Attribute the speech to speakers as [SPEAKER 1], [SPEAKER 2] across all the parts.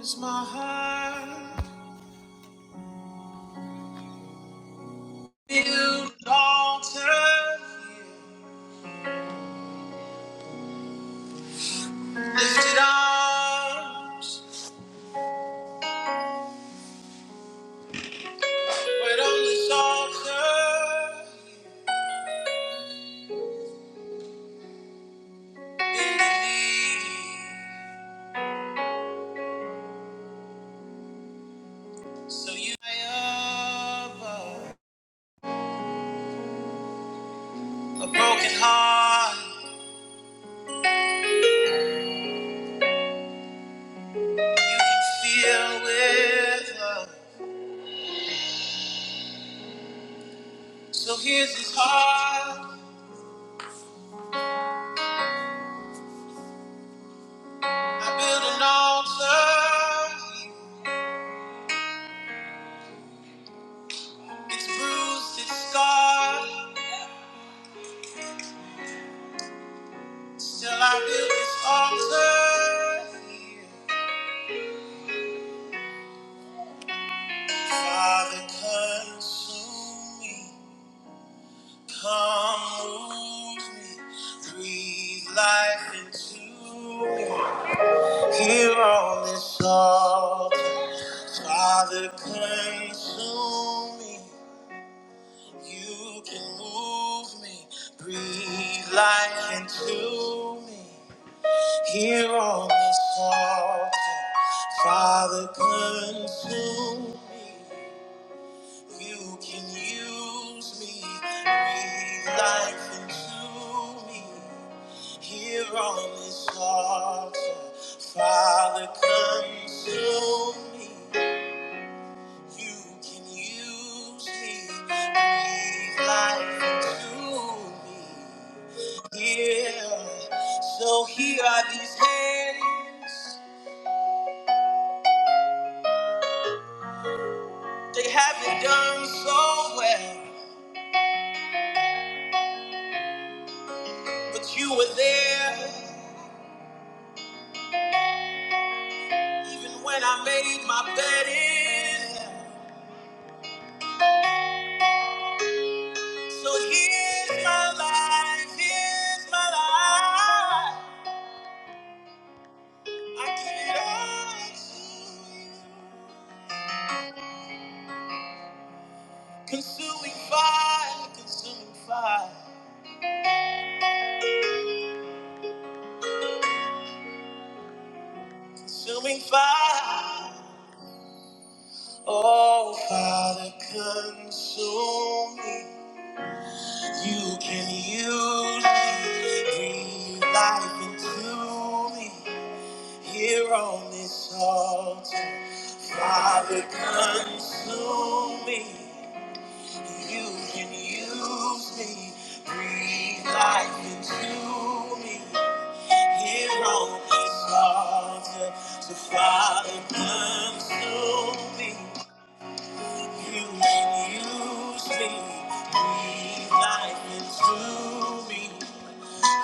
[SPEAKER 1] Is my heart build an altar, lifted arms, right on this altar, bend the knee. so you I above a broken heart, you can feel with love. So here's this heart, I build an altar, it's bruised, it's scarred, still I build this altar. Father, consume me. Come move me. Breathe life into me. Here on this altar, Father, consume me. You can move me. Breathe life into me. Here on this altar, Father, consume me. You can use me, breathe life into me. Here on this altar, Father, consume me. You can use me, breathe life into me. Yeah, so here are these hands. They haven't done so well, but you were there. Even when I made my bed in hell. So here's my life, here's my life. I give it all to you. Consuming fire, consuming fire, consuming fire. Oh, Father, consume me. You can use me. Breathe life into me. Here on this altar. Father, consume me. You can use me. Breathe life into me. Here on this altar. So, Father, consume me. You can use me. Breathe life into me.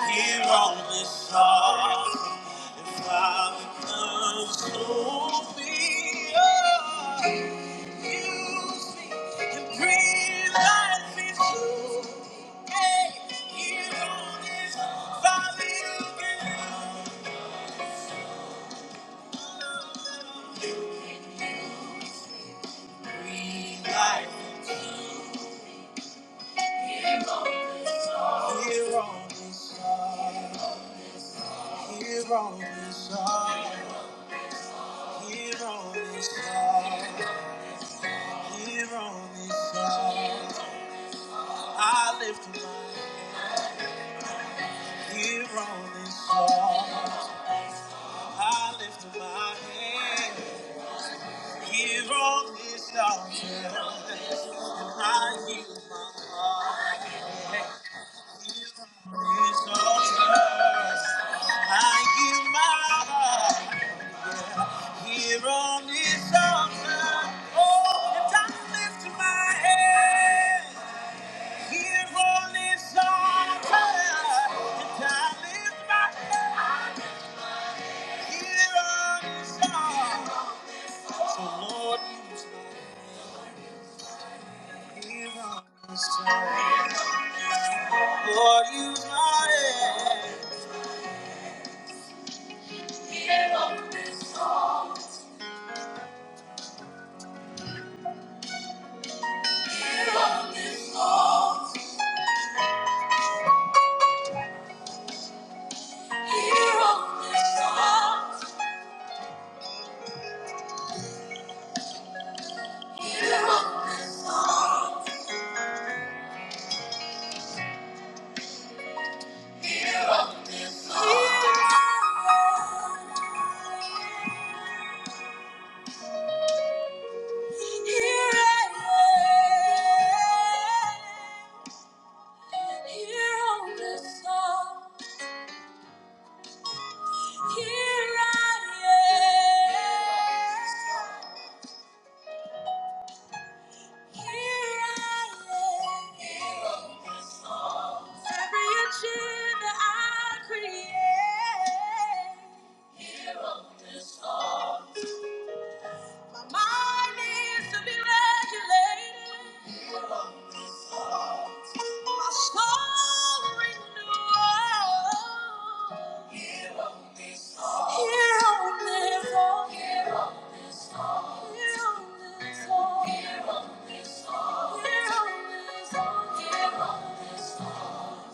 [SPEAKER 1] Here on this earth, if I could so be, oh, use me and breathe life into me. Hey, here on this valley again, breathe life. Here on this earth, here on this earth, here on this earth, here on this earth, I lift my Here on this altar, I lift my hand. Here on this altar, I yield my heart. Here on this altar, I yield my heart. Here on this altar, oh, and I lift my hand. Here on this altar, and I lift my hand. Here on this altar. The Lord is my hero. The Lord is my hero. Hero of This song, hero. of This song, hero. of this song. Hero. Hero of This song. Here I am. Hero. of This song. Here I am. Here I am. Every agenda I create. Here on this heart. My mind needs to be regulated. My soul renews. Here on this altar. Here on this altar. Here on this altar. Here on this altar. Here on this altar. Here on this altar.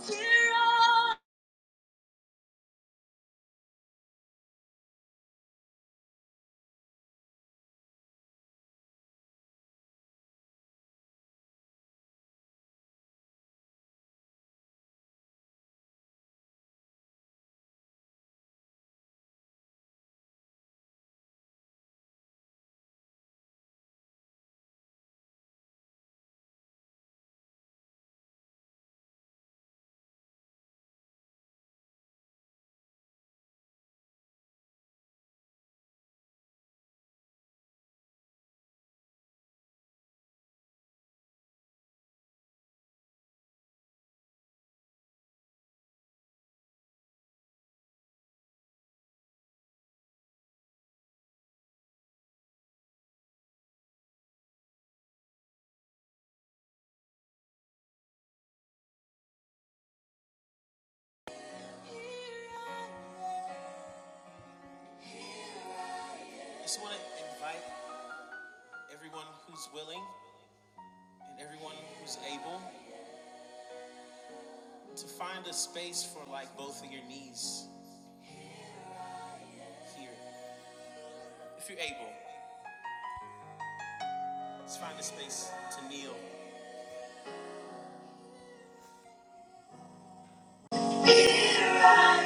[SPEAKER 1] Here on I just want to invite everyone who's willing and everyone who's able to find a space for like both of your knees here. If you're able, just find a space to kneel.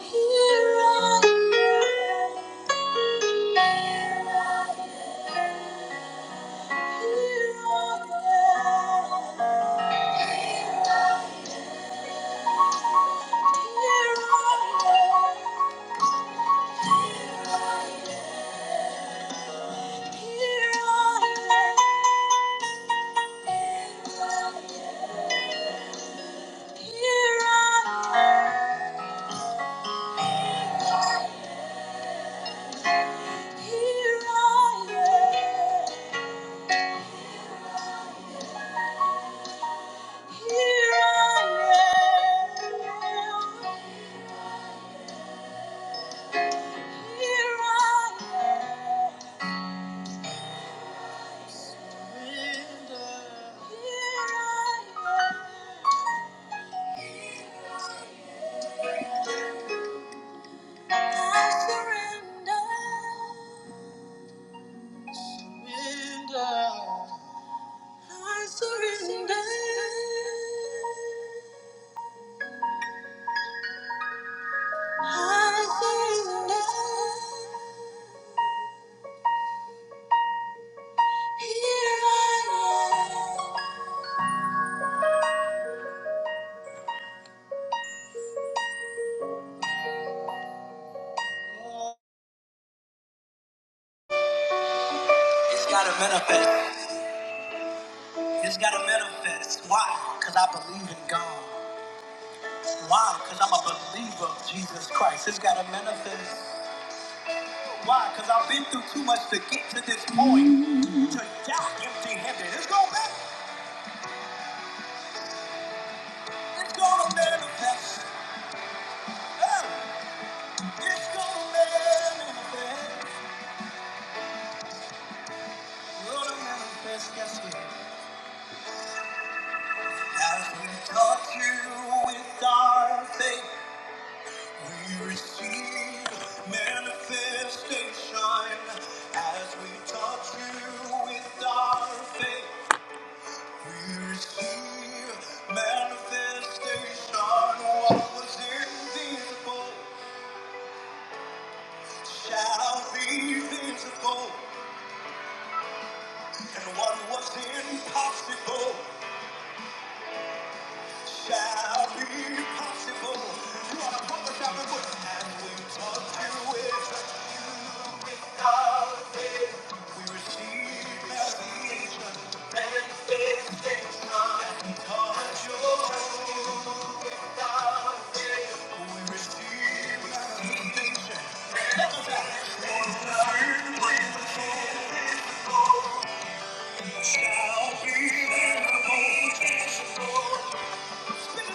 [SPEAKER 1] Here I am. It's gotta manifest. It's gotta manifest. Why? Because I believe in God. Why? Because I'm a believer of Jesus Christ. It's got to manifest. Why? Because I've been through too much to get to this point. To die empty handed. It's going to be. It's going to manifest. Hey, It's going to manifest. Going to manifest. Yes, it is. As we touch you with our faith, we receive manifestation. As we touch you with our faith, We receive manifestation. What was invisible shall be visible, and what was impossible. shall be possible. You ought to pump the shopping and we talk through it. You With our faith, we receive salvation. Manifestation. and We touch your soul. With our faith, we receive salvation. Manifestation. and We receive salvation. Shall be visible. tangible. Yeah.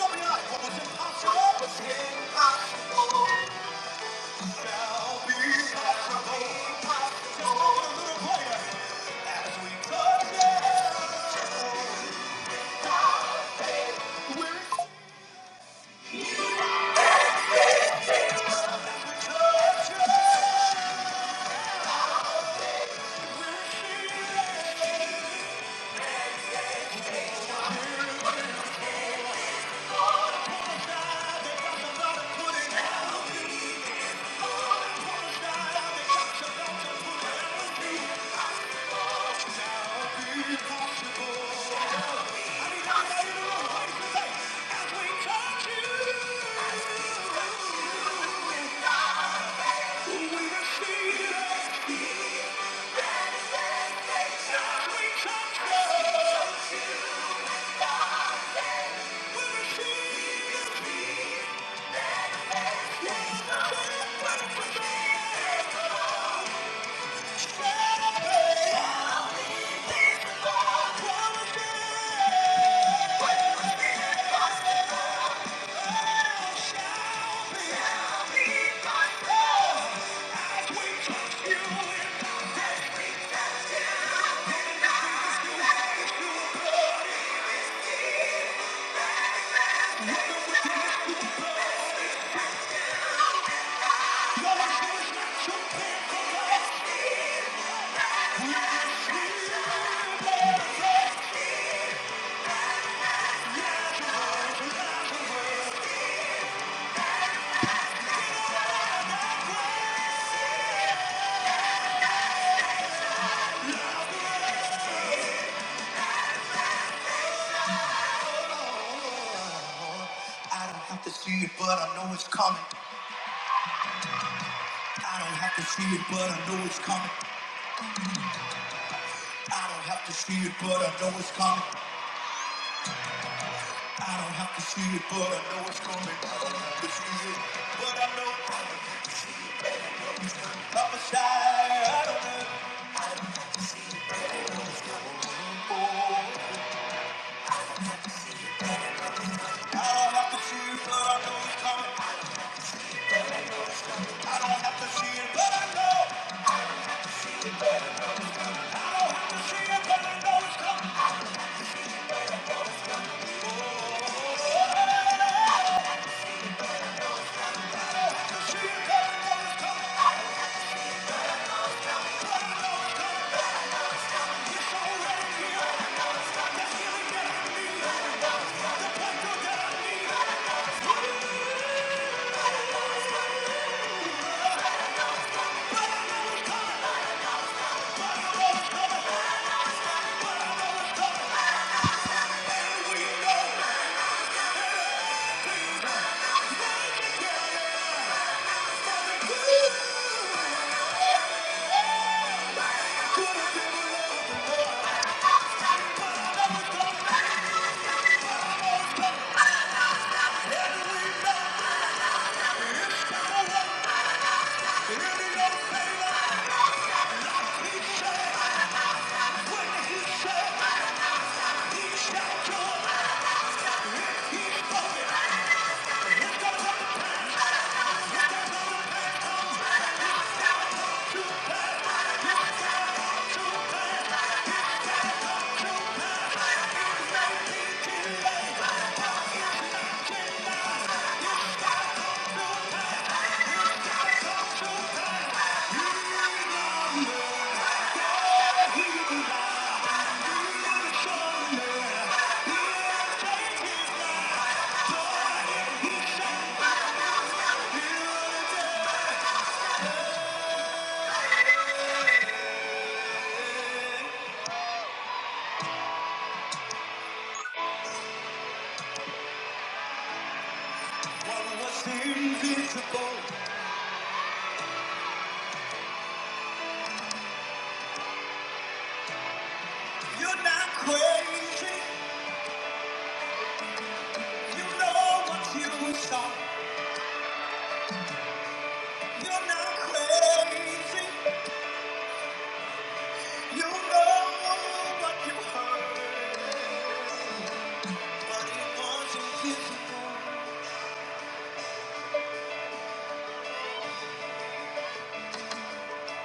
[SPEAKER 1] I don't have to see it, but I know it's coming. I don't have to see it, but I know it's coming. I don't have to see it, but I know it's coming. I don't have to see it, but I know it's coming. I don't have to see it, but I know I'm a shy. I don't have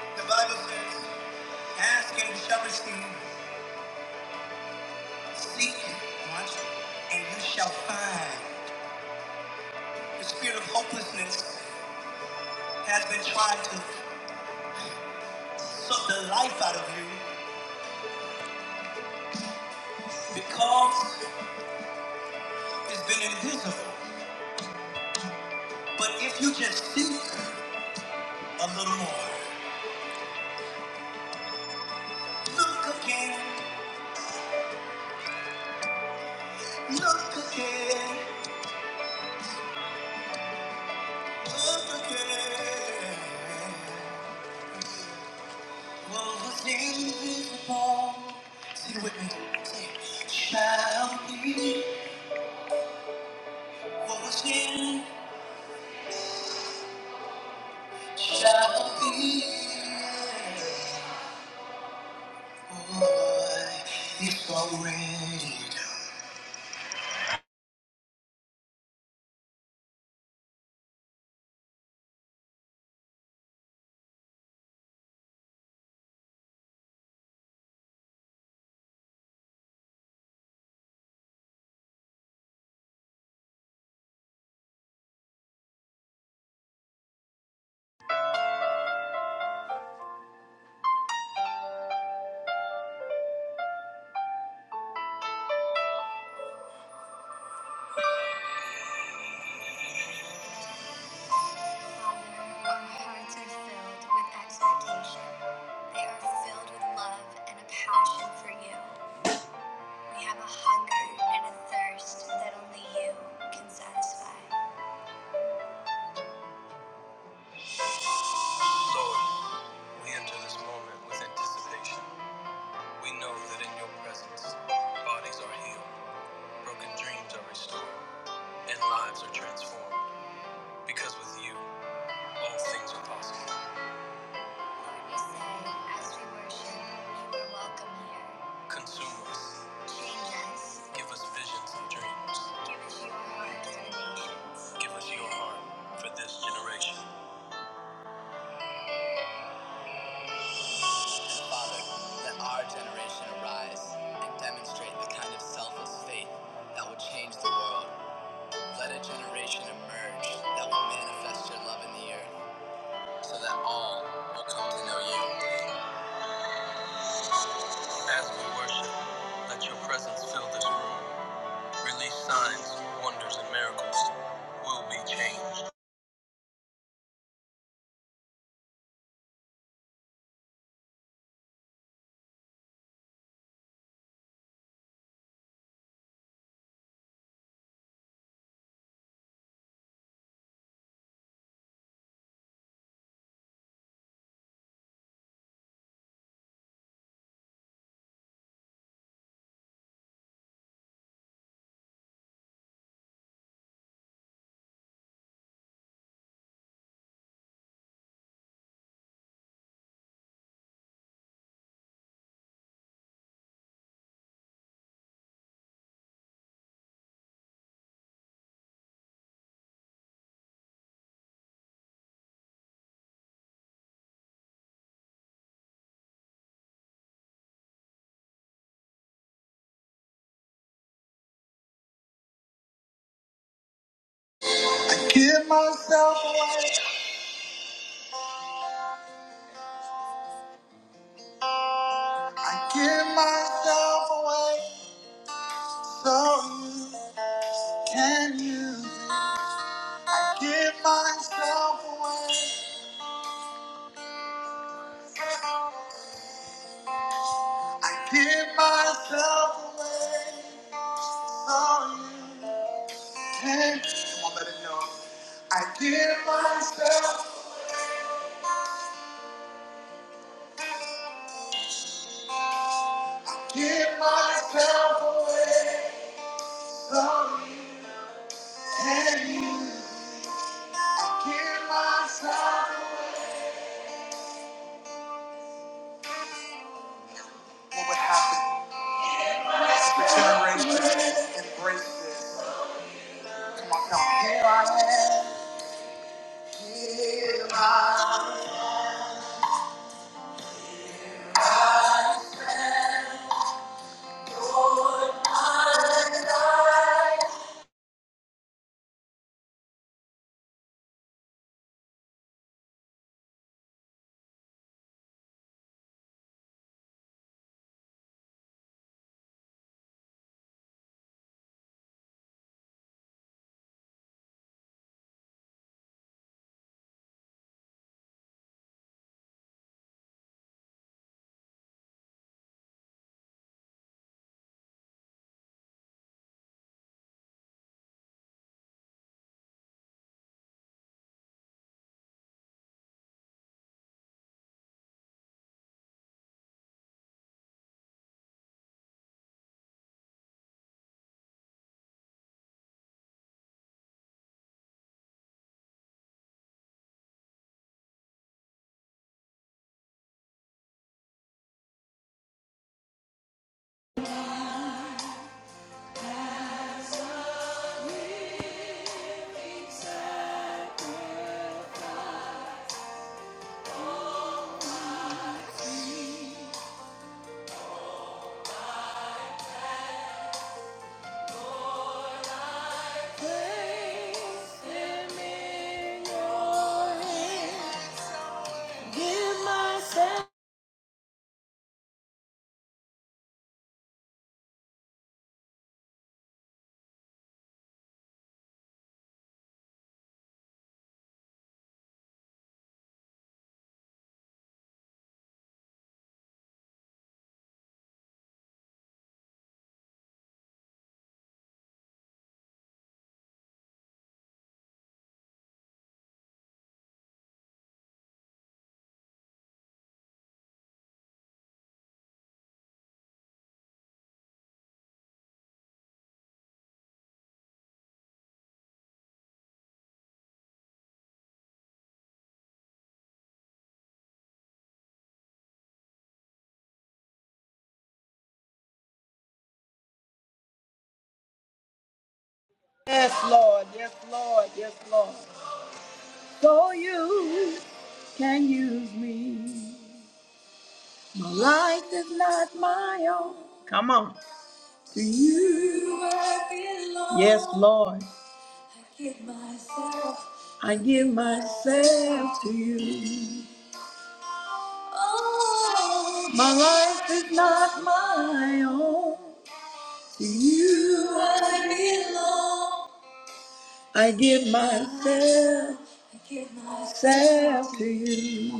[SPEAKER 1] The Bible says. Ask and you shall receive. Seek, watch, and you shall find. The spirit of hopelessness has been trying to suck the life out of you because it's been invisible. But if you just seek a little more, look again, look again, look again. What was invisible, sing it with me, shall be what was invisible. It's already done. Lord, we enter this moment with anticipation. We know that in your presence, bodies are healed, broken dreams are restored, and lives are transformed. Because with you, all things are possible. Consume us. Give us visions and dreams. Give us your heart for this generation. As we worship, let your presence fill this room. Release signs, wonders, and miracles. We'll be changed. Can use me. My life is not my own. To you I belong. Yes, Lord. Give myself. I give myself to you. Oh, my life is not my own. To you I belong. Myself, myself to you.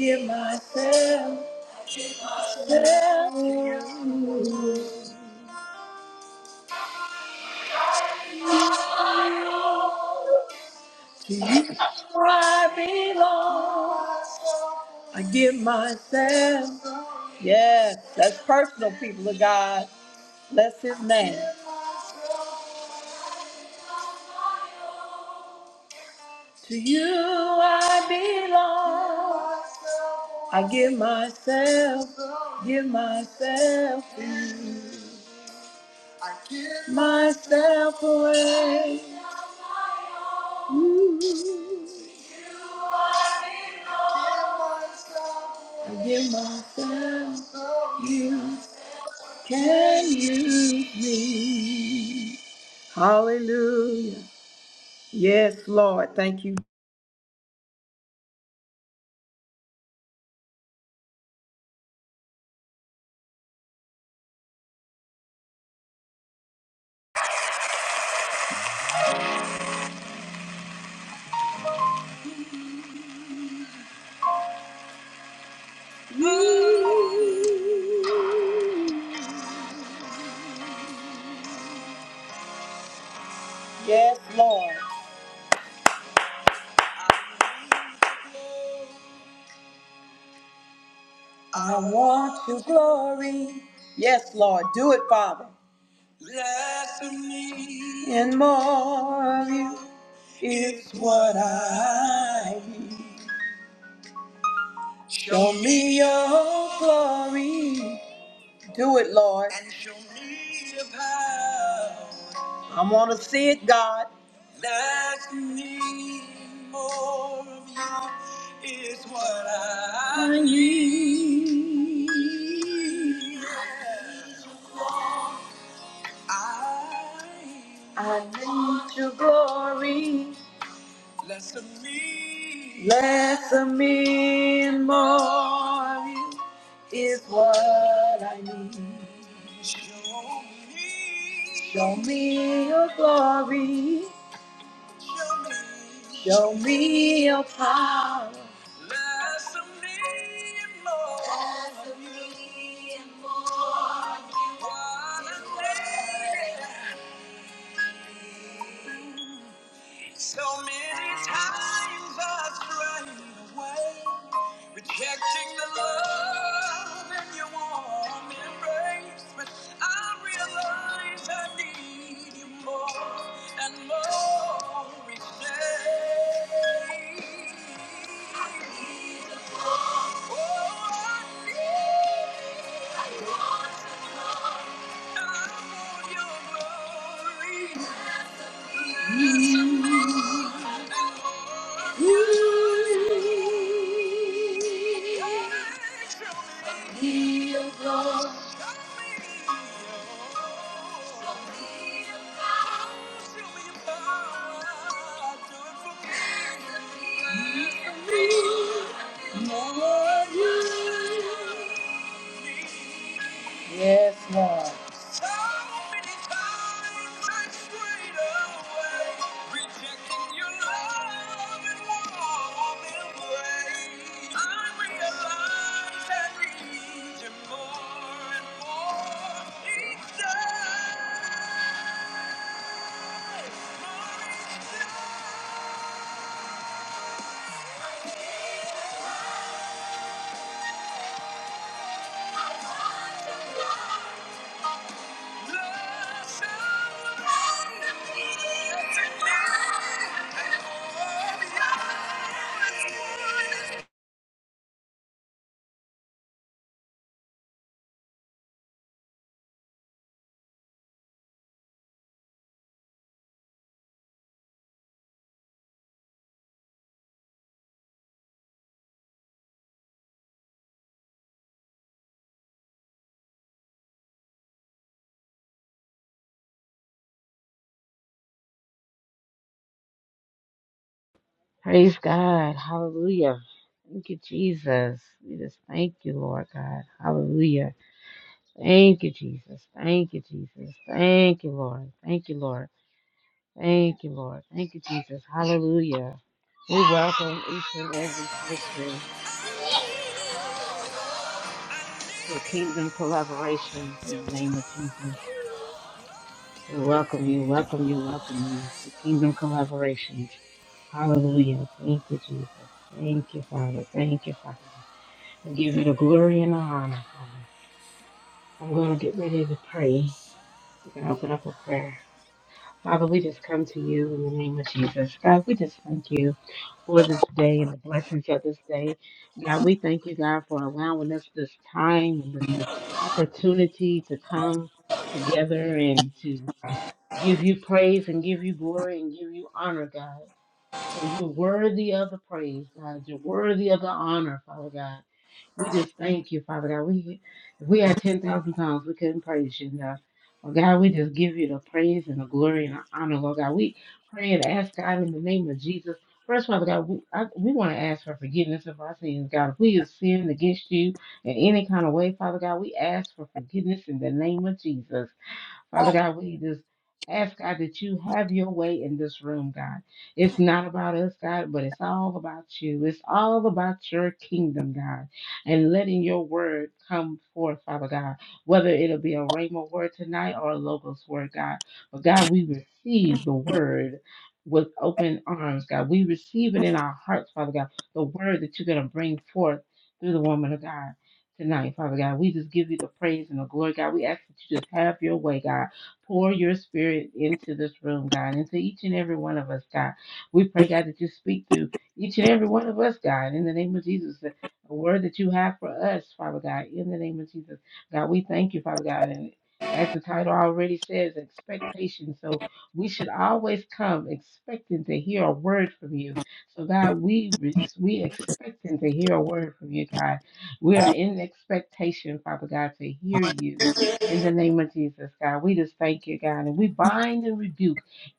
[SPEAKER 1] Give myself. Give myself. Yes, That's personal, people. God Bless his name. Myself. Hallelujah. Yes, Lord. Thank you. You. Yes, Lord. I want your glory. Yes, Lord. Do it, Father. Less of me and more of you is what I. Show me your glory. Do it, Lord. And show me your power. I want to see it, God. Let me more of you is what I need. I need your glory. Less of me and more of you is what I need. Show me your glory. Show me your power. Possibly more. So many times I strayed away, rejecting the love in your warm embrace. But I realize I need you more and more each day. Oh, I need you. more. Yes,
[SPEAKER 2] Praise God. Hallelujah. Thank you, Jesus. We just thank you, Lord God. Hallelujah. Thank you, Jesus. Thank you, Jesus. Thank you, Lord. Thank you, Lord. Thank you, Lord. Thank you, Jesus. Hallelujah. We welcome each and every person to Kingdom Collaboration in the name of Jesus. We welcome you, welcome you, welcome you to Kingdom Collaboration. Hallelujah. Thank you, Jesus. Thank you, Father. Thank you, Father. We give you the glory and the honor, Father. I'm going to get ready to pray. We're going to open up a prayer. Father, we just come to you in the name of Jesus. God, we just thank you for this day and the blessings of this day. God, we thank you, God, for allowing us this time and this opportunity to come together and to give you praise and give you glory and give you honor, God. for you're worthy of the praise, God. You're worthy of the honor, Father God. We just thank you, Father God. We if we had ten thousand tongues, we couldn't praise you enough. Oh God, we just give you the praise and the glory and the honor, Lord God. We pray and ask God in the name of Jesus. First, Father God, we I, we want to ask for forgiveness of our sins, God. If we have sinned against you in any kind of way, Father God, we ask for forgiveness in the name of Jesus. Father God, we just ask God that you have your way in this room, God. It's not about us, God, but it's all about you. It's all about your kingdom, God, and letting your word come forth, Father God, whether it'll be a Rhema word tonight or a Logos word, God. But God, we receive the word with open arms, God. We receive it in our hearts, Father God, the word that you're going to bring forth through the woman of God tonight, Father God. We just give you the praise and the glory, God. We ask that you just have your way, God. Pour your spirit into this room, God, into each and every one of us, God. We pray, God, that you speak through each and every one of us, God, in the name of Jesus. a word that you have for us, Father God, in the name of Jesus. God, we thank you, Father God. And as the title already says, expectation. So we should always come expecting to hear a word from you. So God, we we expecting to hear a word from you, God we are in expectation, Father God, to hear you in the name of Jesus, God. We just thank you, God, and we bind and rebuke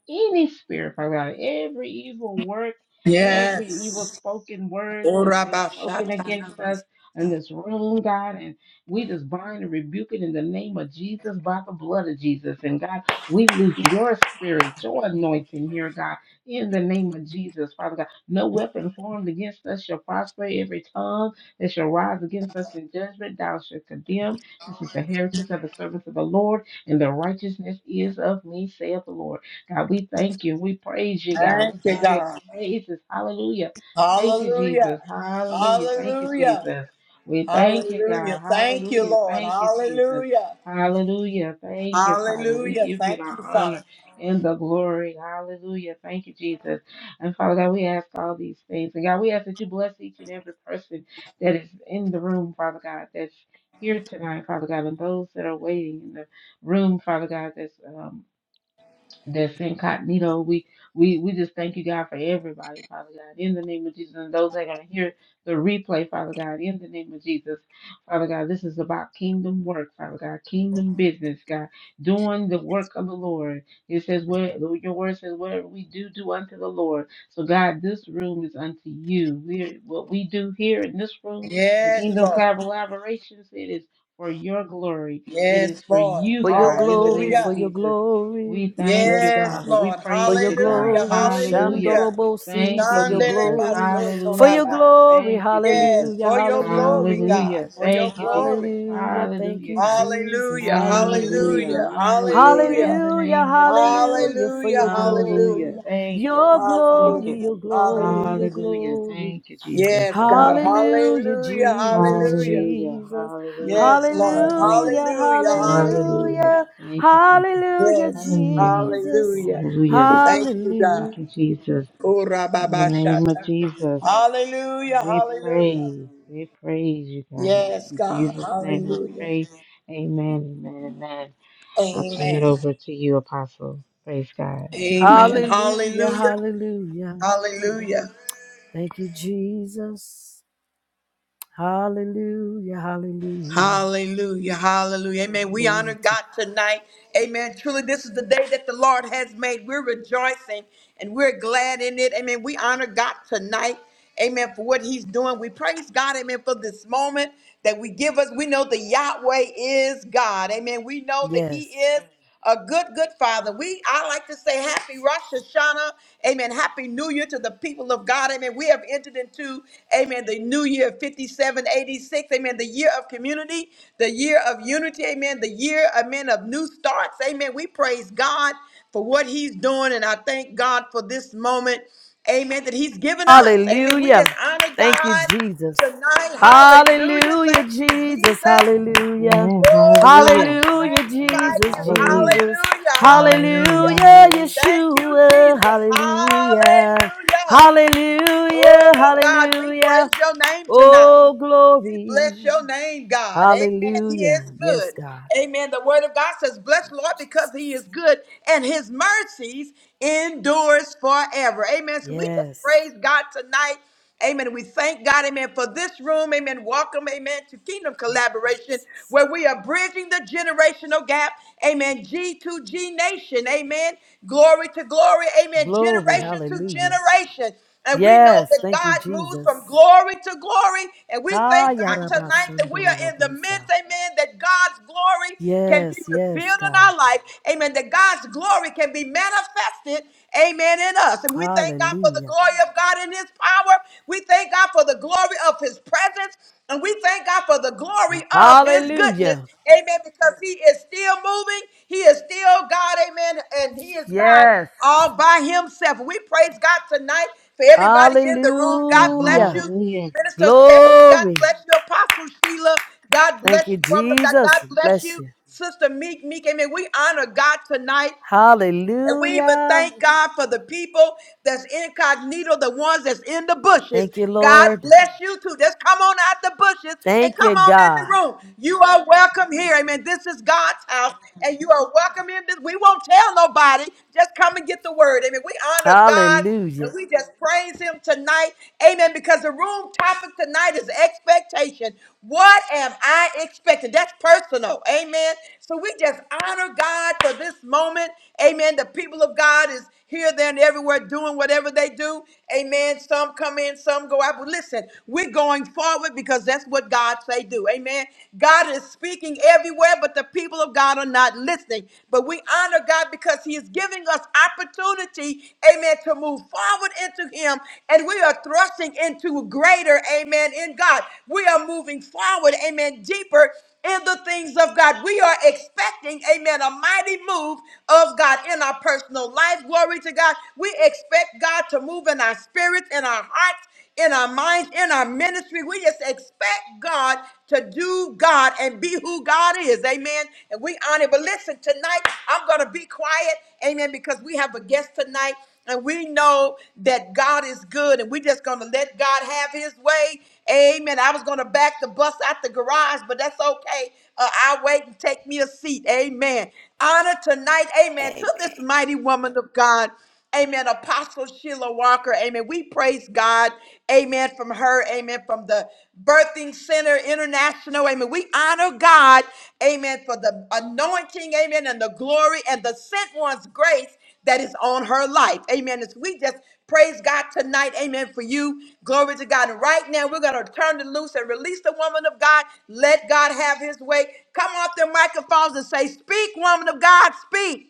[SPEAKER 2] any spirit, Father God, every evil work, every evil spoken word that's been spoken against us in this room, God, and we just bind and rebuke it in the name of Jesus by the blood of Jesus. And God, we lose your spirit, your anointing here, God, in the name of Jesus, Father God. No weapon formed against us shall prosper every tongue they shall rise against us in judgment. Thou shalt condemn. This is the heritage of the servants of the Lord, and their righteousness is of me, saith the Lord. God, we thank you. We praise you, God. We
[SPEAKER 1] Thank you,
[SPEAKER 2] give you
[SPEAKER 1] God.
[SPEAKER 2] praises. Hallelujah. Thank you,
[SPEAKER 1] Hallelujah.
[SPEAKER 2] Jesus. Hallelujah. Thank you,
[SPEAKER 1] Hallelujah.
[SPEAKER 2] Jesus. We thank you,
[SPEAKER 1] Hallelujah.
[SPEAKER 2] God.
[SPEAKER 1] Thank you,
[SPEAKER 2] Hallelujah.
[SPEAKER 1] Lord.
[SPEAKER 2] Thank you, Jesus.
[SPEAKER 1] Hallelujah.
[SPEAKER 2] Hallelujah. Thank you, Father. We
[SPEAKER 1] Hallelujah.
[SPEAKER 2] give you
[SPEAKER 1] Thank
[SPEAKER 2] the
[SPEAKER 1] you,
[SPEAKER 2] honor
[SPEAKER 1] Father.
[SPEAKER 2] and the glory. Hallelujah. Thank you, Jesus. And Father God, we ask all these things. And God, we ask that you bless each and every person that is in the room, Father God, that's here tonight, Father God, and those that are waiting in the room, Father God, that's um, that's incognito. We we we just thank you, God, for everybody, Father God, in the name of Jesus, and those that are gonna hear the replay, Father God, in the name of Jesus, Father God. This is about kingdom work, Father God, kingdom business, God, doing the work of the Lord. It says, "Where your word says, whatever we do, do unto the Lord." So, God, this room is unto you. We what we do here in this room in
[SPEAKER 1] Yes,
[SPEAKER 2] Kingdom
[SPEAKER 1] Lord.
[SPEAKER 2] Collaborations, it is. For your glory. It
[SPEAKER 1] Yes,
[SPEAKER 2] is for
[SPEAKER 1] Lord.
[SPEAKER 2] you,
[SPEAKER 3] For your
[SPEAKER 2] God, in the
[SPEAKER 3] glory,
[SPEAKER 2] name
[SPEAKER 3] for
[SPEAKER 2] of
[SPEAKER 1] Hallelujah.
[SPEAKER 3] your
[SPEAKER 2] Jesus.
[SPEAKER 3] glory.
[SPEAKER 2] We thank
[SPEAKER 3] Yes,
[SPEAKER 2] you,
[SPEAKER 1] Yes,
[SPEAKER 3] God.
[SPEAKER 2] Father. We
[SPEAKER 1] Lord.
[SPEAKER 3] For
[SPEAKER 2] praise
[SPEAKER 3] your
[SPEAKER 2] you, God.
[SPEAKER 1] Hallelujah.
[SPEAKER 3] glory,
[SPEAKER 2] Hallelujah.
[SPEAKER 1] Hallelujah.
[SPEAKER 3] Shandorobosi,
[SPEAKER 2] Thank
[SPEAKER 3] for
[SPEAKER 2] you,
[SPEAKER 3] your
[SPEAKER 1] Shandele
[SPEAKER 2] Jesus.
[SPEAKER 3] glory,
[SPEAKER 1] masoto
[SPEAKER 3] for
[SPEAKER 2] Hallelujah,
[SPEAKER 3] your
[SPEAKER 1] rabba.
[SPEAKER 2] God.
[SPEAKER 3] glory.
[SPEAKER 2] Thank you,
[SPEAKER 1] Yes,
[SPEAKER 2] Jesus.
[SPEAKER 3] Hallelujah,
[SPEAKER 1] for your glory,
[SPEAKER 3] hallelujah,
[SPEAKER 1] God.
[SPEAKER 2] Hallelujah.
[SPEAKER 1] For your
[SPEAKER 2] Thank you,
[SPEAKER 1] glory.
[SPEAKER 2] Jesus.
[SPEAKER 3] hallelujah. Thank
[SPEAKER 2] Hallelujah,
[SPEAKER 3] you,
[SPEAKER 2] God.
[SPEAKER 3] Jesus.
[SPEAKER 1] Hallelujah.
[SPEAKER 2] Hallelujah.
[SPEAKER 3] Hallelujah,
[SPEAKER 1] Hallelujah.
[SPEAKER 2] Hallelujah. In
[SPEAKER 1] Hallelujah.
[SPEAKER 2] the
[SPEAKER 3] hallelujah,
[SPEAKER 2] name of Jesus.
[SPEAKER 3] hallelujah, for
[SPEAKER 1] Hallelujah.
[SPEAKER 3] your glory,
[SPEAKER 2] Hallelujah.
[SPEAKER 1] Hallelujah.
[SPEAKER 2] Thank you,
[SPEAKER 3] your
[SPEAKER 2] Jesus. Thank
[SPEAKER 3] glory,
[SPEAKER 2] you.
[SPEAKER 1] Hallelujah.
[SPEAKER 3] your glory,
[SPEAKER 1] Hallelujah.
[SPEAKER 3] your
[SPEAKER 2] Hallelujah.
[SPEAKER 3] glory.
[SPEAKER 2] Thank you, Jesus.
[SPEAKER 1] Yes, God.
[SPEAKER 3] Hallelujah,
[SPEAKER 1] Hallelujah.
[SPEAKER 3] Jesus,
[SPEAKER 1] Hallelujah.
[SPEAKER 2] Hallelujah.
[SPEAKER 3] Jesus.
[SPEAKER 2] Hallelujah.
[SPEAKER 1] Yes, Lord.
[SPEAKER 2] Hallelujah.
[SPEAKER 3] Hallelujah,
[SPEAKER 1] Hallelujah.
[SPEAKER 2] Hallelujah.
[SPEAKER 3] hallelujah,
[SPEAKER 1] Hallelujah.
[SPEAKER 2] Thank you, Jesus.
[SPEAKER 3] hallelujah,
[SPEAKER 1] Yes.
[SPEAKER 2] Hallelujah.
[SPEAKER 3] Jesus.
[SPEAKER 1] Hallelujah.
[SPEAKER 2] Hallelujah.
[SPEAKER 1] Thank you,
[SPEAKER 2] Thank
[SPEAKER 1] God.
[SPEAKER 3] Hallelujah,
[SPEAKER 2] you, Jesus.
[SPEAKER 1] Ora
[SPEAKER 2] In the
[SPEAKER 1] baba
[SPEAKER 2] name of
[SPEAKER 1] shata.
[SPEAKER 2] Jesus,
[SPEAKER 1] Hallelujah.
[SPEAKER 2] we
[SPEAKER 1] Hallelujah.
[SPEAKER 2] praise. We praise you, God.
[SPEAKER 1] Yes,
[SPEAKER 2] In
[SPEAKER 1] God.
[SPEAKER 2] Jesus' name we
[SPEAKER 1] Hallelujah.
[SPEAKER 2] pray. Amen. Amen. Amen. I'll turn it
[SPEAKER 1] Amen.
[SPEAKER 2] over to you, Apostle. Praise God.
[SPEAKER 1] Amen.
[SPEAKER 3] hallelujah,
[SPEAKER 1] Hallelujah.
[SPEAKER 3] hallelujah.
[SPEAKER 1] Hallelujah.
[SPEAKER 3] Thank you, Jesus. Hallelujah, hallelujah.
[SPEAKER 1] Hallelujah. Hallelujah. Amen. We honor
[SPEAKER 3] Glory to
[SPEAKER 1] God
[SPEAKER 3] God.
[SPEAKER 1] tonight. Amen. Truly, this is the day that the Lord has made. We're rejoicing and we're glad in it. Amen. We honor God tonight. Amen. For what he's doing. We praise God. Amen. For this moment that we give us. We know that Yahweh is God. Amen. We know that he
[SPEAKER 3] Yes.
[SPEAKER 1] is a good, good father. We, I like to say happy Rosh Hashanah. Amen. Happy New Year to the people of God. Amen. We have entered into, amen, the new year of 5786. Amen. The year of community, the year of unity. Amen. The year, amen, of new starts. Amen. We praise God for what he's doing. And I thank God for this moment. Amen. That he's given us. Amen. We
[SPEAKER 3] Hallelujah.
[SPEAKER 1] just honor
[SPEAKER 3] Thank you,
[SPEAKER 1] God
[SPEAKER 3] Jesus.
[SPEAKER 1] tonight. Hallelujah.
[SPEAKER 3] Hallelujah,
[SPEAKER 1] Thank you,
[SPEAKER 3] Jesus.
[SPEAKER 1] Jesus.
[SPEAKER 3] Hallelujah.
[SPEAKER 2] Amen.
[SPEAKER 1] Oh, God,
[SPEAKER 2] Hallelujah.
[SPEAKER 1] we
[SPEAKER 2] Thank
[SPEAKER 3] Hallelujah,
[SPEAKER 2] you,
[SPEAKER 1] magnify
[SPEAKER 2] Jesus.
[SPEAKER 3] Jesus,
[SPEAKER 1] you.
[SPEAKER 2] Hallelujah.
[SPEAKER 3] Jesus.
[SPEAKER 1] Hallelujah. Hallelujah.
[SPEAKER 3] Hallelujah,
[SPEAKER 2] Hallelujah.
[SPEAKER 1] Thank you,
[SPEAKER 3] Yeshua.
[SPEAKER 1] Jesus.
[SPEAKER 3] Hallelujah.
[SPEAKER 1] Hallelujah.
[SPEAKER 3] Hallelujah,
[SPEAKER 1] Oh, God, we
[SPEAKER 3] hallelujah.
[SPEAKER 1] praise your name tonight.
[SPEAKER 3] Oh,
[SPEAKER 1] We
[SPEAKER 3] glory.
[SPEAKER 1] bless your name, God. Amen. He
[SPEAKER 3] Hallelujah.
[SPEAKER 1] is
[SPEAKER 3] Yes,
[SPEAKER 1] good.
[SPEAKER 3] God.
[SPEAKER 1] Amen. The word of God says, Bless
[SPEAKER 3] Thank you,
[SPEAKER 1] Lord because he
[SPEAKER 3] Jesus.
[SPEAKER 1] is good and his mercies endures forever. Amen. So we just praise
[SPEAKER 3] Yes.
[SPEAKER 1] God tonight. Amen. We thank God, amen, for this room. Amen. Welcome, amen, to Kingdom
[SPEAKER 3] Thank you,
[SPEAKER 1] Collaboration,
[SPEAKER 3] Jesus.
[SPEAKER 1] where we are bridging the generational gap. Amen. g to g Nation. Amen. Glory to glory. Amen.
[SPEAKER 3] Glory.
[SPEAKER 1] Generation to
[SPEAKER 3] Hallelujah.
[SPEAKER 1] generation. And we know
[SPEAKER 3] Yes.
[SPEAKER 1] that
[SPEAKER 3] Thank you,
[SPEAKER 1] God moves from
[SPEAKER 3] Jesus.
[SPEAKER 1] glory to glory. And we thank
[SPEAKER 3] Ha
[SPEAKER 1] God tonight that we are in the midst,
[SPEAKER 3] yarabasandorobosa.
[SPEAKER 1] amen, that God's glory can be
[SPEAKER 3] Yes, yes,
[SPEAKER 1] revealed in
[SPEAKER 3] God.
[SPEAKER 1] our life. Amen. That God's glory can be manifested, amen, in us. And we thank God for the
[SPEAKER 3] Hallelujah.
[SPEAKER 1] glory of God in his power. We thank God for the glory of his presence. And we thank God for the glory of his goodness.
[SPEAKER 3] Hallelujah.
[SPEAKER 1] Amen. Because he is still moving. He is still God. Amen. And he is God
[SPEAKER 3] Yes.
[SPEAKER 1] all by himself. We praise God tonight for everybody in the room,
[SPEAKER 2] Hallelujah.
[SPEAKER 1] God bless
[SPEAKER 3] Hallelujah.
[SPEAKER 1] you.
[SPEAKER 2] Hallelujah.
[SPEAKER 1] Minister Stephanie, God
[SPEAKER 3] Glory.
[SPEAKER 1] bless you. Apostle Sheila, God
[SPEAKER 3] Thank
[SPEAKER 1] bless
[SPEAKER 3] you,
[SPEAKER 1] you, woman of God.
[SPEAKER 3] Jesus.
[SPEAKER 1] God bless
[SPEAKER 3] Bless
[SPEAKER 1] you.
[SPEAKER 3] you.
[SPEAKER 1] Sister Meek, Meek, amen. We honor God tonight. And we even
[SPEAKER 3] Hallelujah.
[SPEAKER 1] thank God for the people that's incognito, the ones that's in the bushes.
[SPEAKER 3] Thank you,
[SPEAKER 1] God
[SPEAKER 3] Lord.
[SPEAKER 1] bless you too. Just come on out the bushes and
[SPEAKER 3] Thank
[SPEAKER 1] come
[SPEAKER 3] you,
[SPEAKER 1] on in the
[SPEAKER 3] God.
[SPEAKER 1] room. You are welcome here. Amen. This is God's house, and you are welcome in this. We won't tell nobody. Just come and get the word. Amen. We honor God. And
[SPEAKER 3] Hallelujah.
[SPEAKER 1] we just praise him tonight. Amen. Because the room topic tonight is expectation. What am I expecting? That's personal. Amen. So we just honor God for this moment. Amen. The people of God is here, there, and everywhere doing whatever they do. Amen. Some come in, some go out. But listen, we're going forward because that's what God say do. Amen. God is speaking everywhere, but the people of God are not listening situation. But we honor God because He is giving us opportunity, amen, to move forward into Him. And we are thrusting into greater, amen, in God. We are moving forward, amen, deeper in the things of God. We are expecting, amen, a mighty move of God in our personal life. Glory to God. We expect God to move in our spirits, in our hearts in our minds, in our ministry. We just expect God to do God and be who God is. Amen. And we honor. But listen, tonight I'm going to be quiet. Amen. Because we have a guest tonight. And we know that God is good, and we're just going to let God have his way. Amen. I was going to back the bus out the garage, but that's okay. Uh, I'll wait and take me a seat. Amen. Honor tonight. Amen. To this mighty woman of God. Amen. Apostle Sheila Walker. Amen. We praise God. Amen. From her. Amen. From the Birthing Center International. Amen. We honor God. Amen. For the anointing. Amen. And the glory and the sent one's grace that is on her life. Amen. As we just praise God tonight. Amen. For you. Glory to God. And right now, we're going to turn it loose and release the woman of God. Let God have his way. Come off the microphones and say, Speak, woman of God. Speak.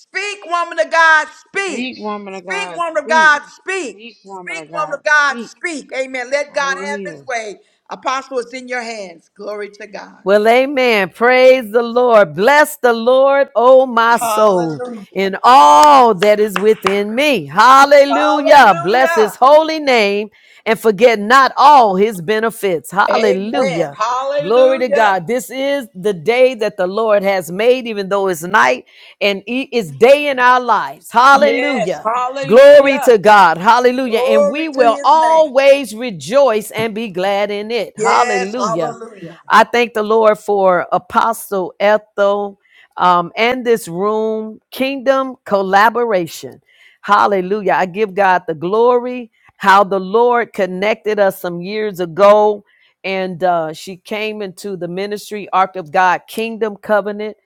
[SPEAKER 1] Speak, woman of God, speak.
[SPEAKER 2] Speak, woman of
[SPEAKER 1] Speak,
[SPEAKER 2] God,
[SPEAKER 1] woman of
[SPEAKER 2] speak.
[SPEAKER 1] God, speak.
[SPEAKER 2] Speak, woman
[SPEAKER 1] Speak,
[SPEAKER 2] of
[SPEAKER 1] woman
[SPEAKER 2] God,
[SPEAKER 1] of God,
[SPEAKER 2] speak.
[SPEAKER 1] speak. Amen. Let God have
[SPEAKER 2] Hallelujah.
[SPEAKER 1] his way. Apostle, it's in your hands. Glory to God.
[SPEAKER 3] Well, amen. Praise the Lord. Bless the Lord, oh my soul,
[SPEAKER 1] Hallelujah.
[SPEAKER 3] and all that is within me. Hallelujah. Bless his
[SPEAKER 1] Hallelujah.
[SPEAKER 3] holy name and forget not all his benefits.
[SPEAKER 1] Amen.
[SPEAKER 3] Hallelujah. Glory to
[SPEAKER 1] Hallelujah.
[SPEAKER 3] God. This is the day that the Lord has made, even though it's night and it is day in our lives.
[SPEAKER 1] Yes.
[SPEAKER 3] Hallelujah. Glory to
[SPEAKER 1] Hallelujah.
[SPEAKER 3] God. Hallelujah. And
[SPEAKER 1] Glory
[SPEAKER 3] we
[SPEAKER 1] to
[SPEAKER 3] will
[SPEAKER 1] his name.
[SPEAKER 3] always rejoice and be glad in it.
[SPEAKER 1] Yes.
[SPEAKER 3] Hallelujah.
[SPEAKER 1] Hallelujah.
[SPEAKER 3] I thank the Lord for Apostle Ethel um, and this room, kingdom collaboration. Hallelujah. I give God the glory, how the Lord connected us some years ago. And uh, she came into the ministry, Ark of God, Kingdom Covenant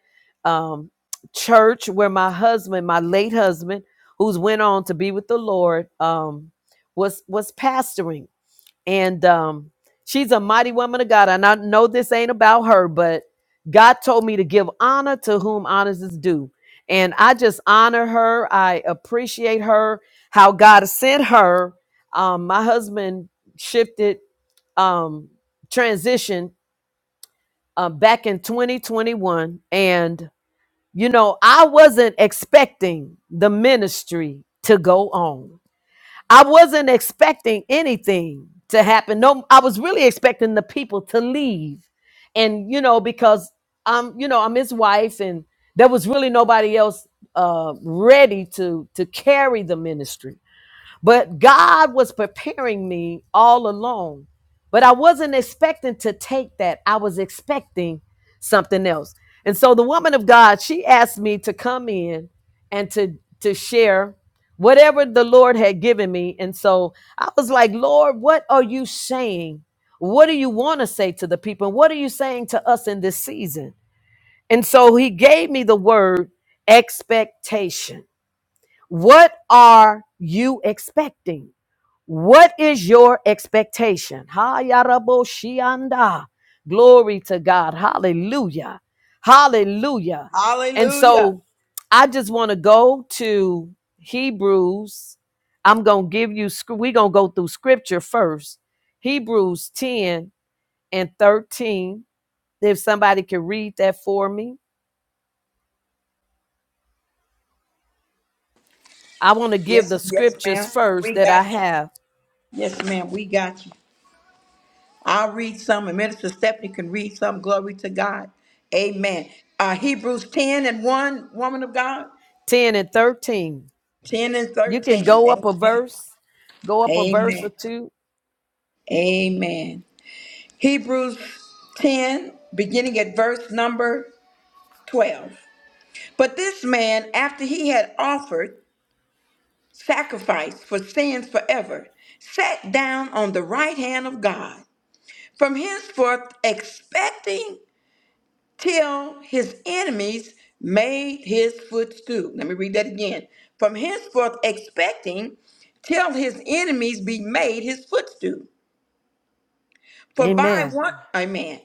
[SPEAKER 3] um, Church, where my husband, my late husband, who's went on to be with the Lord, um, was was pastoring and um, she's a mighty woman of God. And I know this ain't about her, but God told me to give honor to whom honors is due. And I just honor her. I appreciate her, how God sent her. Um, my husband shifted, um, transitioned uh, back in 2021. And, you know, I wasn't expecting the ministry to go on. I wasn't expecting anything to happen. No, I was really expecting the people to leave. And, you know, because I'm, you know, I'm his wife and there was really nobody else uh ready to to carry the ministry. But God was preparing me all along. But I wasn't expecting to take that. I was expecting something else. And so the woman of God, she asked me to come in and to to share whatever the Lord had given me. And so I was like, "Lord, what are you saying? What do you want to say to the people? What are you saying to us in this season?" And so he gave me the word expectation. What are you expecting? What is your expectation? Hayaraboshianda. Glory to God. Hallelujah. Hallelujah. And
[SPEAKER 1] Hallelujah.
[SPEAKER 3] so I just want to go to Hebrews. I'm going to give you, we're going to go through scripture first. Hebrews 10 and 13. If somebody can read that for me, I want to give the
[SPEAKER 1] Yes, yes, ma'am.
[SPEAKER 3] scriptures first
[SPEAKER 1] We
[SPEAKER 3] that I
[SPEAKER 1] got you.
[SPEAKER 3] have
[SPEAKER 1] Yes, ma'am. We got you. I'll read some, and Minister Stephanie can read some. Glory to God. Amen. Uh, Hebrews 10 and 1, woman of God.
[SPEAKER 3] 10 and 13.
[SPEAKER 1] 10 and
[SPEAKER 3] You can
[SPEAKER 1] 13.
[SPEAKER 3] go up
[SPEAKER 1] Amen.
[SPEAKER 3] a verse, go up a verse
[SPEAKER 1] Amen.
[SPEAKER 3] or two.
[SPEAKER 1] Amen. Hebrews 10, beginning at verse number 12. But this man, after he had offered sacrifice for sins forever, sat down on the right hand of God, from henceforth expecting till his enemies made his footstool. Let me read that again. From henceforth, expecting till his enemies be made his footstool. For by
[SPEAKER 3] Amen.
[SPEAKER 1] one, amen.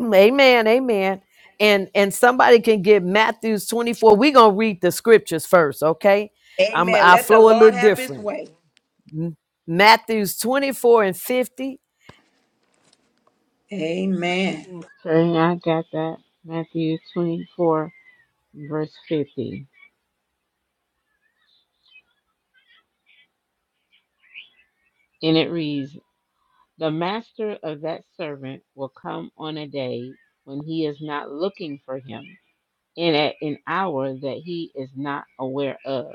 [SPEAKER 3] Amen. Amen. And and somebody can get Matthew's 24. We're gonna read the scriptures first, okay? I'm
[SPEAKER 1] Amen.
[SPEAKER 3] I
[SPEAKER 1] Let the
[SPEAKER 3] flow a
[SPEAKER 1] Lord
[SPEAKER 3] little
[SPEAKER 1] have his
[SPEAKER 3] different.
[SPEAKER 1] way.
[SPEAKER 3] M- Matthew's 24 and 50.
[SPEAKER 1] Amen.
[SPEAKER 2] Okay, I got that. Matthew 24, verse 50. And it reads The master of that servant will come on a day when he is not looking for him, and at an hour that he is not aware of.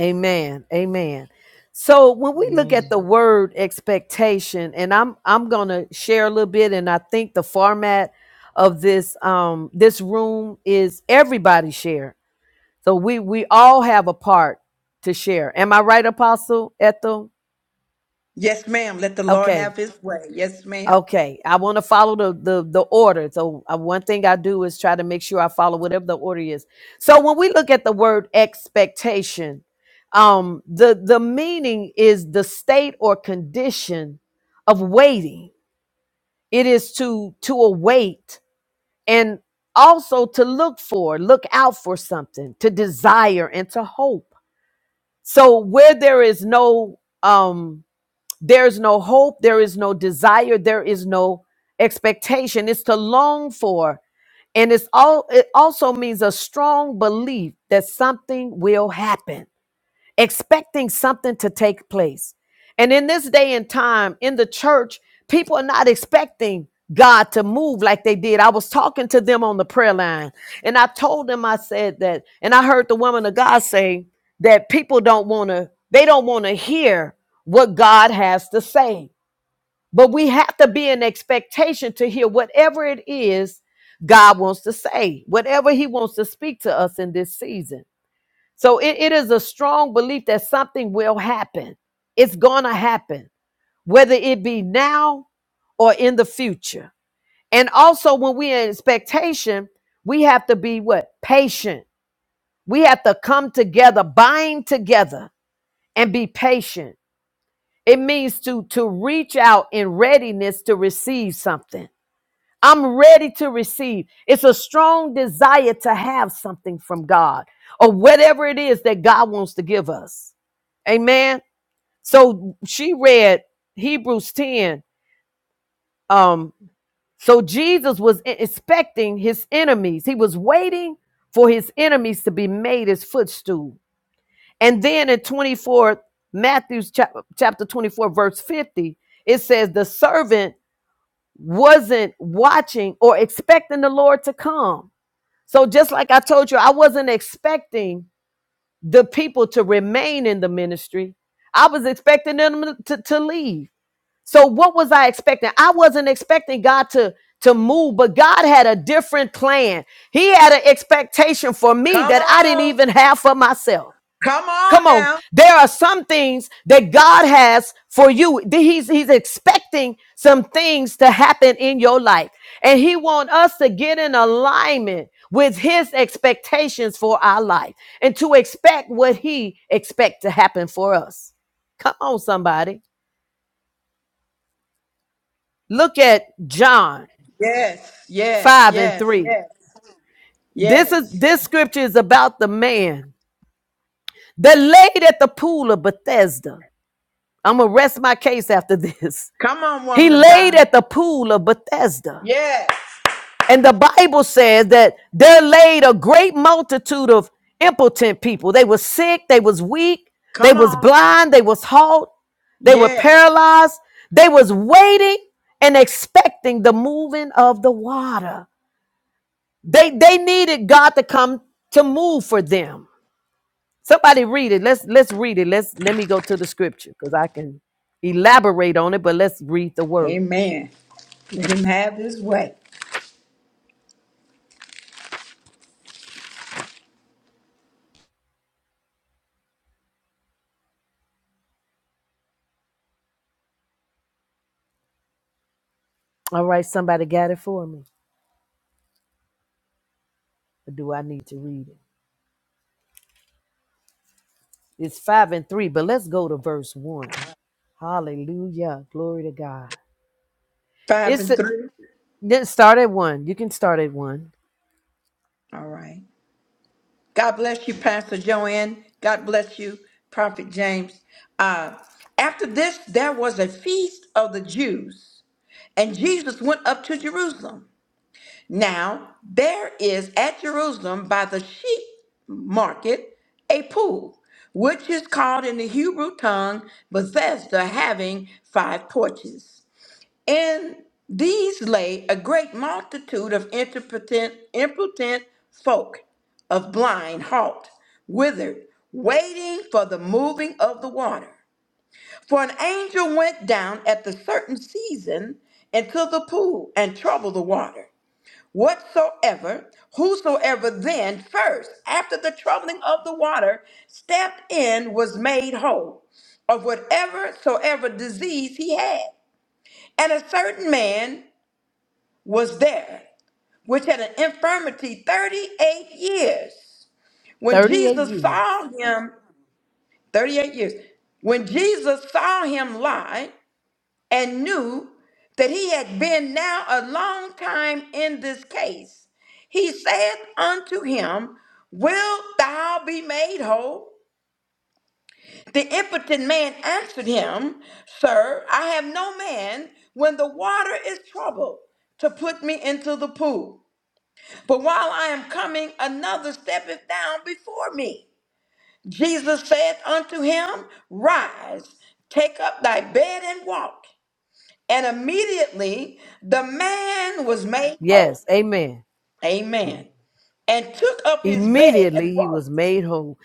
[SPEAKER 3] Amen. Amen. So when we look
[SPEAKER 2] Amen.
[SPEAKER 3] at the word expectation, and I'm I'm gonna share a little bit, and I think the format of this um this room is everybody share So we we all have a part to share. Am I right, Apostle Ethel?
[SPEAKER 1] Yes, ma'am. Let the Lord have
[SPEAKER 3] Okay.
[SPEAKER 1] his way. Yes, ma'am.
[SPEAKER 3] Okay. I want to follow the, the the order. So uh, one thing I do is try to make sure I follow whatever the order is. So when we look at the word expectation, um, the the meaning is the state or condition of waiting. It is to to await and also to look for, look out for something, to desire and to hope. So where there is no um there's no hope, there is no desire, there is no expectation. It's to long for. And it's all it also means a strong belief that something will happen expecting something to take place. And in this day and time in the church, people are not expecting God to move like they did. I was talking to them on the prayer line and I told them, I said that, and I heard the woman of God say that people don't want to, they don't want to hear what God has to say. But we have to be in expectation to hear whatever it is God wants to say, whatever He wants to speak to us in this season. So it, it is a strong belief that something will happen. It's going to happen, whether it be now or in the future. And also, when we're in expectation, we have to be what? Patient. We have to come together, bind together, and be patient. It means to, to reach out in readiness to receive something I'm ready to receive. It's a strong desire to have something from God or whatever it is that God wants to give us. Amen. So she read Hebrews 10. Um, so Jesus was e- expecting his enemies, he was waiting for his enemies to be made his footstool. And then in 24, Matthew chap- chapter 24, verse 50, it says, The servant wasn't watching or expecting the Lord to come. So just like I told you, I wasn't expecting the people to remain in the ministry. I was expecting them to, to leave. So what was I expecting? I wasn't expecting God to to move, but God had a different plan. He had an expectation for me
[SPEAKER 1] Come
[SPEAKER 3] that I didn't
[SPEAKER 1] on.
[SPEAKER 3] even have for myself.
[SPEAKER 1] Come
[SPEAKER 3] Come
[SPEAKER 1] on
[SPEAKER 3] on.
[SPEAKER 1] now.
[SPEAKER 3] There are some things that God has for you. He's He's expecting some things to happen in your life. And He wants us to get in alignment with His expectations for our life and to expect what He expects to happen for us. Come on, somebody. Look at John
[SPEAKER 1] Yes, yes,
[SPEAKER 3] 5 and
[SPEAKER 1] yes,
[SPEAKER 3] 3.
[SPEAKER 1] yes,
[SPEAKER 3] This is
[SPEAKER 1] yes.
[SPEAKER 3] this scripture is about the man that laid at the pool of Bethesda. I'm gonna rest my case after this.
[SPEAKER 1] Come on,
[SPEAKER 3] He
[SPEAKER 1] woman of
[SPEAKER 3] laid
[SPEAKER 1] God.
[SPEAKER 3] at the pool of Bethesda.
[SPEAKER 1] Yes.
[SPEAKER 3] And the Bible says that there laid a great multitude of impotent people. They were sick, they was weak, they
[SPEAKER 1] Come
[SPEAKER 3] was
[SPEAKER 1] on.
[SPEAKER 3] blind, they was halt, they were
[SPEAKER 1] Yes.
[SPEAKER 3] paralyzed. They was waiting and expecting the moving of the water. They they needed God to come to move for them. Somebody read it. Let's let's read it. Let's let me go to the scripture because I can elaborate on it, but let's read the word.
[SPEAKER 1] Amen. Let him have his way.
[SPEAKER 3] All right, somebody got it for me. Or do I need to read it? It's five and three, but let's go to verse one. Hallelujah. Glory to God.
[SPEAKER 1] Five
[SPEAKER 3] It's
[SPEAKER 1] and
[SPEAKER 3] a,
[SPEAKER 1] three.
[SPEAKER 3] then start at one. You can start at one.
[SPEAKER 1] All right. God bless you, Pastor Joanne. God bless you, Prophet James. Uh, after this, there was a feast of the Jews, and Jesus went up to Jerusalem. Now, there is at Jerusalem by the sheep market a pool, which is called in the Hebrew tongue Bethesda, having five porches. And these lay a great multitude of impotent, impotent folk, of blind, halt, withered, waiting for the moving of the water. For an angel went down at the certain season into the pool and troubled the water. Whatsoever, whosoever then first, after the troubling of the water, stepped in was made whole of whatever soever disease he had. And a certain man was there, which had an infirmity 38 years. When
[SPEAKER 3] 38
[SPEAKER 1] Jesus
[SPEAKER 3] years.
[SPEAKER 1] saw him, 38 years, when Jesus saw him lie and knew that he had been now a long time in this case, he saith unto him, Wilt thou be made whole? The impotent man answered him, Sir, I have no man when the water is troubled to put me into the pool. But while I am coming, another steppeth down before me. Jesus saith unto him, Rise, take up thy bed and walk. And immediately the man was made whole.
[SPEAKER 3] Yes. Amen.
[SPEAKER 1] Amen. And took up his bed and
[SPEAKER 3] Immediately he
[SPEAKER 1] walked.
[SPEAKER 3] was made whole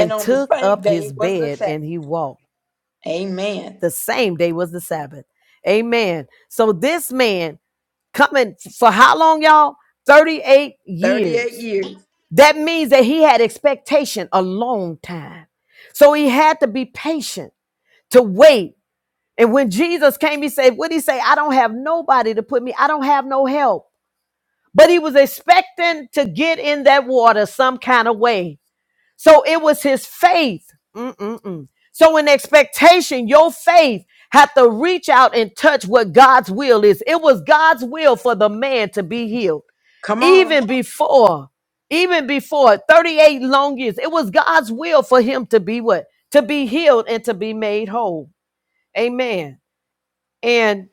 [SPEAKER 1] And on the
[SPEAKER 3] took
[SPEAKER 1] same
[SPEAKER 3] up his
[SPEAKER 1] day was the
[SPEAKER 3] bed
[SPEAKER 1] Sabbath.
[SPEAKER 3] and he walked.
[SPEAKER 1] Amen.
[SPEAKER 3] The same day was the Sabbath. Amen. So this man coming for how long, y'all? 38
[SPEAKER 1] 38
[SPEAKER 3] years.
[SPEAKER 1] years.
[SPEAKER 3] That means that he had expectation a long time. So he had to be patient to wait. And when Jesus came, he said, What did he say? I don't have nobody to put me, I don't have no help. But he was expecting to get in that water some kind of way. So it was his faith. Mm-mm-mm. So in expectation, your faith had to reach out and touch what God's will is. It was God's will for the man to be healed
[SPEAKER 1] Come on.
[SPEAKER 3] even before, even before 38 long years, it was God's will for him to be what? To be healed and to be made whole. Amen. And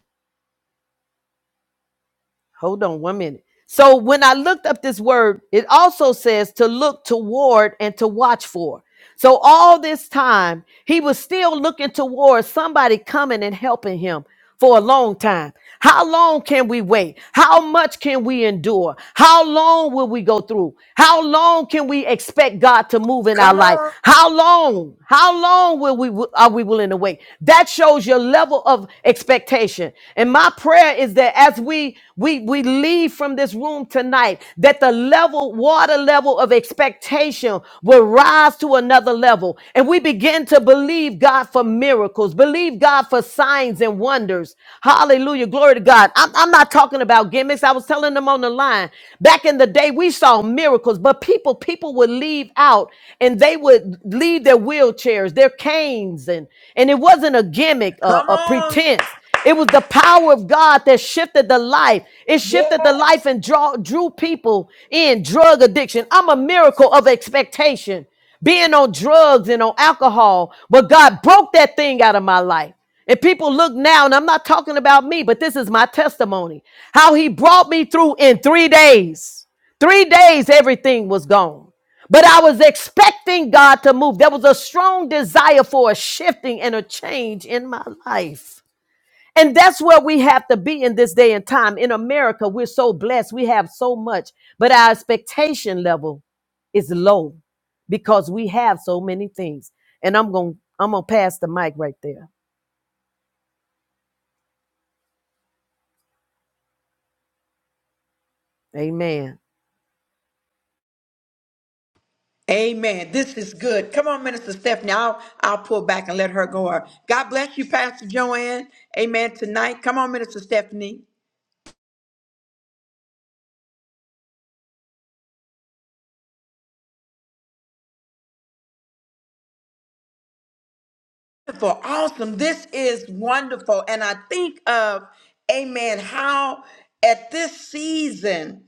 [SPEAKER 3] hold on one minute. So when I looked up this word, it also says to look toward and to watch for. So all this time, he was still looking towards somebody coming and helping him for a long time. How long can we wait? How much can we endure? How long will we go through? How long can we expect God to move in our
[SPEAKER 1] Come
[SPEAKER 3] life?
[SPEAKER 1] on.
[SPEAKER 3] How long? How long will we are we willing to wait? That shows your level of expectation. And my prayer is that as we we we we leave from this room tonight, that the level, water level of expectation will rise to another level. And we begin to believe God for miracles, believe God for signs and wonders. Hallelujah. Glory to God. I'm, I'm not talking about gimmicks. I was telling them on the line. Back in the day, we saw miracles, but people, people would leave out and they would leave their wheelchairs, their canes, and, and it wasn't a gimmick, a,
[SPEAKER 1] Come
[SPEAKER 3] a
[SPEAKER 1] on.
[SPEAKER 3] pretense. It was the power of God that shifted the life. It
[SPEAKER 1] Yeah.
[SPEAKER 3] shifted the life and draw, drew people in drug addiction. I'm a miracle of expectation, being on drugs and on alcohol. But God broke that thing out of my life. And people look now, and I'm not talking about me, but this is my testimony how he brought me through in three days. Three days, everything was gone. But I was expecting God to move. There was a strong desire for a shifting and a change in my life. And that's where we have to be in this day and time. In America, we're so blessed. We have so much, but our expectation level is low because we have so many things. And I'm going to I'm going to pass the mic right there. Amen.
[SPEAKER 1] Amen. This is good. Come on, Minister Stephanie. I'll, I'll pull back and let her go. God bless you, Pastor Joanne. Amen. Tonight. Come on, Minister Stephanie. Wonderful, awesome. This is wonderful. And I think of, amen, how at this season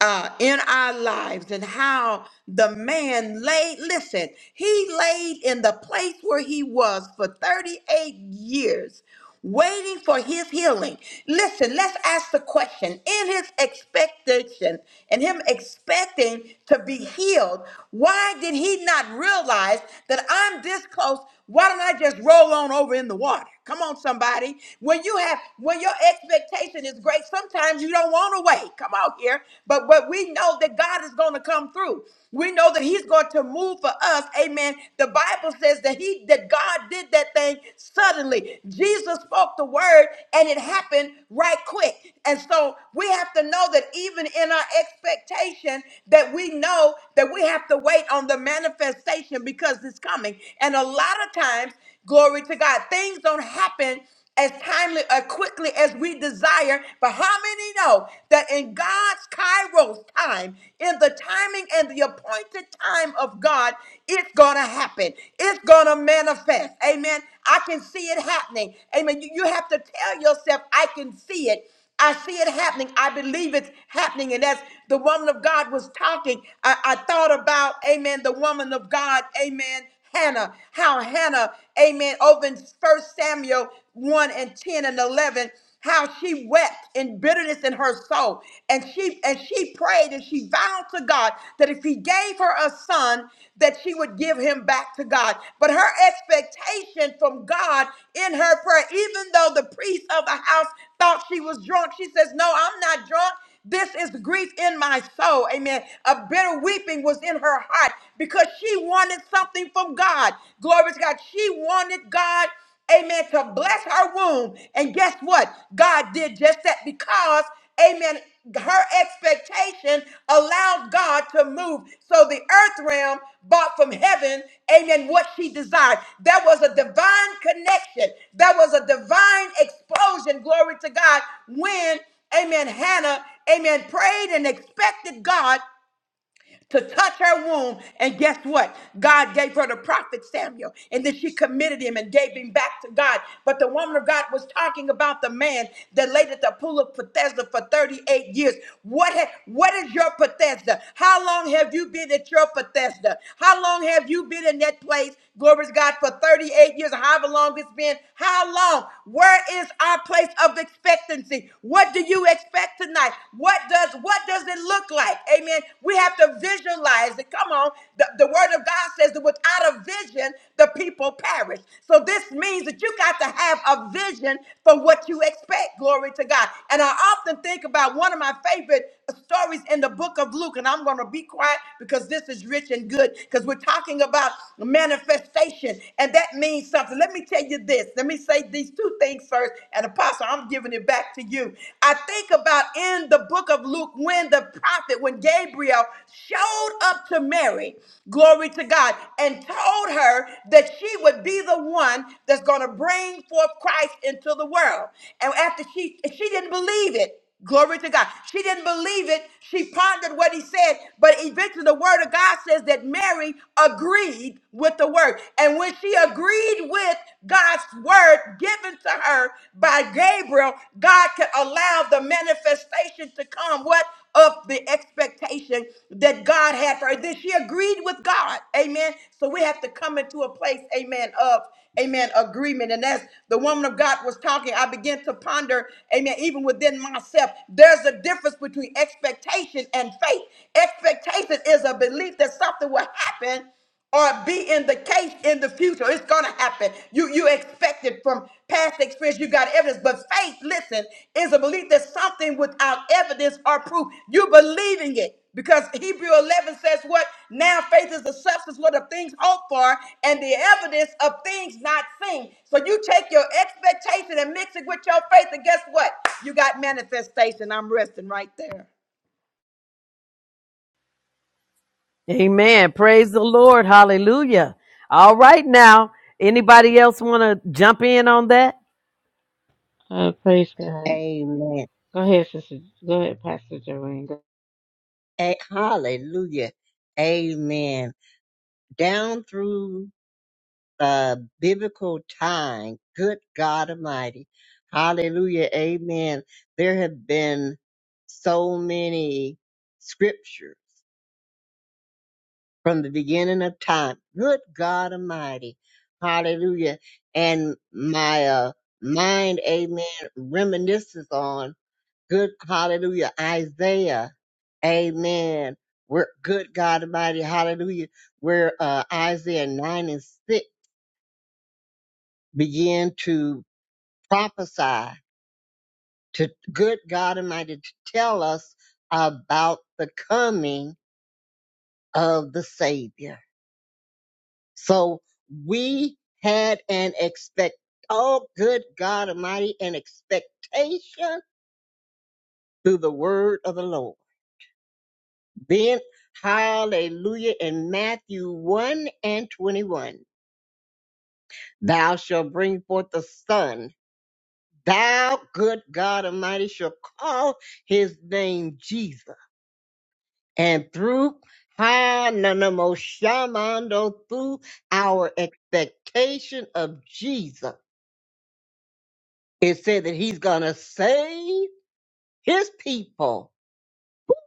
[SPEAKER 1] uh, in our lives and how the man laid, listen, he laid in the place where he was for 38 years. Waiting for his healing. Listen, let's ask the question. In his expectation and him expecting to be healed, why did he not realize that I'm this close? Why don't I just roll on over in the water? Come on, somebody. When you have, when your expectation is great, sometimes you don't want to wait. Come out here. But but we know that God is going to come through. We know that He's going to move for us. Amen. The Bible says that He that God did that thing suddenly. Jesus spoke the word and it happened right quick. And so we have to know that even in our expectation, that we know that we have to wait on the manifestation because it's is coming. And a lot of times, glory to God, things don't happen as timely or quickly as we desire. But how many know that in God's Kairos time, in the timing and the appointed time of God, it's going to happen. It's going to manifest. Amen. I can see it happening. Amen. You, you have to tell yourself, I can see it. I see it happening. I believe it's happening. And as the woman of God was talking, I, I thought about, amen, the woman of God, amen, Hannah. How Hannah, amen, over in 1 Samuel 1 and 10 and 11, how she wept in bitterness in her soul. And she and she prayed and she vowed to God that if he gave her a son, son that she would give him back to God. But her expectation from God in her prayer, even though the priest of the house thought she was drunk, she says, No, I'm not drunk. This is grief in my soul. Amen. A bitter weeping was in her heart because she wanted something from God. Glory to God. She wanted God amen, to bless her womb. And guess what? God did just that because, amen, her expectation allowed God to move. So the earth realm bought from heaven, amen, what she desired. There was a divine connection, there was a divine explosion, glory to God, when, amen, Hannah, amen, prayed and expected God to touch her womb. And guess what? God gave her the prophet Samuel. And then she committed him and gave him back to God. But the woman of God was talking about the man that laid at the pool of Bethesda for 38 years. What, ha- what is your Bethesda? How long have you been at your Bethesda? How long have you been in that place? Glory to God for 38 years, however long it's been. How long? Where is our place of expectancy? What do you expect tonight? life. What does what does it look like? Amen. We have to visualize it. Come on. The, the word of God says that without a vision, the people perish. So this means that you got to have a vision for what you expect. Glory to God. And I often think about one of my favorite stories in the book of Luke, and I'm going to be quiet because this is rich and good because we're talking about manifestation, and that means something. Let me tell you this. Let me say these two things first, and Apostle, I'm giving it back to you. I think about in the book of Luke when the prophet, when Gabriel showed up to Mary, glory to God, and told her that she would be the one that's going to bring forth Christ into the world. And after she, she didn't believe it. Glory to God. She didn't believe it. She pondered what he said, but eventually the word of God says that Mary agreed with the word. And when she agreed with God's word given to her by Gabriel, God could allow the manifestation to come. What? of the expectation that God had for her, that she agreed with God. Amen. So we have to come into a place, amen, of amen, agreement. And as the woman of God was talking, I began to ponder, amen, even within myself, there's a difference between expectation and faith. Expectation is a belief that something will happen or be in the case in the future. It's gonna happen. You you expect it from past experience. You got evidence, but faith, listen, is a belief that something without evidence or proof. You believing it because Hebrew 11 says what? Now faith is the substance what of things hoped for and the evidence of things not seen. So you take your expectation and mix it with your faith, and guess what? You got manifestation. I'm resting right there.
[SPEAKER 3] Amen. Praise the Lord. Hallelujah. All right now, anybody else want to jump in on that?
[SPEAKER 2] Uh, praise God.
[SPEAKER 4] Amen.
[SPEAKER 2] Go ahead, sister. Go ahead, Pastor Joanne. Go-
[SPEAKER 4] A- hallelujah. Amen. Down through uh, biblical time, good God Almighty. Hallelujah. Amen. There have been so many scriptures from the beginning of time. Good God Almighty. Hallelujah. And my uh, mind, amen, reminisces on. Good, hallelujah. Isaiah, amen. We're good, God Almighty, hallelujah. Where uh, Isaiah 9 and 6 begin to prophesy to good God Almighty to tell us about the coming of the Savior. So we had an expect, oh, good God Almighty, an expectation through the word of the Lord. Then, hallelujah, in Matthew 1 and 21, thou shalt bring forth a son. Thou, good God Almighty, shall call his name Jesus. And through Hananamo Shamando, through our expectation of Jesus, it said that he's going to save his people,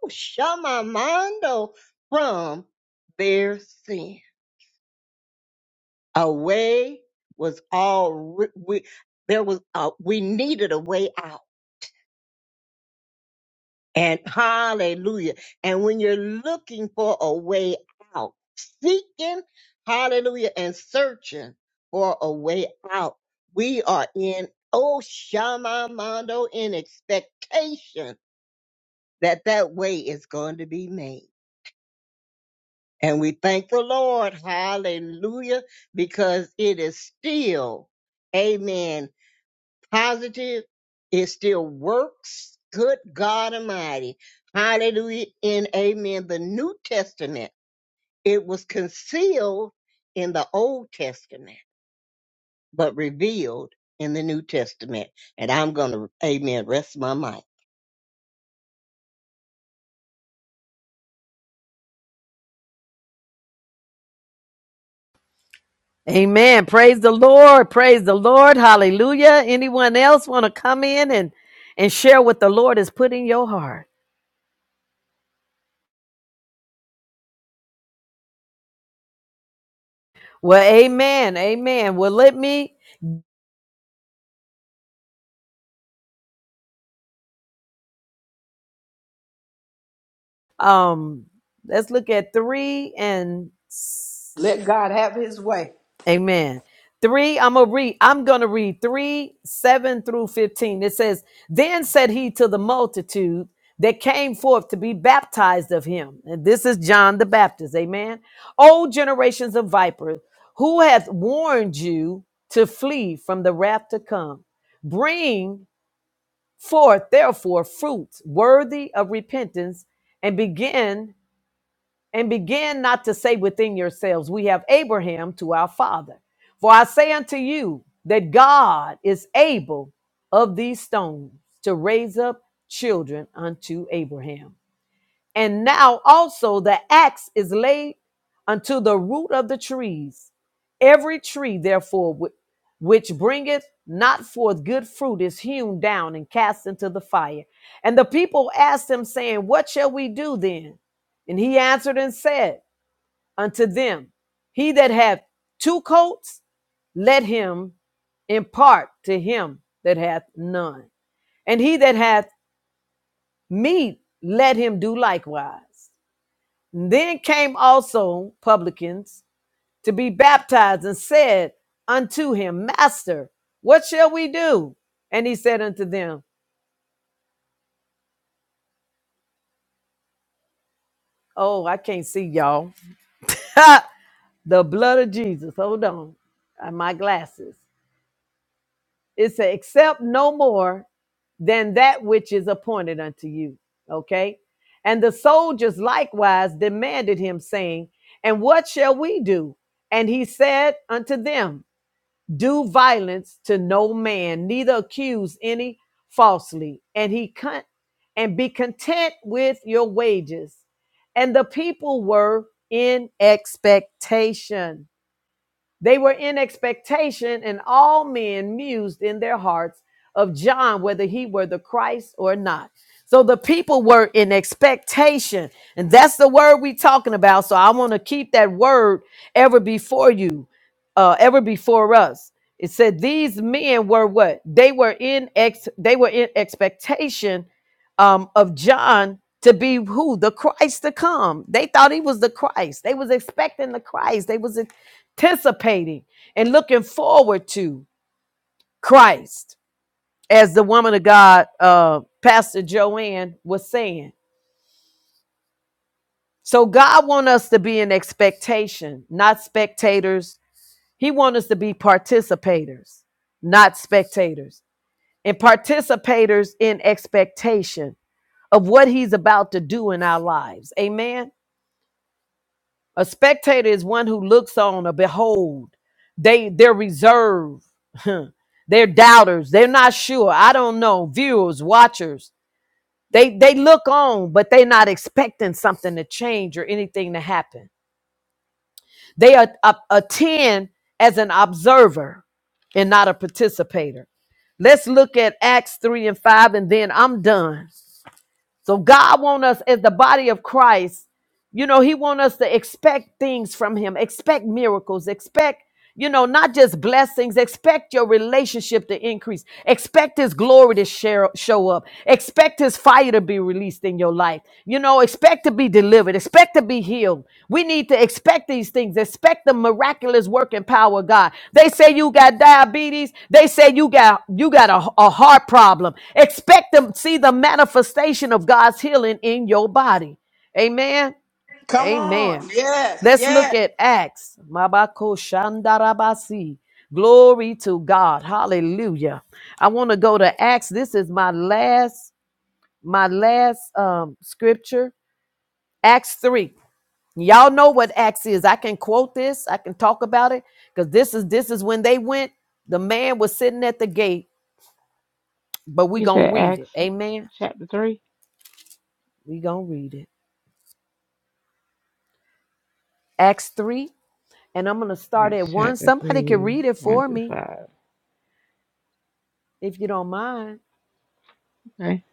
[SPEAKER 4] Oh, Shamamando, from their sin. A way was all re- we there was a, we needed a way out. And hallelujah. And when you're looking for a way out, seeking, hallelujah, and searching for a way out, we are in oh shamamando in expectation that that way is going to be made. And we thank the Lord, hallelujah, because it is still, amen, positive, it still works. Good God Almighty. Hallelujah and amen. The New Testament, it was concealed in the Old Testament, but revealed in the New Testament. And I'm going to, amen, rest my mind.
[SPEAKER 3] Amen. Praise the Lord. Praise the Lord. Hallelujah. Anyone else want to come in and and share what the Lord has put in your heart? Well, amen, amen. Well, let me um let's look at three and s-
[SPEAKER 1] Let God have his way.
[SPEAKER 3] amen. Three, I'm gonna read, I'm gonna read three, seven through fifteen. It says, Then said he to the multitude that came forth to be baptized of him. And this is John the Baptist, amen. O generations of vipers, who hath warned you to flee from the wrath to come? Bring forth therefore fruits worthy of repentance and begin and begin not to say within yourselves we have abraham to our father for i say unto you that god is able of these stones to raise up children unto abraham and now also the axe is laid unto the root of the trees. Every tree, therefore, whi- which bringeth not forth good fruit is hewn down and cast into the fire. And the people asked him, saying, What shall we do then? And he answered and said unto them, He that hath two coats, let him impart to him that hath none. And he that hath meat, let him do likewise. Then came also publicans to be baptized and said unto him, Master, what shall we do? And he said unto them, Oh, I can't see y'all. the blood of Jesus. Hold on. Uh, My glasses. It said, Accept no more than that which is appointed unto you. Okay. And the soldiers likewise demanded him, saying, And what shall we do? And he said unto them, do violence to no man, neither accuse any falsely, and he con- and be content with your wages. And the people were in expectation. They were in expectation, and all men mused in their hearts of John whether he were the Christ or not. So the people were in expectation, and that's the word we're talking about. So I want to keep that word ever before you, uh, ever before us. It said these men were what they were in ex they were in expectation um, of John to be who the Christ to come. They thought he was the Christ. They was expecting the Christ. They was anticipating and looking forward to Christ, as the woman of God, uh, Pastor Joanne, was saying. So God wants us to be in expectation, not spectators. He wants us to be participators, not spectators, and participators in expectation of what He's about to do in our lives. Amen. A spectator is one who looks on or behold. They they're reserved. they're doubters. They're not sure. I don't know. Viewers, watchers. They they look on, but they're not expecting something to change or anything to happen. They are, up- attend as an observer and not a participator. Let's look at Acts 3 and 5, and then I'm done. So God wants us as the body of Christ you know, he want us to expect things from him, expect miracles, expect, you know, not just blessings, expect your relationship to increase, expect his glory to share, show up, expect his fire to be released in your life, you know, expect to be delivered, expect to be healed. We need to expect these things, expect the miraculous work and power of God. They say you got diabetes, they say you got you got a, a heart problem. Expect to see the manifestation of God's healing in your body. Amen.
[SPEAKER 1] Come
[SPEAKER 3] Amen.
[SPEAKER 1] on.
[SPEAKER 3] Let's look at Acts. Mabako Shandarabasi. Glory to God. Hallelujah. I want to go to Acts. This is my last, my last um scripture. Acts 3. Y'all know what Acts is. I can quote this, I can talk about it, because this is this is when they went. The man was sitting at the gate, but we
[SPEAKER 2] You
[SPEAKER 3] gonna
[SPEAKER 2] said
[SPEAKER 3] read
[SPEAKER 2] Acts
[SPEAKER 3] it. Amen.
[SPEAKER 2] chapter 3?
[SPEAKER 3] We gonna read it. Acts 3. And I'm gonna start
[SPEAKER 2] That's
[SPEAKER 3] at one.
[SPEAKER 2] chapter
[SPEAKER 3] Somebody can
[SPEAKER 2] 3,
[SPEAKER 3] read it
[SPEAKER 2] 1
[SPEAKER 3] for
[SPEAKER 2] through
[SPEAKER 3] me
[SPEAKER 2] 5.
[SPEAKER 3] if you don't mind.
[SPEAKER 2] Okay.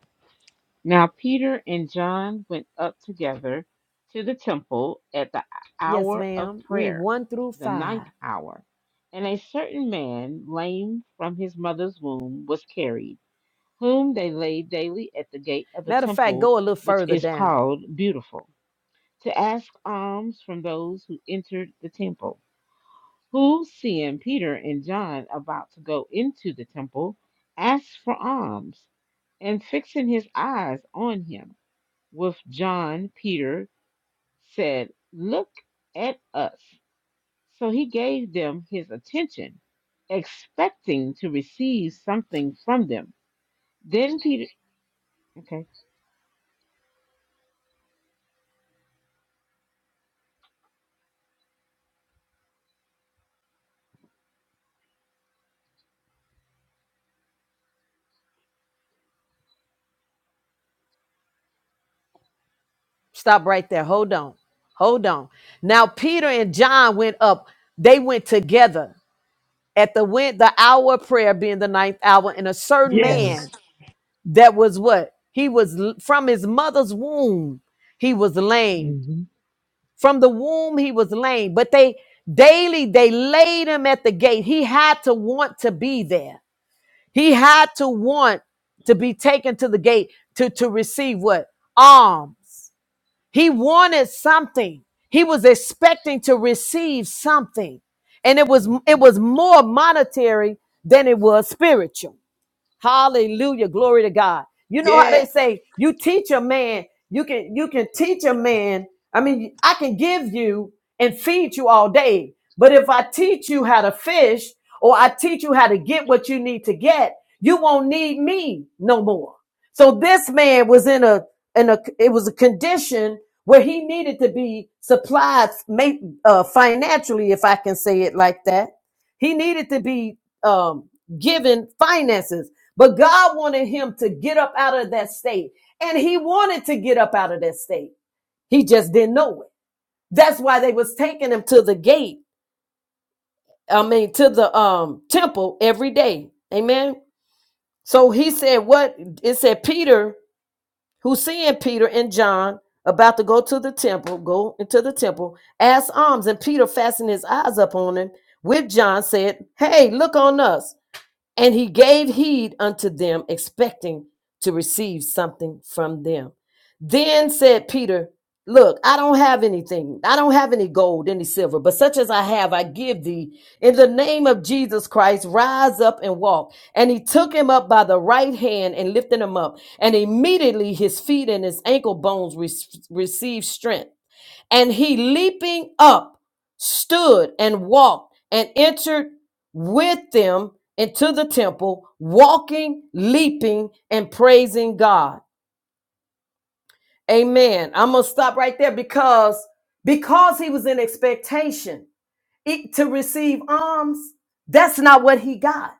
[SPEAKER 2] Now Peter and John went up together to the temple at the
[SPEAKER 3] Yes,
[SPEAKER 2] hour of
[SPEAKER 3] ma'am. Read
[SPEAKER 2] prayer,
[SPEAKER 3] one through
[SPEAKER 2] the
[SPEAKER 3] five.
[SPEAKER 2] ninth hour. And a certain man, lame from his mother's womb, was carried, whom they laid daily at the gate of the
[SPEAKER 3] Matter of fact,
[SPEAKER 2] temple,
[SPEAKER 3] go a little
[SPEAKER 2] which
[SPEAKER 3] further
[SPEAKER 2] is
[SPEAKER 3] down.
[SPEAKER 2] called Beautiful, to ask alms from those who entered the temple. who, seeing Peter and John about to go into the temple, asked for alms. And fixing his eyes on him with John, Peter said, Look at us. So he gave them his attention, expecting to receive something from them. Then Peter, okay.
[SPEAKER 3] Stop right there. Hold on. Hold on. Now Peter and John went up. They went together at the went the hour of prayer being the ninth hour, and a certain
[SPEAKER 2] Alms.
[SPEAKER 3] man that was what he was l- from his mother's womb. He was lame
[SPEAKER 2] hmm
[SPEAKER 3] from the womb. He was lame, but they daily they laid him at the gate. He had to want to be there. He had to want to be taken to the gate to, to receive what? Alms. He wanted something. He was expecting to receive something. And it was it was more monetary than it was spiritual. Hallelujah. Glory to God. You know how they
[SPEAKER 1] Yes.
[SPEAKER 3] say you teach a man, you can you can teach a man. I mean, I can give you and feed you all day. But if I teach you how to fish or I teach you how to get what you need to get, you won't need me no more. So this man was in a in a it was a condition where he needed to be supplied uh, financially, if I can say it like that. He needed to be um, given finances but God wanted him to get up out of that state. And he wanted to get up out of that state. He just didn't know it. That's why they was taking him to the gate. I mean, to the um temple every day. Amen. So he said, what it said, Peter, who seeing Peter and John about to go to the temple, go into the temple, asked alms, and Peter fastened his eyes upon him with John, said, Hey, look on us. And he gave heed unto them, expecting to receive something from them. Then said Peter, Look, I don't have anything. I don't have any gold, any silver, but such as I have, I give thee. In the name of Jesus Christ, rise up and walk. And he took him up by the right hand and lifted him up. And immediately his feet and his ankle bones re- received strength. And he leaping up stood and walked and entered with them into the temple, walking, leaping, and praising God. Amen. I'm gonna stop right there because because he was in expectation it- to receive alms, that's not what he got.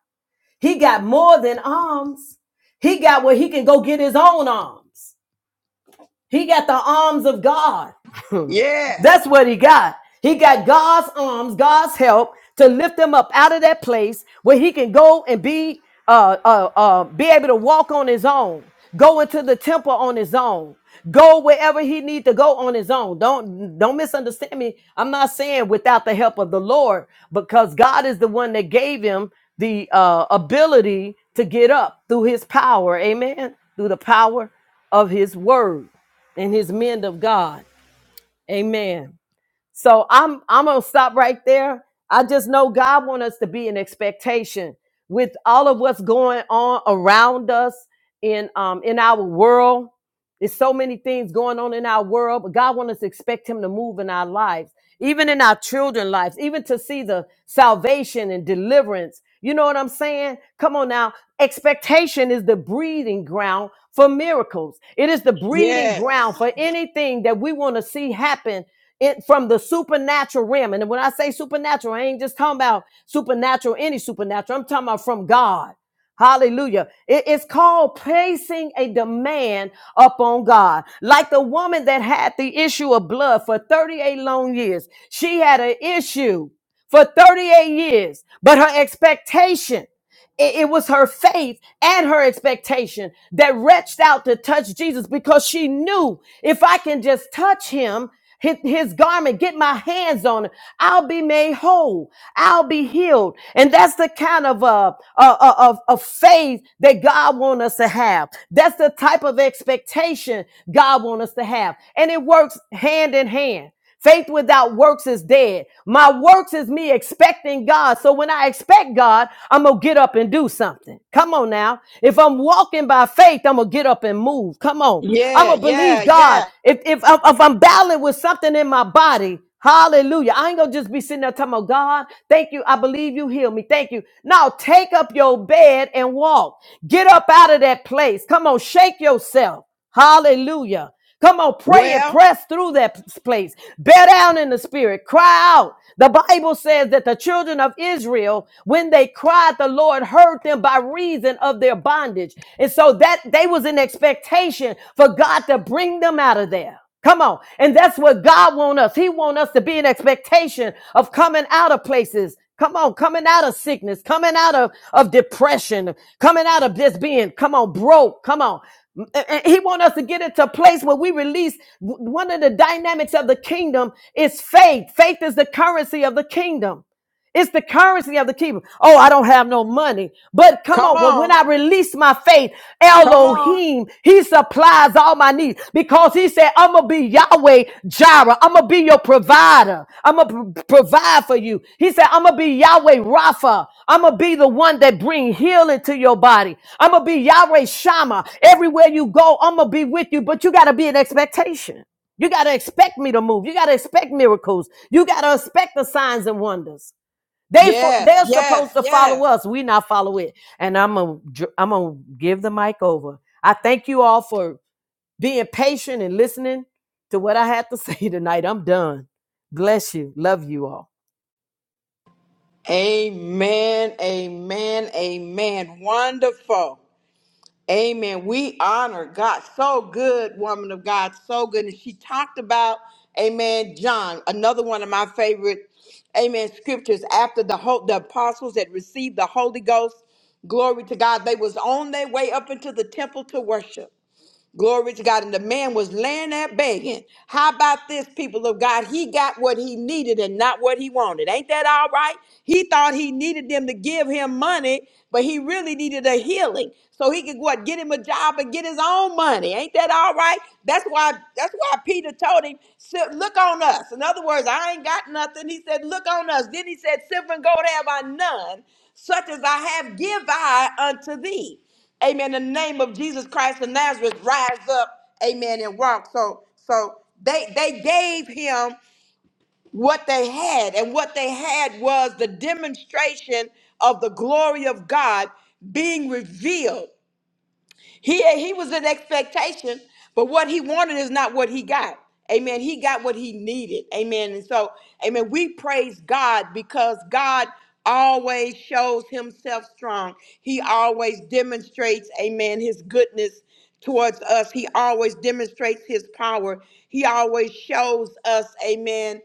[SPEAKER 3] He got more than alms. He got where he can go get his own alms. He got the arms of God.
[SPEAKER 1] Yes.
[SPEAKER 3] That's what he got. He got God's arms, God's help to lift him up out of that place where he can go and be uh, uh, uh, be able to walk on his own, go into the temple on his own, go wherever he need to go on his own. Don't don't misunderstand me. I'm not saying without the help of the Lord, because God is the one that gave him the uh, ability to get up through His power. Amen. Through the power of His word and his men of God. Amen. So I'm I'm gonna stop right there. I just know God wants us to be in expectation with all of what's going on around us in um in our world. There's so many things going on in our world, but God wants us to expect Him to move in our lives, even in our children's lives, even to see the salvation and deliverance. You know what I'm saying? Come on now. Expectation is the breeding ground for miracles, it is the breeding
[SPEAKER 1] Yes.
[SPEAKER 3] ground for anything that we want to see happen. It, from the supernatural realm. And when I say supernatural, I ain't just talking about supernatural, any supernatural. I'm talking about from God. Hallelujah. It is called placing a demand upon God. Like the woman that had the issue of blood for 38 long years, she had an issue for 38 years, but her expectation it, it was her faith and her expectation that reached out to touch Jesus because she knew if I can just touch him, his, his garment, get my hands on it, I'll be made whole. I'll be healed. And that's the kind of uh, uh, uh, of, of faith that God wants us to have. That's the type of expectation God wants us to have. And it works hand in hand. Faith without works is dead. My works is me expecting God. So when I expect God, I'm going to get up and do something. Come on now. If I'm walking by faith, I'm going to get up and move. Come on. I'm
[SPEAKER 1] Yeah,
[SPEAKER 3] going to
[SPEAKER 1] yeah,
[SPEAKER 3] believe God.
[SPEAKER 1] yeah.
[SPEAKER 3] If, if, if I'm battling with something in my body, hallelujah. I ain't going to just be sitting there talking about God. Thank you. I believe you heal me. Thank you. Now take up your bed and walk. Get up out of that place. Come on. Shake yourself. Hallelujah. Come on, pray and
[SPEAKER 1] Well,
[SPEAKER 3] press through that place. Bear down in the spirit. Cry out. The Bible says that the children of Israel, when they cried, the Lord heard them by reason of their bondage. And so that they was in expectation for God to bring them out of there. Come on. And that's what God want us. He want us to be in expectation of coming out of places Come on, coming out of sickness, coming out of, of depression, coming out of just being, come on, broke, come on. And- He wants us to get into a place where we release one of the dynamics of the kingdom is faith. Faith is the currency of the kingdom. It's the currency of the kingdom. Oh, I don't have no money. But come on, well, when I
[SPEAKER 1] come
[SPEAKER 3] release my faith,
[SPEAKER 1] on.
[SPEAKER 3] Elohim, he supplies all my needs because he said, I'm going to be Yahweh Jireh. I'm going to be your provider. I'm going to provide for you. He said, I'm going to be Yahweh Rapha. I'm going to be the one that bring healing to your body. I'm going to be Yahweh Shammah. Everywhere you go, I'm going to be with you, but you got to be in expectation. You got to expect me to move. You got to expect miracles. You got to expect the signs and wonders. They fo- they're supposed to follow us. We not follow it. And I'm gonna dr- I'm gonna give the mic over. I thank you all for being patient and listening to what I had to say tonight. I'm done. Bless you. Love you all.
[SPEAKER 1] Amen, amen, amen. Wonderful. Amen. We honor God. So good, woman of God. So good. And she talked about, amen, John, another one of my favorite, amen, scriptures after the whole, the apostles had received the Holy Ghost. Glory to God. They was on their way up into the temple to worship. Glory to God. And the man was laying there begging. How about this, people of God? He got what he needed and not what he wanted. Ain't that all right? He thought he needed them to give him money, but he really needed a healing. So he could what get him a job and get his own money. Ain't that all right? That's why that's why Peter told him, "Si- look on us. In other words, I ain't got nothing. He said, look on us. Then he said, Silver and gold have I none, such as I have give I unto thee amen, in the name of Jesus Christ of Nazareth, rise up, amen, and walk. So, so they they gave him what they had, and what they had was the demonstration of the glory of God being revealed. He he was in expectation, but what he wanted is not what he got. Amen. He got what he needed. Amen. And so, amen, we praise God because God always shows himself strong. He always demonstrates, amen, his goodness towards us. He always demonstrates his power. He always shows us, amen,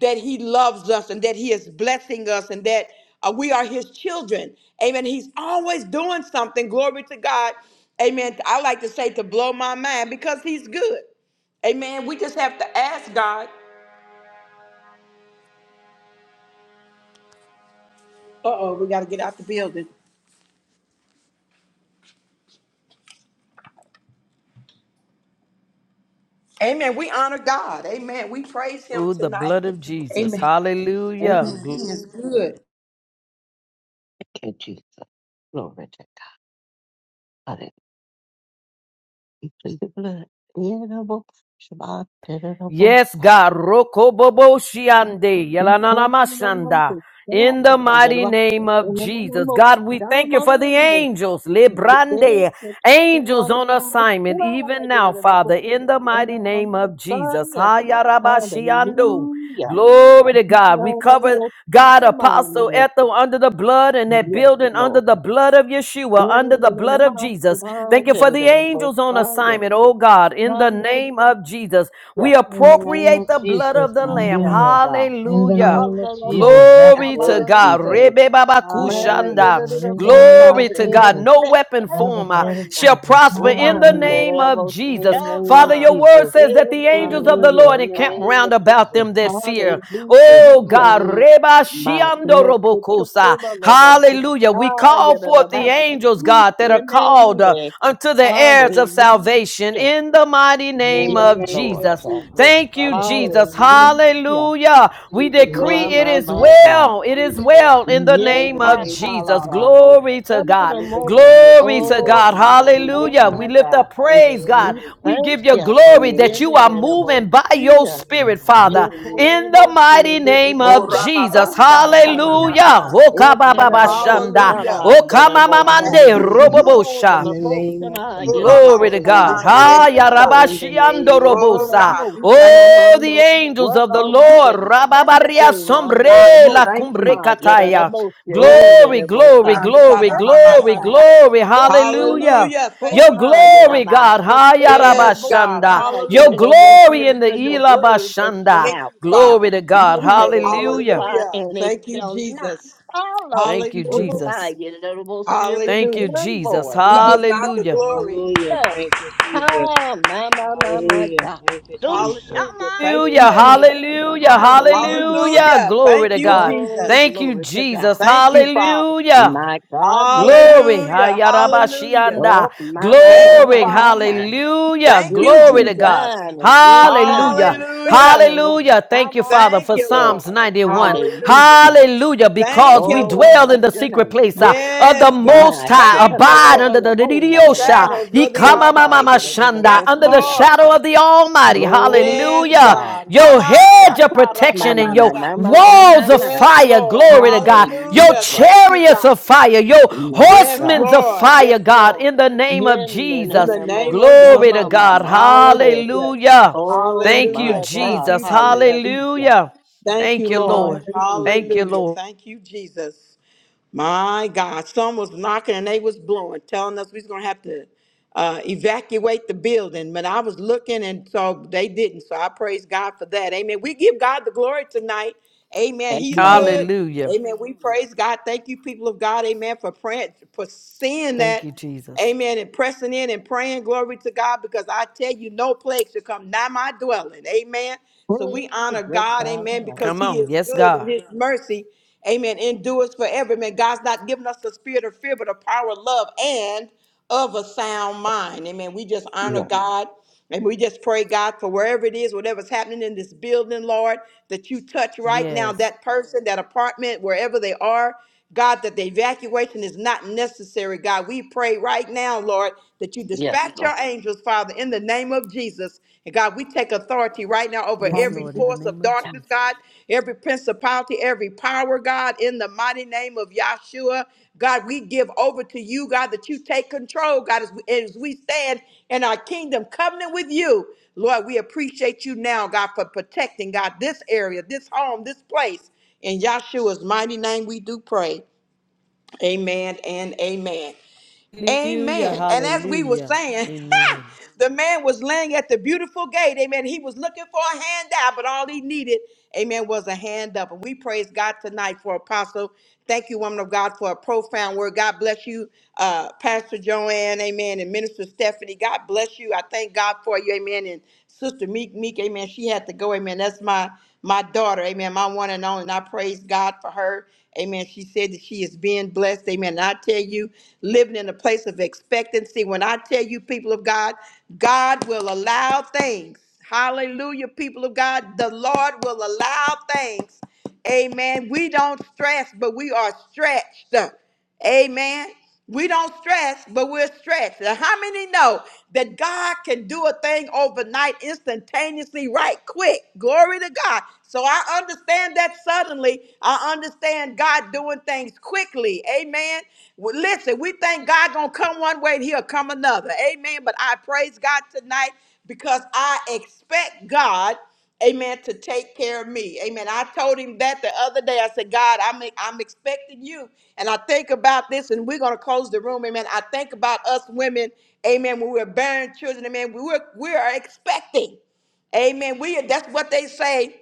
[SPEAKER 1] that he loves us and that he is blessing us and that uh, we are his children. Amen. He's always doing something. Glory to God. Amen. I like to say to blow my mind because he's good. Amen. We just have to ask God. Uh oh, we got to get out the building. Amen. We honor God. Amen. We praise him
[SPEAKER 3] Ooh, the
[SPEAKER 1] tonight.
[SPEAKER 3] blood of Jesus.
[SPEAKER 1] Amen.
[SPEAKER 3] Hallelujah.
[SPEAKER 1] Amen. He
[SPEAKER 3] Gl-
[SPEAKER 1] is good.
[SPEAKER 4] Thank you, Jesus. Glory to God. Hallelujah. We plead the blood. Inable Shabbat, inable
[SPEAKER 3] Yes,
[SPEAKER 4] side.
[SPEAKER 3] God. Rokobobo shiande.
[SPEAKER 4] We call the Lord, the Lord, the Lord,
[SPEAKER 3] in the
[SPEAKER 4] the
[SPEAKER 3] mighty
[SPEAKER 4] Lord,
[SPEAKER 3] name
[SPEAKER 4] the
[SPEAKER 3] of
[SPEAKER 4] Lord, the
[SPEAKER 3] Jesus.
[SPEAKER 4] Lord,
[SPEAKER 3] God, we
[SPEAKER 4] the
[SPEAKER 3] thank you
[SPEAKER 4] Lord.
[SPEAKER 3] for
[SPEAKER 4] the
[SPEAKER 3] the
[SPEAKER 4] Lord,
[SPEAKER 3] angels,
[SPEAKER 4] Hallelujah.
[SPEAKER 3] Librande, angels on assignment,
[SPEAKER 4] Hallelujah.
[SPEAKER 3] even now, Father, in the mighty name of Jesus. Hayarabashiando.
[SPEAKER 4] Hallelujah.
[SPEAKER 3] Glory to God. We cover God, Apostle Ethel, under the blood and that
[SPEAKER 4] Yes,
[SPEAKER 3] building under
[SPEAKER 4] Lord.
[SPEAKER 3] the blood of Yeshua, under the blood of Jesus. Thank you for the
[SPEAKER 4] Hallelujah.
[SPEAKER 3] angels on assignment, oh God, in the name of Jesus. We
[SPEAKER 2] In the name
[SPEAKER 3] appropriate
[SPEAKER 2] of
[SPEAKER 3] the blood of
[SPEAKER 2] Jesus,
[SPEAKER 3] the
[SPEAKER 4] Hallelujah.
[SPEAKER 3] Lamb.
[SPEAKER 4] Yes,
[SPEAKER 2] hallelujah.
[SPEAKER 4] God.
[SPEAKER 2] In the
[SPEAKER 3] Hallelujah.
[SPEAKER 2] name of Jesus, by the
[SPEAKER 3] Glory
[SPEAKER 2] blood
[SPEAKER 3] to
[SPEAKER 2] of
[SPEAKER 3] God.
[SPEAKER 2] Jesus.
[SPEAKER 4] Hallelujah.
[SPEAKER 3] Rebe baba
[SPEAKER 2] Hallelujah,
[SPEAKER 3] kushanda.
[SPEAKER 2] God.
[SPEAKER 4] Magnanimous,
[SPEAKER 2] In the name of
[SPEAKER 3] Glory
[SPEAKER 4] We're
[SPEAKER 3] to
[SPEAKER 4] in
[SPEAKER 3] God.
[SPEAKER 2] Jesus,
[SPEAKER 3] No weapon
[SPEAKER 2] by the
[SPEAKER 3] form uh,
[SPEAKER 2] blood of
[SPEAKER 4] expectation.
[SPEAKER 3] shall
[SPEAKER 2] Jesus.
[SPEAKER 3] prosper in the
[SPEAKER 2] Hallelujah.
[SPEAKER 3] name of
[SPEAKER 4] Magnanimous,
[SPEAKER 2] In the
[SPEAKER 3] Jesus.
[SPEAKER 2] name of
[SPEAKER 3] Father,
[SPEAKER 4] Emma.
[SPEAKER 3] your word
[SPEAKER 2] Jesus.
[SPEAKER 3] says that the angels of the
[SPEAKER 2] Hallelujah.
[SPEAKER 4] Magnanimous,
[SPEAKER 3] Lord
[SPEAKER 2] In the
[SPEAKER 3] encamp
[SPEAKER 2] name
[SPEAKER 3] round
[SPEAKER 2] of
[SPEAKER 3] about
[SPEAKER 2] Jesus.
[SPEAKER 3] them that fear.
[SPEAKER 2] Yes.
[SPEAKER 3] Oh
[SPEAKER 4] Hallelujah.
[SPEAKER 3] God.
[SPEAKER 2] Hallelujah.
[SPEAKER 3] Reba shiando
[SPEAKER 4] Magnanimous,
[SPEAKER 3] robokosa.
[SPEAKER 4] Magnanimous,
[SPEAKER 3] Hallelujah. We call forth the angels, God, that are called uh,
[SPEAKER 4] Magnanimous.
[SPEAKER 3] unto the heirs of salvation
[SPEAKER 4] Hallelujah.
[SPEAKER 3] in the mighty name
[SPEAKER 4] Yes,
[SPEAKER 2] In
[SPEAKER 3] of
[SPEAKER 2] the name
[SPEAKER 4] Lord.
[SPEAKER 2] of
[SPEAKER 3] Jesus.
[SPEAKER 2] Jesus.
[SPEAKER 3] Thank
[SPEAKER 2] By
[SPEAKER 3] you,
[SPEAKER 2] the blood of
[SPEAKER 3] Jesus.
[SPEAKER 2] Jesus.
[SPEAKER 4] Hallelujah.
[SPEAKER 3] Hallelujah. We
[SPEAKER 2] plead the blood
[SPEAKER 3] decree
[SPEAKER 4] My,
[SPEAKER 2] of
[SPEAKER 3] it
[SPEAKER 4] my,
[SPEAKER 3] is
[SPEAKER 4] my
[SPEAKER 2] Jesus.
[SPEAKER 4] God.
[SPEAKER 3] well. It is
[SPEAKER 2] Hallelujah,
[SPEAKER 3] well
[SPEAKER 2] God.
[SPEAKER 3] in the
[SPEAKER 4] Yes,
[SPEAKER 2] In
[SPEAKER 3] name
[SPEAKER 2] the
[SPEAKER 4] I
[SPEAKER 3] of
[SPEAKER 2] name of
[SPEAKER 4] tell
[SPEAKER 3] Jesus.
[SPEAKER 2] Jesus,
[SPEAKER 4] our most.
[SPEAKER 2] God.
[SPEAKER 3] Glory to God.
[SPEAKER 2] In the
[SPEAKER 4] most.
[SPEAKER 2] name of
[SPEAKER 3] Glory to
[SPEAKER 2] Jesus.
[SPEAKER 4] Oh
[SPEAKER 3] God.
[SPEAKER 4] my
[SPEAKER 2] Hallelujah,
[SPEAKER 4] God,
[SPEAKER 3] Hallelujah.
[SPEAKER 2] God.
[SPEAKER 4] my
[SPEAKER 3] We lift
[SPEAKER 4] God.
[SPEAKER 3] up
[SPEAKER 2] In the
[SPEAKER 3] praise, God.
[SPEAKER 2] name
[SPEAKER 4] We
[SPEAKER 2] of
[SPEAKER 3] We
[SPEAKER 4] thank
[SPEAKER 2] Jesus.
[SPEAKER 3] give you
[SPEAKER 4] you.
[SPEAKER 3] glory
[SPEAKER 2] Hallelujah,
[SPEAKER 4] In
[SPEAKER 3] that
[SPEAKER 2] God.
[SPEAKER 3] you are
[SPEAKER 2] I
[SPEAKER 4] and
[SPEAKER 2] do
[SPEAKER 3] moving by
[SPEAKER 2] that
[SPEAKER 3] your
[SPEAKER 2] you
[SPEAKER 4] most,
[SPEAKER 2] heal,
[SPEAKER 3] spirit,
[SPEAKER 2] God.
[SPEAKER 3] Father,
[SPEAKER 2] In the name of
[SPEAKER 3] in the
[SPEAKER 2] Jesus, by
[SPEAKER 4] Yekorobosiye
[SPEAKER 2] the
[SPEAKER 3] mighty
[SPEAKER 4] the
[SPEAKER 2] blood of
[SPEAKER 3] name
[SPEAKER 1] Oh,
[SPEAKER 3] of
[SPEAKER 2] Jesus.
[SPEAKER 3] Jesus.
[SPEAKER 4] expectation
[SPEAKER 2] Hallelujah.
[SPEAKER 4] ananama.
[SPEAKER 3] Hallelujah.
[SPEAKER 2] In
[SPEAKER 1] Orababasatanamasanda.
[SPEAKER 2] the name of
[SPEAKER 3] Okabababashanda.
[SPEAKER 2] Jesus.
[SPEAKER 1] Hallelujah. Thank
[SPEAKER 4] Ekerobosananenamosa.
[SPEAKER 3] Okamamamande
[SPEAKER 1] you.
[SPEAKER 2] Hallelujah.
[SPEAKER 4] You own
[SPEAKER 3] robobosha.
[SPEAKER 2] In
[SPEAKER 4] the
[SPEAKER 2] the
[SPEAKER 4] most
[SPEAKER 2] name
[SPEAKER 4] and
[SPEAKER 2] of
[SPEAKER 4] I
[SPEAKER 1] Oh
[SPEAKER 4] get
[SPEAKER 2] Jesus.
[SPEAKER 4] the
[SPEAKER 3] Glory
[SPEAKER 4] most
[SPEAKER 3] to
[SPEAKER 4] high. you're
[SPEAKER 3] God.
[SPEAKER 2] Hallelujah, God.
[SPEAKER 3] Ha
[SPEAKER 4] performing your
[SPEAKER 1] Oramamasandelemasha.
[SPEAKER 2] In
[SPEAKER 4] word.
[SPEAKER 2] the
[SPEAKER 4] Ah,
[SPEAKER 2] name of
[SPEAKER 4] The
[SPEAKER 2] Jesus.
[SPEAKER 1] Oh
[SPEAKER 4] corner of the
[SPEAKER 3] yarabashiandorobosa.
[SPEAKER 1] God, we
[SPEAKER 4] most
[SPEAKER 1] thank you.
[SPEAKER 3] Oh, the
[SPEAKER 4] shamamando.
[SPEAKER 3] angels
[SPEAKER 4] What
[SPEAKER 3] of the
[SPEAKER 4] are we
[SPEAKER 3] Lord.
[SPEAKER 1] Yes,
[SPEAKER 3] Rababaria
[SPEAKER 4] expecting under
[SPEAKER 1] God,
[SPEAKER 4] the
[SPEAKER 3] sombre
[SPEAKER 1] we
[SPEAKER 3] la
[SPEAKER 4] most?
[SPEAKER 1] thank
[SPEAKER 3] cumbre
[SPEAKER 1] you.
[SPEAKER 4] My get the
[SPEAKER 3] kataya.
[SPEAKER 4] most you're down
[SPEAKER 1] Oh,
[SPEAKER 3] Glory,
[SPEAKER 4] the most.
[SPEAKER 3] glory, glory, glory,
[SPEAKER 4] Protection
[SPEAKER 1] Ramsanamamasa.
[SPEAKER 3] glory.
[SPEAKER 4] Procure,
[SPEAKER 3] Hallelujah.
[SPEAKER 1] hallelujah. Thank
[SPEAKER 3] Your
[SPEAKER 1] you,
[SPEAKER 4] Puma, you
[SPEAKER 1] Jesus.
[SPEAKER 4] know,
[SPEAKER 3] glory,
[SPEAKER 4] my
[SPEAKER 3] God. Ha
[SPEAKER 4] sister, on the
[SPEAKER 1] Yes,
[SPEAKER 4] most,
[SPEAKER 1] God.
[SPEAKER 3] yarabashanda.
[SPEAKER 4] my, you
[SPEAKER 3] Your
[SPEAKER 1] Hallelujah.
[SPEAKER 4] the most,
[SPEAKER 1] Thank you,
[SPEAKER 3] glory in the
[SPEAKER 4] because your
[SPEAKER 1] Jesus.
[SPEAKER 4] word has been
[SPEAKER 3] ilabashanda.
[SPEAKER 1] Thank
[SPEAKER 4] out.
[SPEAKER 1] you,
[SPEAKER 4] Uh,
[SPEAKER 1] Father.
[SPEAKER 3] Glory to God.
[SPEAKER 4] You know, the most,
[SPEAKER 3] Hallelujah.
[SPEAKER 4] uh,
[SPEAKER 1] Hallelujah.
[SPEAKER 4] and it
[SPEAKER 1] Thank you,
[SPEAKER 4] shall not
[SPEAKER 1] Jesus.
[SPEAKER 4] follow.
[SPEAKER 3] Thank you,
[SPEAKER 4] Oh,
[SPEAKER 1] Hallelujah.
[SPEAKER 3] Jesus.
[SPEAKER 4] my, you are the most, uh,
[SPEAKER 3] Thank you,
[SPEAKER 1] Hallelujah.
[SPEAKER 4] return
[SPEAKER 3] Jesus.
[SPEAKER 4] boy.
[SPEAKER 1] We
[SPEAKER 4] So,
[SPEAKER 1] give God
[SPEAKER 4] so,
[SPEAKER 1] the
[SPEAKER 3] Hallelujah.
[SPEAKER 1] glory.
[SPEAKER 2] Hallelujah.
[SPEAKER 4] so.
[SPEAKER 2] Thank you, Jesus.
[SPEAKER 4] Oh, my, my, my, my
[SPEAKER 2] Hallelujah.
[SPEAKER 4] God.
[SPEAKER 2] Thank you,
[SPEAKER 4] Do
[SPEAKER 2] Jesus.
[SPEAKER 1] Hallelujah. Thank
[SPEAKER 2] Hallelujah.
[SPEAKER 1] you,
[SPEAKER 3] Hallelujah,
[SPEAKER 1] Jesus.
[SPEAKER 4] shamande.
[SPEAKER 3] hallelujah,
[SPEAKER 4] Hallelujah.
[SPEAKER 3] hallelujah.
[SPEAKER 1] Hallelujah.
[SPEAKER 3] Glory
[SPEAKER 1] Thank
[SPEAKER 3] to
[SPEAKER 1] you,
[SPEAKER 3] God.
[SPEAKER 4] Oh,
[SPEAKER 1] Jesus.
[SPEAKER 3] Thank you,
[SPEAKER 4] glory to
[SPEAKER 3] Jesus.
[SPEAKER 4] God.
[SPEAKER 1] Thank you, Father.
[SPEAKER 3] Hallelujah.
[SPEAKER 4] My God, my God.
[SPEAKER 3] Glory.
[SPEAKER 1] Hallelujah. Hallelujah.
[SPEAKER 3] Hayarabashianda.
[SPEAKER 4] Oh, my, my,
[SPEAKER 1] Thank
[SPEAKER 4] my,
[SPEAKER 1] you,
[SPEAKER 3] Glory.
[SPEAKER 4] my,
[SPEAKER 1] Father.
[SPEAKER 4] my, my.
[SPEAKER 3] Hallelujah.
[SPEAKER 1] Thank
[SPEAKER 4] You're
[SPEAKER 1] you,
[SPEAKER 3] Glory
[SPEAKER 4] on
[SPEAKER 3] to
[SPEAKER 1] Jesus.
[SPEAKER 3] God.
[SPEAKER 4] time and in
[SPEAKER 3] Hallelujah.
[SPEAKER 4] time.
[SPEAKER 1] Hallelujah.
[SPEAKER 4] Coming and most
[SPEAKER 3] Hallelujah. Thank
[SPEAKER 4] time
[SPEAKER 3] you, Father,
[SPEAKER 4] on
[SPEAKER 1] Thank
[SPEAKER 3] for
[SPEAKER 1] you,
[SPEAKER 4] day.
[SPEAKER 3] Psalms
[SPEAKER 1] Lord.
[SPEAKER 3] 91.
[SPEAKER 1] Hallelujah.
[SPEAKER 4] Hallelujah.
[SPEAKER 3] Hallelujah.
[SPEAKER 1] Thank
[SPEAKER 3] Because we
[SPEAKER 1] you,
[SPEAKER 4] Oh, we
[SPEAKER 1] Lord.
[SPEAKER 3] dwell in
[SPEAKER 4] bless
[SPEAKER 3] the
[SPEAKER 4] your
[SPEAKER 3] secret
[SPEAKER 4] name.
[SPEAKER 3] place uh, of the
[SPEAKER 1] Yes, God.
[SPEAKER 3] Most
[SPEAKER 4] My
[SPEAKER 3] High.
[SPEAKER 1] Thank you,
[SPEAKER 3] Abide
[SPEAKER 1] Lord.
[SPEAKER 4] Pepakula
[SPEAKER 3] under the
[SPEAKER 4] Lamona de the Ba.
[SPEAKER 1] Shadows of
[SPEAKER 3] Diosha.
[SPEAKER 1] the
[SPEAKER 4] Hosha
[SPEAKER 1] Almighty.
[SPEAKER 3] Hamamamamashanda,
[SPEAKER 1] Yes,
[SPEAKER 3] Under the
[SPEAKER 4] Yadamosia.
[SPEAKER 1] Lord.
[SPEAKER 3] shadow of the Almighty.
[SPEAKER 4] Glory to
[SPEAKER 1] Yes,
[SPEAKER 3] Hallelujah.
[SPEAKER 4] God.
[SPEAKER 1] God.
[SPEAKER 3] Your hedge of
[SPEAKER 4] My,
[SPEAKER 3] protection and
[SPEAKER 4] my, my,
[SPEAKER 3] your
[SPEAKER 4] my,
[SPEAKER 1] Hamashatarababasha.
[SPEAKER 4] my, my,
[SPEAKER 3] walls
[SPEAKER 4] my,
[SPEAKER 3] of
[SPEAKER 4] my.
[SPEAKER 1] Yes,
[SPEAKER 3] fire.
[SPEAKER 1] Lord.
[SPEAKER 3] Glory to God. Your
[SPEAKER 1] Hallelujah.
[SPEAKER 4] Hallelujah.
[SPEAKER 1] Thank you,
[SPEAKER 3] chariots
[SPEAKER 1] God.
[SPEAKER 3] of fire. Your
[SPEAKER 4] My
[SPEAKER 1] Yes,
[SPEAKER 4] God.
[SPEAKER 3] horsemen of
[SPEAKER 1] Lord. Yes,
[SPEAKER 3] fire, God.
[SPEAKER 1] Lord.
[SPEAKER 3] In the name of
[SPEAKER 1] In
[SPEAKER 3] Jesus.
[SPEAKER 1] the name of
[SPEAKER 3] Glory to
[SPEAKER 1] Jesus.
[SPEAKER 3] God.
[SPEAKER 4] Yemenenamoshamamamande.
[SPEAKER 1] Hallelujah.
[SPEAKER 3] Hallelujah.
[SPEAKER 4] Oh,
[SPEAKER 3] Thank you,
[SPEAKER 4] my
[SPEAKER 1] Hallelujah. Thank
[SPEAKER 4] God.
[SPEAKER 1] you,
[SPEAKER 3] Jesus.
[SPEAKER 1] Jesus.
[SPEAKER 4] Hallelujah.
[SPEAKER 3] Hallelujah.
[SPEAKER 1] Thank
[SPEAKER 3] Thank
[SPEAKER 1] you,
[SPEAKER 3] you, Lord.
[SPEAKER 1] Lord.
[SPEAKER 4] Hallelujah.
[SPEAKER 3] Thank you,
[SPEAKER 1] Hallelujah.
[SPEAKER 3] Lord.
[SPEAKER 1] Thank you, Jesus. My God, some was knocking and they was blowing, telling us we was gonna have to uh, evacuate the building. But I was looking, and so they didn't. So I praise God for that. Amen. We give God the glory tonight. Amen. He's
[SPEAKER 4] Amen.
[SPEAKER 1] good.
[SPEAKER 3] Hallelujah.
[SPEAKER 1] Amen. We praise God. Thank you, people of God. Amen. For praying, for seeing
[SPEAKER 3] Thank
[SPEAKER 1] that.
[SPEAKER 3] you, Jesus.
[SPEAKER 1] Amen. And pressing in and praying glory to God because I tell you, no plague shall come nigh my dwelling. Amen. So
[SPEAKER 4] Praise
[SPEAKER 1] we
[SPEAKER 4] the
[SPEAKER 1] honor
[SPEAKER 4] good
[SPEAKER 1] God.
[SPEAKER 4] God
[SPEAKER 1] Amen.
[SPEAKER 4] Almighty.
[SPEAKER 1] Because
[SPEAKER 3] Come
[SPEAKER 1] He
[SPEAKER 3] on.
[SPEAKER 1] is
[SPEAKER 3] Yes,
[SPEAKER 1] good and
[SPEAKER 3] God.
[SPEAKER 1] His mercy Amen. Endures forever. Amen. God's not giving us the spirit of fear, but a power of love and of a sound mind. Amen. We just honor
[SPEAKER 4] Yes,
[SPEAKER 1] God. And we just pray, God, for wherever it is, whatever's happening in this building, Lord, that you touch right now
[SPEAKER 3] Yes.
[SPEAKER 1] that person, that apartment, wherever they are. God, that the evacuation is not necessary. God, we pray right now, Lord, that you
[SPEAKER 4] yes,
[SPEAKER 1] dispatch
[SPEAKER 4] Lord.
[SPEAKER 1] your angels, Father, in the name of Jesus. And God, we take authority right now over
[SPEAKER 3] Yes,
[SPEAKER 1] every
[SPEAKER 3] Lord, in the
[SPEAKER 1] force
[SPEAKER 3] name
[SPEAKER 1] of
[SPEAKER 3] of
[SPEAKER 1] darkness,
[SPEAKER 3] Jesus.
[SPEAKER 1] God, every principality, every power, God, in the mighty name of Yahshua. God, we give over to you, God, that you take control, God, as we, as we stand in our kingdom covenant with you. Lord, we appreciate you now, God, for protecting, God, this area, this home, this place. In Yahshua's mighty name, we do pray. Amen and amen.
[SPEAKER 3] Hallelujah,
[SPEAKER 1] Amen. And as we were
[SPEAKER 3] hallelujah.
[SPEAKER 1] saying,
[SPEAKER 3] Amen.
[SPEAKER 1] The man was laying at the beautiful gate. Amen. He was looking for a handout, but all he needed, amen, was a hand up. And we praise God tonight for Apostle. Thank you, woman of God, for a profound word. God bless you, uh, Pastor Joanne, amen, and Minister Stephanie. God bless you. I thank God for you, amen. And Sister Meek Meek, amen. She had to go, amen. That's my my daughter, amen, my one and only. And I praise God for her. Amen. She said that she is being blessed. Amen. And I tell you, living in a place of expectancy. When I tell you, people of God, God will allow things. Hallelujah, people of God. The Lord will allow things. Amen. We don't stress, but we are stretched. Amen. We don't stress, but we're stretched. And how many know that God can do a thing overnight, instantaneously, right quick? Glory to God. So I understand that suddenly. I understand God doing things quickly. Amen. Well, listen, we think God gonna come one way and he'll come another. Amen. But I praise God tonight because I expect God. Amen. To take care of me. Amen. I told him that the other day. I said, God, I'm, I'm expecting you. And I think about this, and we're going to close the room. Amen. I think about us women. Amen. When we're bearing children. Amen. We were, we are expecting. Amen. We that's what they say.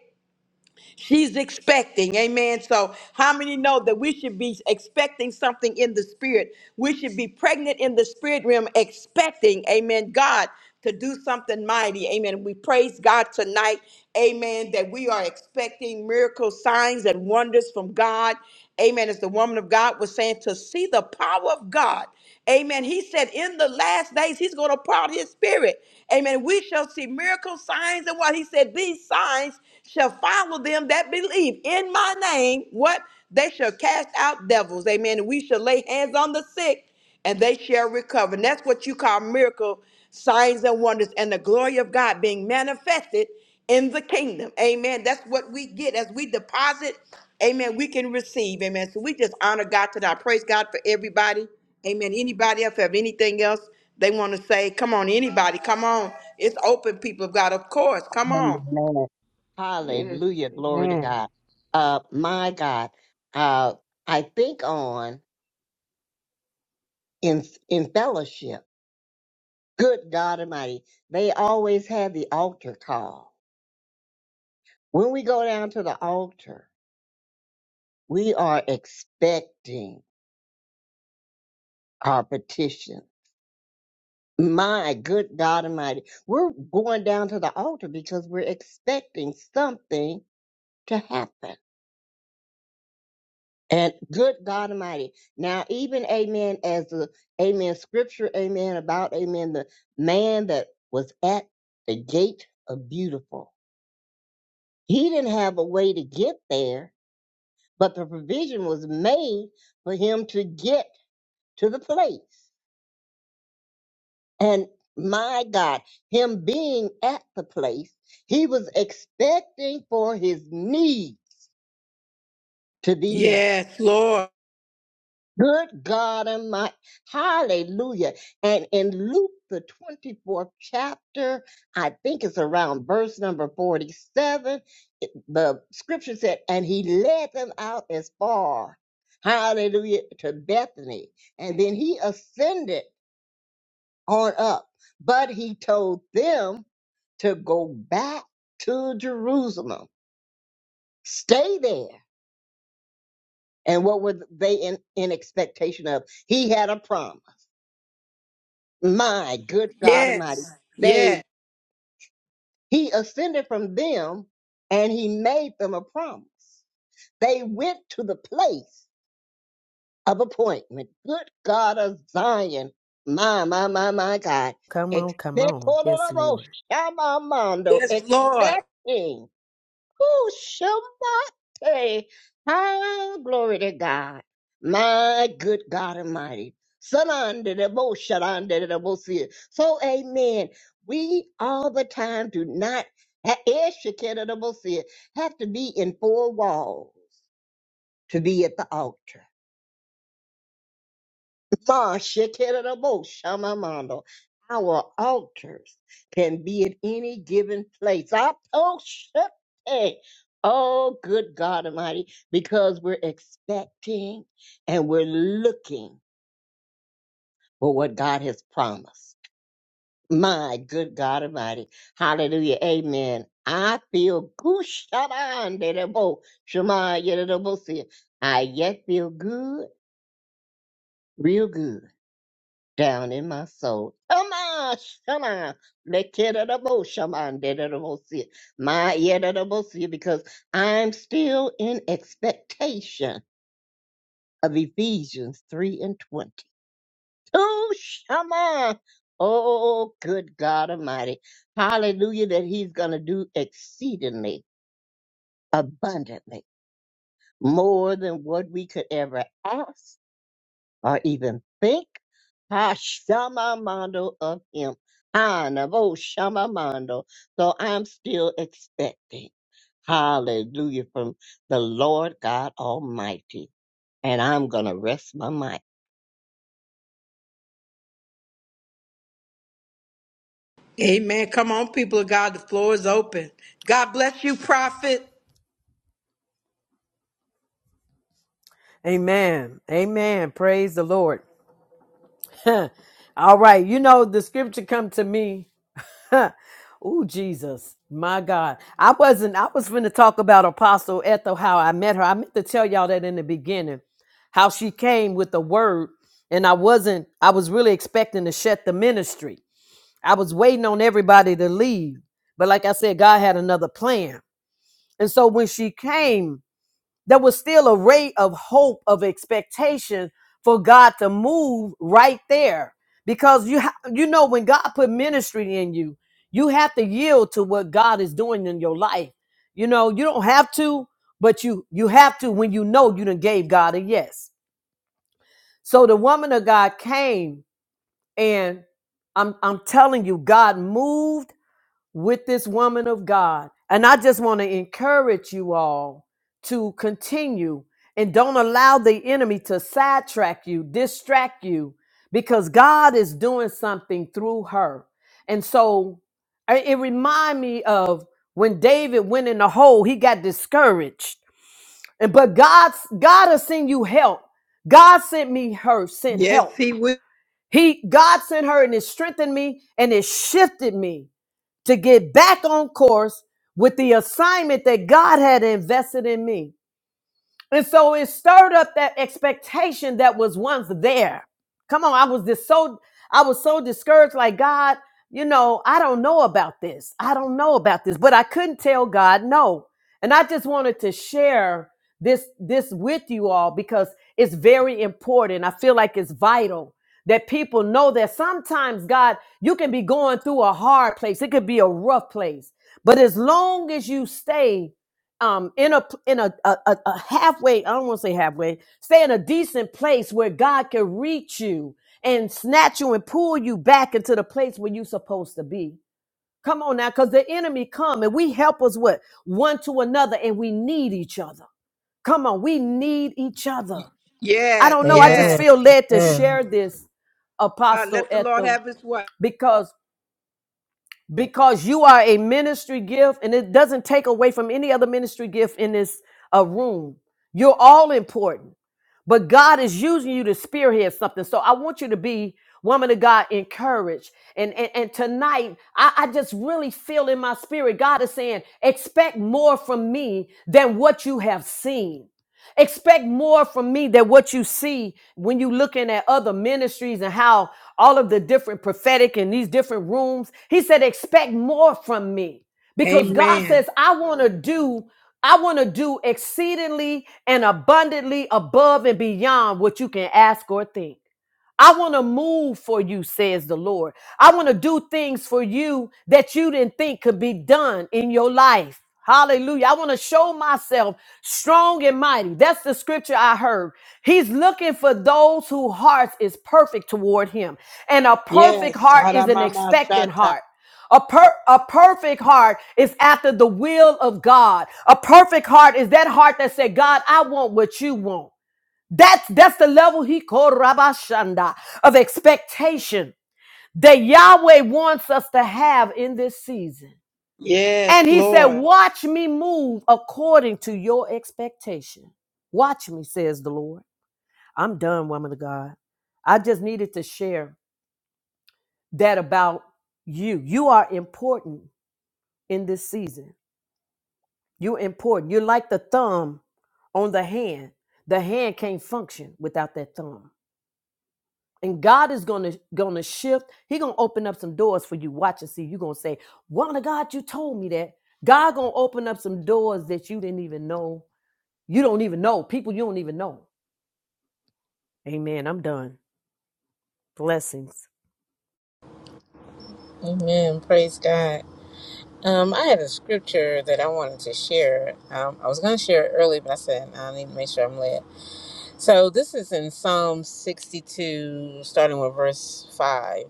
[SPEAKER 1] She's expecting, amen. So, how many know that we should be expecting something in the spirit? We should be pregnant in the spirit realm, expecting, amen, God to do something mighty, amen. We praise God tonight, amen, that we are expecting miracles, signs, and wonders from God, amen. As the woman of God was saying, to see the power of God. Amen. He said in the last days, he's going to pour out his spirit. Amen. We shall see miracles, signs, and what? He said, these signs shall follow them that believe in my name. What? They shall cast out devils. Amen. And we shall lay hands on the sick and they shall recover. And that's what you call miracle signs and wonders and the glory of God being manifested in the kingdom. Amen. That's what we get as we deposit. Amen. We can receive. Amen. So we just honor God today. I praise God for everybody. Amen. Anybody else have anything else they want to say? Come on, anybody. Come on. It's open, people of God. Of course. Come on.
[SPEAKER 4] Hallelujah.
[SPEAKER 2] Yes.
[SPEAKER 4] Hallelujah. Glory to
[SPEAKER 2] Amen.
[SPEAKER 4] God. Uh, my God. Uh, I think on in in fellowship. Good God Almighty. They always have the altar call. When we go down to the altar, we are expecting our petition. My good God Almighty. We're going down to the altar because we're expecting something to happen. And good God Almighty. Now, even amen, as the amen scripture, amen, about amen, the man that was at the gate of beautiful. He didn't have a way to get there, but the provision was made for him to get to the place. And my God, him being at the place, he was expecting for his need to be met.
[SPEAKER 1] Yes, Lord.
[SPEAKER 4] Good God and my hallelujah. And in Luke, the 24th chapter, I think it's around verse number 47, it- the scripture said, and he led them out as far, hallelujah, to Bethany. And then he ascended on up, but he told them to go back to Jerusalem, stay there. And what were they in, in expectation of? He had a promise. My good God Almighty.
[SPEAKER 1] Yes.
[SPEAKER 4] They
[SPEAKER 1] Yes.
[SPEAKER 4] he ascended from them and he made them a promise. They went to the place of appointment. Good God of Zion. My, my, my, my God.
[SPEAKER 3] Come on,
[SPEAKER 4] Expect,
[SPEAKER 3] come on. Yes, Lord.
[SPEAKER 1] Yes, Lord.
[SPEAKER 4] Expecting Ooh, Shemate. Ah, glory to God. My good God Almighty. Sanandedebo, sharandedebo, see. So, amen. We all the time do not ha- eh, shekendedebo, see, have to be in four walls to be at the altar. Ma shekinah Shamamando. Our altars can be at any given place. I told Shepte, oh good God Almighty, because we're expecting and we're looking for what God has promised. My good God Almighty. Hallelujah. Amen. I feel good. shaddai de de bo sia I yet feel good, real good. down in my soul. Shama, shama, lekerabo, shaman, dederabosia, my yederabosia, because I'm still in expectation of Ephesians 3 and 20. Oh, shama. Oh, good God Almighty. Hallelujah, that He's going to do exceedingly abundantly more than what we could ever ask or even think Hashamamando of him. Hanabo Shamamando. So I'm still expecting. Hallelujah from the Lord God Almighty. And I'm going to rest my mind.
[SPEAKER 1] Amen. Come on, people of God. The floor is open. God bless you, prophet.
[SPEAKER 3] Amen. Amen. Praise the Lord. All right. You know, the scripture come to me. oh, Jesus. My God. I wasn't, I was finna talk about Apostle Ethel, how I met her. I meant to tell y'all that in the beginning, how she came with the word. And I wasn't, I was really expecting to shut the ministry. I was waiting on everybody to leave. But like I said, God had another plan. And so when she came, there was still a ray of hope, of expectation for God to move right there. Because you ha- you know when God put ministry in you, you have to yield to what God is doing in your life. You know, you don't have to, but you you have to when you know you done gave God a yes. So the woman of God came and I'm I'm telling you, God moved with this woman of God. And I just want to encourage you all to continue and don't allow the enemy to sidetrack you, distract you, because God is doing something through her. And so I- it remind me of when David went in the hole, he got discouraged. And but God's God has sent you help. God sent me her, sent
[SPEAKER 1] Yes,
[SPEAKER 3] help.
[SPEAKER 1] he will.
[SPEAKER 3] He God sent her and it strengthened me and it shifted me to get back on course with the assignment that God had invested in me. And so it stirred up that expectation that was once there. Come on, I was just so I was so discouraged, like God, you know, I don't know about this. I don't know about this. But I couldn't tell God no. And I just wanted to share this this with you all because it's very important. I feel like it's vital that people know that sometimes God, you can be going through a hard place. It could be a rough place. But as long as you stay um, in a in a, a, a halfway, I don't want to say halfway, stay in a decent place where God can reach you and snatch you and pull you back into the place where you're supposed to be. Come on now, because the enemy come and we help us with one to another, and we need each other. Come on, we need each other. I
[SPEAKER 1] Yes,
[SPEAKER 3] don't know. I just
[SPEAKER 1] yes.
[SPEAKER 2] Amen.
[SPEAKER 3] feel led to
[SPEAKER 2] Amen.
[SPEAKER 3] share this,
[SPEAKER 1] God,
[SPEAKER 3] Apostle
[SPEAKER 1] let the Lord
[SPEAKER 3] Ethel,
[SPEAKER 1] have his way.
[SPEAKER 3] because because you are a ministry gift and it doesn't take away from any other ministry gift in this uh, room. You're all important, but God is using you to spearhead something. So I want you to be, woman of God, encouraged. And, and, and tonight, I, I just really feel in my spirit, God is saying, expect more from me than what you have seen. Expect more from me than what you see when you looking at other ministries and how all of the different prophetic and these different rooms. He said, expect more from me because God
[SPEAKER 1] Amen.
[SPEAKER 3] says, I want to do, I want to do exceedingly and abundantly above and beyond what you can ask or think. I want to move for you, says the Lord. I want to do things for you that you didn't think could be done in your life. Hallelujah. I want to show myself strong and mighty. That's the scripture I heard. He's looking for those whose hearts is perfect toward him. And a perfect
[SPEAKER 1] Yes.
[SPEAKER 3] heart is an expectant
[SPEAKER 1] Haramamashata.
[SPEAKER 3] heart. A, per- a perfect heart is after the will of God. A perfect heart is that heart that said, God, I want what you want. That's that's the level he called Rabashanda of expectation that Yahweh wants us to have in this season. And
[SPEAKER 1] Yes,
[SPEAKER 3] he said,
[SPEAKER 1] Lord.
[SPEAKER 3] Watch me move according to your expectation. Watch me, says the Lord. I'm done, woman of God. I just needed to share that about you. You are important in this season. You're important. You're like the thumb on the hand. The hand can't function without that thumb. and God is gonna gonna shift. He gonna open up some doors for you. Watch and see. You gonna say, "Woman of God, you told me that." God gonna open up some doors that you didn't even know. You don't even know people. You don't even know. Amen. I'm done. Blessings.
[SPEAKER 2] Amen. Praise God. Um, I had a scripture that I wanted to share. Um, I was going to share it early, but I said "Nah, I need to make sure I'm led. So this is in Psalm 62, starting with verse 5.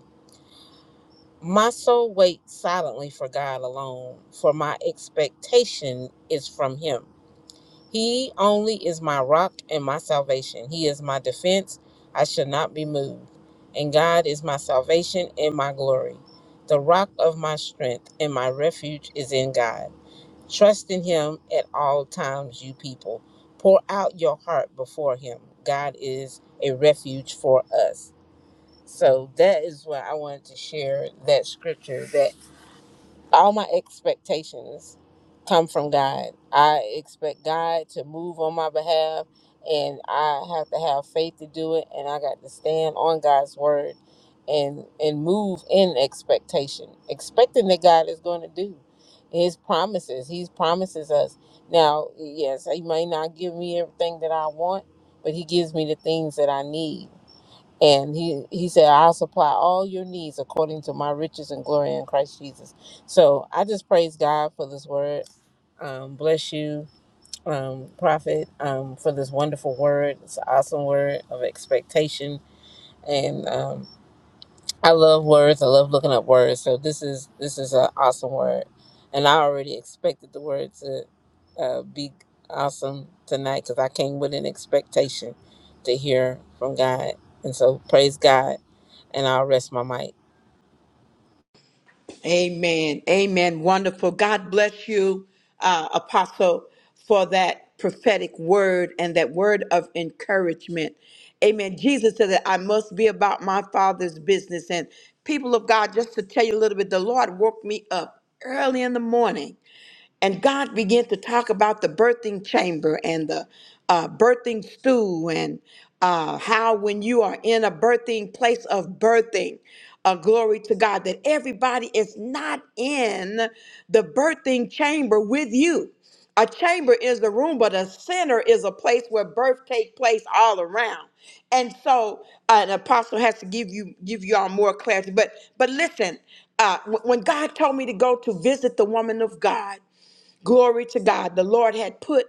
[SPEAKER 2] My soul waits silently for God alone, for my expectation is from Him. He only is my rock and my salvation. He is my defense. I shall not be moved. And God is my salvation and my glory. The rock of my strength and my refuge is in God. Trust in Him at all times, you people. Pour out your heart before Him. God is a refuge for us. So that is what I wanted to share that scripture That all my expectations come from God. I expect God to move on my behalf, and I have to have faith to do it. And I got to stand on God's word and and move in expectation, expecting that God is going to do His promises. He promises us. Now, yes, He may not give me everything that I want, but He gives me the things that I need and he, he said, I'll supply all your needs according to my riches and glory in Christ Jesus. So I just praise God for this word. Um, bless you, um, Prophet, um, for this wonderful word. It's an awesome word of expectation. And um, I love words. I love looking up words. So this is this is an awesome word, and I already expected the word to uh, be awesome tonight because I came with an expectation to hear from God, and so praise God, and I'll rest my mic.
[SPEAKER 1] Amen. Amen. Wonderful. God bless you, uh, Apostle, for that prophetic word and that word of encouragement. Amen. Jesus said that I must be about my Father's business. And people of God, just to tell you a little bit, the Lord woke me up early in the morning and God began to talk about the birthing chamber and the uh, birthing stool, and uh, how when you are in a birthing place of birthing, uh, glory to God, that everybody is not in the birthing chamber with you. A chamber is the room, but a center is a place where birth take place all around. And so uh, an apostle has to give you give you all more clarity. But but listen, uh, wh- when God told me to go to visit the woman of God, Glory to God. The Lord had put,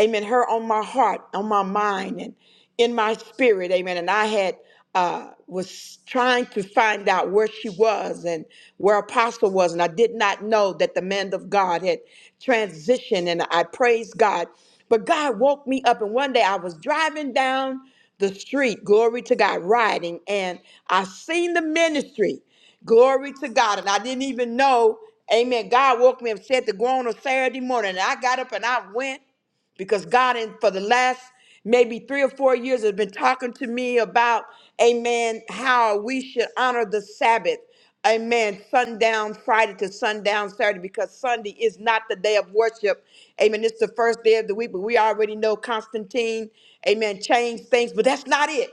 [SPEAKER 1] amen, her on my heart, on my mind, and in my spirit, amen. And I had uh was trying to find out where she was and where apostle was and i did not know that the man of god had transitioned and i praised god but god woke me up and one day i was driving down the street glory to god riding and i seen the ministry Glory to God. And I didn't even know, amen. God woke me up, said to go on a Saturday morning. And I got up and I went because God, in for the last maybe three or four years, has been talking to me about, amen, how we should honor the Sabbath. Amen. Sundown Friday to sundown Saturday because Sunday is not the day of worship. Amen. It's the first day of the week, but we already know Constantine, amen, changed things, but that's not it.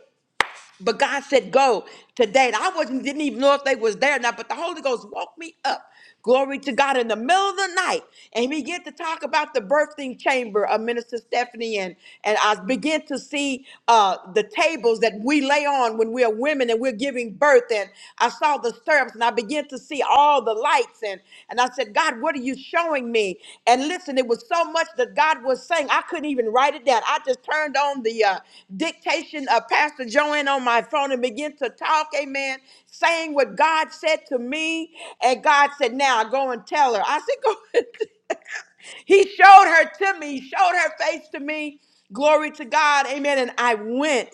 [SPEAKER 1] But God said, go today. And I wasn't didn't even know if they was there or not, but the Holy Ghost woke me up. Glory to God in the middle of the night. And he began to talk about the birthing chamber of Minister Stephanie. And, and I began to see uh, the tables that we lay on when we are women and we're giving birth. And I saw the stirrups. and I began to see all the lights. And, and I said, God, what are you showing me? And listen, it was so much that God was saying, I couldn't even write it down. I just turned on the uh, dictation of Pastor Joanne on my phone and began to talk, amen, saying what God said to me. And God said, Now go and tell her. I said, Go. He showed her to me, showed her face to me. Glory to God. Amen. And I went,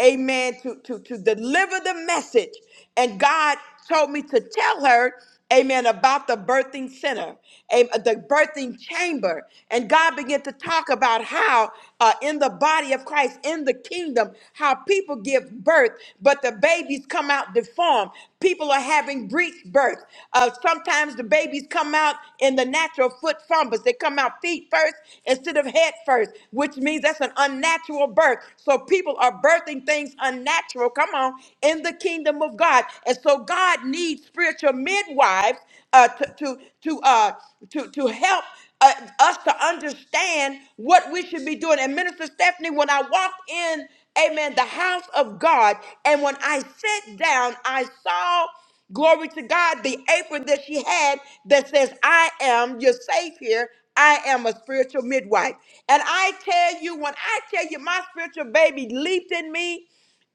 [SPEAKER 1] amen, to, to, to deliver the message. And God told me to tell her, amen, about the birthing center, am- the birthing chamber. And God began to talk about how uh, in the body of Christ, in the kingdom, how people give birth but the babies come out deformed. People are having breech birth. Uh, sometimes the babies come out in the natural foot fumbles. They come out feet first instead of head first, which means that's an unnatural birth. So people are birthing things unnatural, come on, in the kingdom of God. And so God needs spiritual midwives uh, to, to, to, uh, to, to help uh, us to understand what we should be doing. And Minister Stephanie, when I walked in amen, the house of God. And when I sat down, I saw, glory to God, the apron that she had that says, I am your savior. I am a spiritual midwife. And I tell you, when I tell you, my spiritual baby leaped in me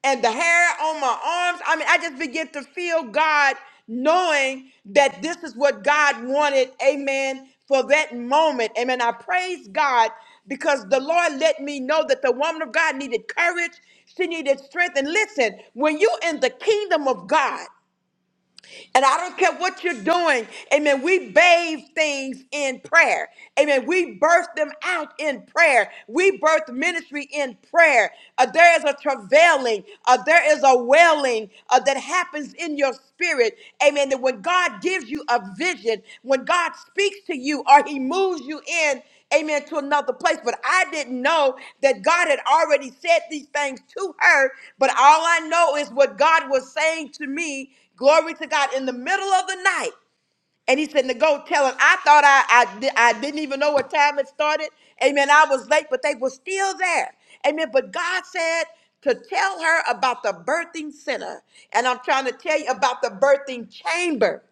[SPEAKER 1] and the hair on my arms. I mean, I just began to feel God knowing that this is what God wanted. Amen. For that moment. Amen. I praise God because the Lord let me know that the woman of God needed courage. She needed strength. And listen, when you're in the kingdom of God, and I don't care what you're doing. Amen. We bathe things in prayer. Amen. We birth them out in prayer. We birth ministry in prayer. Uh, there is a travailing, uh, there is a wailing uh, that happens in your spirit. Amen. That when God gives you a vision, when God speaks to you or He moves you in, amen, to another place. But I didn't know that God had already said these things to her. But all I know is what God was saying to me, glory to God, in the middle of the night. And he said, to go tell him, I thought I, I, di- I didn't even know what time it started. Amen. I was late, but they were still there. Amen. But God said to tell her about the birthing center. And I'm trying to tell you about the birthing chamber.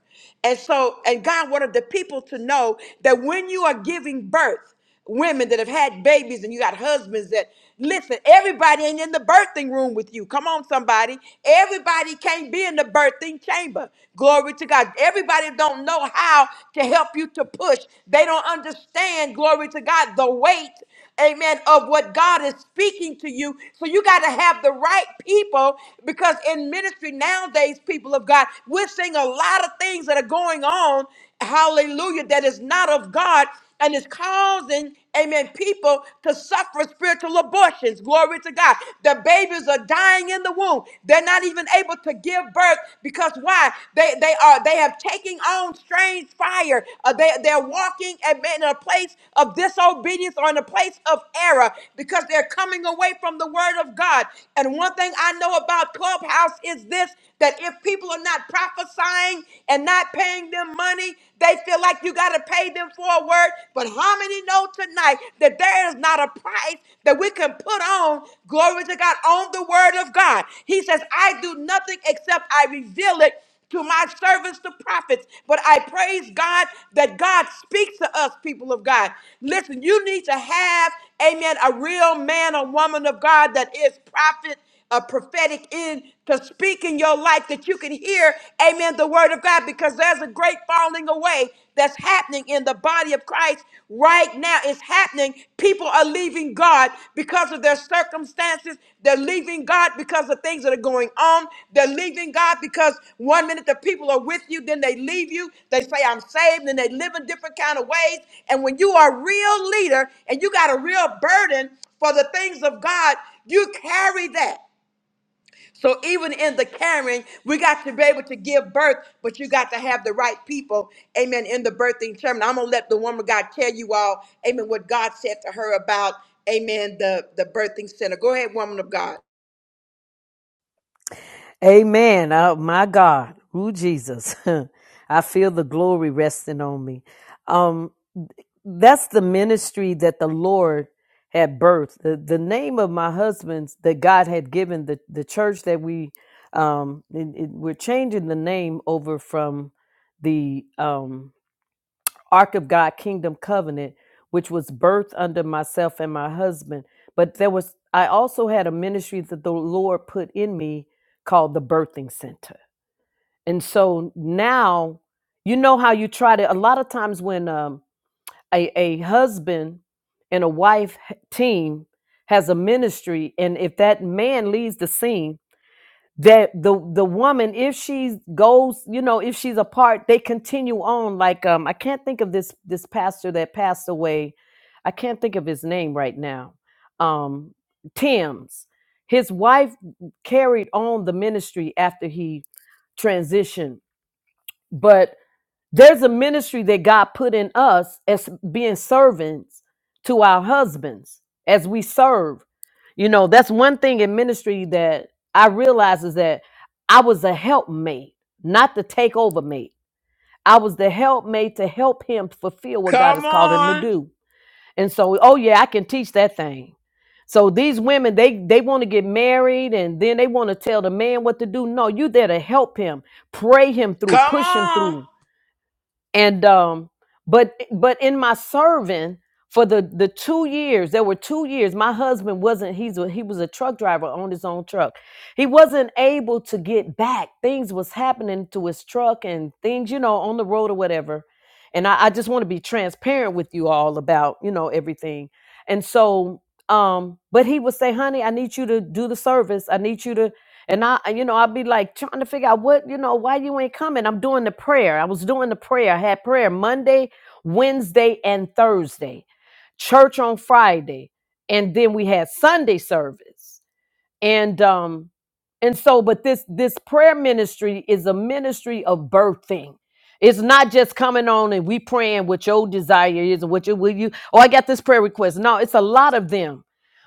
[SPEAKER 1] And so, and God wanted the people to know that when you are giving birth, women that have had babies and you got husbands that listen everybody ain't in the birthing room with you come on somebody everybody can't be in the birthing chamber glory to god everybody don't know how to help you to push they don't understand glory to god the weight amen of what god is speaking to you so you got to have the right people because in ministry nowadays people of god we're seeing a lot of things that are going on hallelujah that is not of god and it's causing, amen, people to suffer spiritual abortions. Glory to God. The babies are dying in the womb. They're not even able to give birth because why? They they are they have taken on strange fire. Uh, they, they're walking amen, in a place of disobedience or in a place of error because they're coming away from the word of God. And one thing I know about Clubhouse is this that if people are not prophesying and not paying them them money. They feel like you got to pay them for a word. But how many know tonight that there is not a price that we can put on, glory to God, on the word of God? He says, I do nothing except I reveal it to my servants, the prophets. But I praise God that God speaks to us, people of God. Listen, you need to have, amen, a real man or woman of God that is prophet a prophetic in to speak in your life that you can hear, amen, the word of God, because there's a great falling away that's happening in the body of Christ right now. It's happening. People are leaving God because of their circumstances. They're leaving God because of things that are going on. They're leaving God because one minute the people are with you, then they leave you. They say, I'm saved, and they live in different kind of ways. And when you are a real leader and you got a real burden for the things of God, you carry that. So even in the carrying, we got to be able to give birth, but you got to have the right people, amen, in the birthing term. And I'm gonna let the woman of God tell you all, amen, what God said to her about, amen, the, the birthing center. Go ahead, woman of God.
[SPEAKER 3] Amen. Oh my God. Ooh, Jesus. I feel the glory resting on me. Um, that's the ministry that the Lord had birthed. The, the name of my husband's that God had given the, the church that we um it- it- we're changing the name over from the um Ark of God Kingdom Covenant, which was birthed under myself and my husband. But there was I also had a ministry that the Lord put in me called the Birthing Center. And so now you know how you try to a lot of times when um a, a husband and a wife team has a ministry and if that man leaves the scene that the the woman if she goes you know if she's apart they continue on like um i can't think of this this pastor that passed away i can't think of his name right now um tim's his wife carried on the ministry after he transitioned but there's a ministry that God put in us as being servants to our husbands as we serve. You know, that's one thing in ministry that I realized is that I was a helpmate, not the takeover mate. I was the helpmate to help him fulfill what God has
[SPEAKER 1] Come
[SPEAKER 3] called him to
[SPEAKER 1] on.
[SPEAKER 3] do. And so, oh yeah, I can teach that thing. So these women, they they want to get married and then they want to tell the man what to do. No, you there to help him, pray him through,
[SPEAKER 1] Come
[SPEAKER 3] push him
[SPEAKER 1] on.
[SPEAKER 3] through and um but but in my serving for the the two years there were two years my husband wasn't he's a, he was a truck driver owned his own truck he wasn't able to get back things was happening to his truck and things you know on the road or whatever and i, I just want to be transparent with you all about you know everything and so um but he would say honey i need you to do the service i need you to and I, you know, I'd be like trying to figure out what, you know, why you ain't coming. I'm doing the prayer. I was doing the prayer. I had prayer Monday, Wednesday, and Thursday, church on Friday. And then we had Sunday service and um and so but this this prayer ministry is a ministry of birthing it's not just coming on and we praying what your desire is and what you will you oh i got this prayer request no it's a lot of them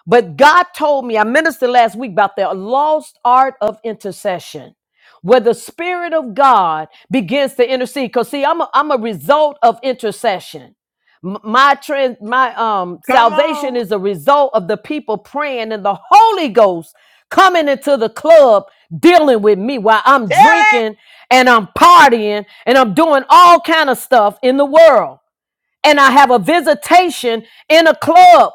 [SPEAKER 3] but god told me i ministered last week about the lost art of intercession where the spirit of god begins to intercede because see i'm a, I'm a result of intercession M- my trans my um
[SPEAKER 1] Come
[SPEAKER 3] salvation
[SPEAKER 1] on.
[SPEAKER 3] is a result of the people praying in the holy ghost coming into the club dealing with me while I'm
[SPEAKER 1] Tell it.
[SPEAKER 3] drinking and I'm partying and I'm doing all kind of stuff in the world. And I have a visitation in a club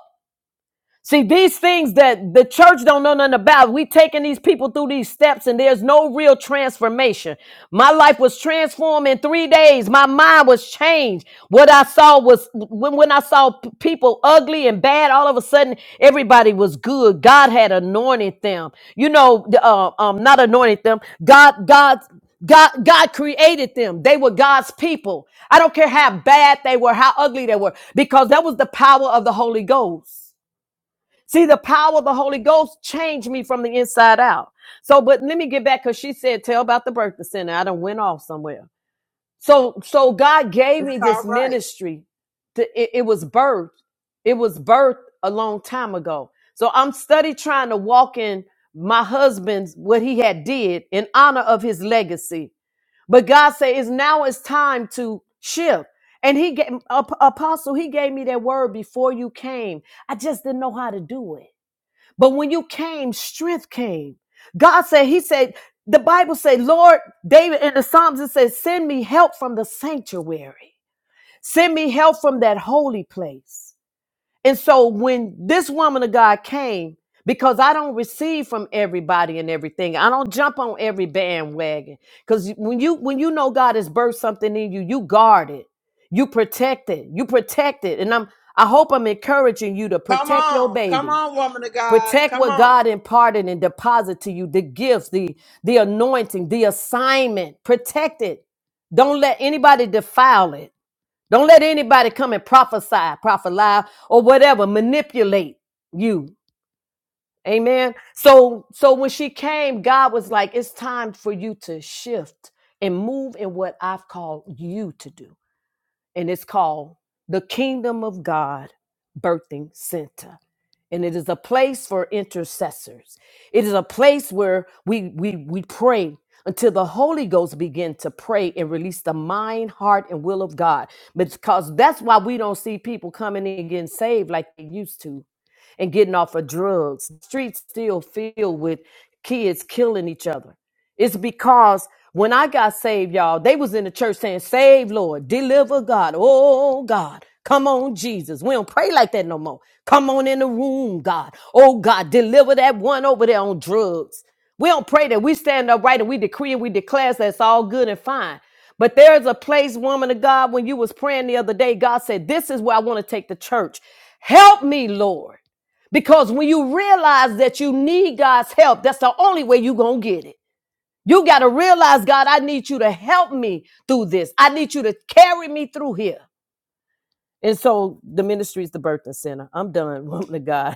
[SPEAKER 3] See, these things that the church don't know nothing about, we taking these people through these steps and there's no real transformation. My life was transformed in three days. My mind was changed. What I saw was when, when I saw p- people ugly and bad, all of a sudden everybody was good. God had anointed them. You know, the, uh, um, not anointed them. God, God, God, God created them. They were God's people. I don't care how bad they were, how ugly they were, because that was the power of the Holy Ghost. See, the power of the Holy Ghost changed me from the inside out. So, but let me get back because she said, tell about the birthday center. I done went off somewhere. So, so God gave
[SPEAKER 1] It's
[SPEAKER 3] me
[SPEAKER 1] all
[SPEAKER 3] this
[SPEAKER 1] right.
[SPEAKER 3] ministry. To, it, it was birthed. It was birthed a long time ago. So I'm study trying to walk in my husband's, what he had did in honor of his legacy. But God said, it's now it's time to shift. And he gave, Ap- apostle, he gave me that word before you came. I just didn't know how to do it. But when you came, strength came. God said, He said, the Bible said, Lord, David in the Psalms, it says, send me help from the sanctuary. Send me help from that holy place. And so when this woman of God came, because I don't receive from everybody and everything. I don't jump on every bandwagon. Because when you when you know God has birthed something in you, you guard it. You protect it. You protect it. And I'm I hope I'm encouraging you to
[SPEAKER 1] Come
[SPEAKER 3] protect your
[SPEAKER 1] on. Come
[SPEAKER 3] baby
[SPEAKER 1] on, woman of God.
[SPEAKER 3] Protect
[SPEAKER 1] Come
[SPEAKER 3] what
[SPEAKER 1] on.
[SPEAKER 3] God imparted and deposit to you, the gifts, the, the anointing, the assignment. Protect it. Don't let anybody defile it. Don't let anybody come and prophesy, prophet lie, or whatever, manipulate you. Amen. So so when she came, God was like, it's time for you to shift and move in what I've called you to do and it's called the Kingdom of God Birthing Center. And it is a place for intercessors. It is a place where we we we pray until the Holy Ghost begin to pray and release the mind, heart, and will of God. Because that's why we don't see people coming in and getting saved like they used to and getting off of drugs. The streets still filled with kids killing each other. It's because when I got saved, y'all, they was in the church saying, Save Lord, deliver God. Oh God. Come on, Jesus. We don't pray like that no more. Come on in the room, God. Oh God, deliver that one over there on drugs. We don't pray that we stand upright and we decree and we declare that's all good and fine. But there's a place, woman of God, when you was praying the other day, God said, This is where I want to take the church. Help me, Lord. Because when you realize that you need God's help, that's the only way you're going to get it. You got to realize, God, I need you to help me through this. I need you to carry me through here. And so the ministry is the birthing center. I'm done, woman of God.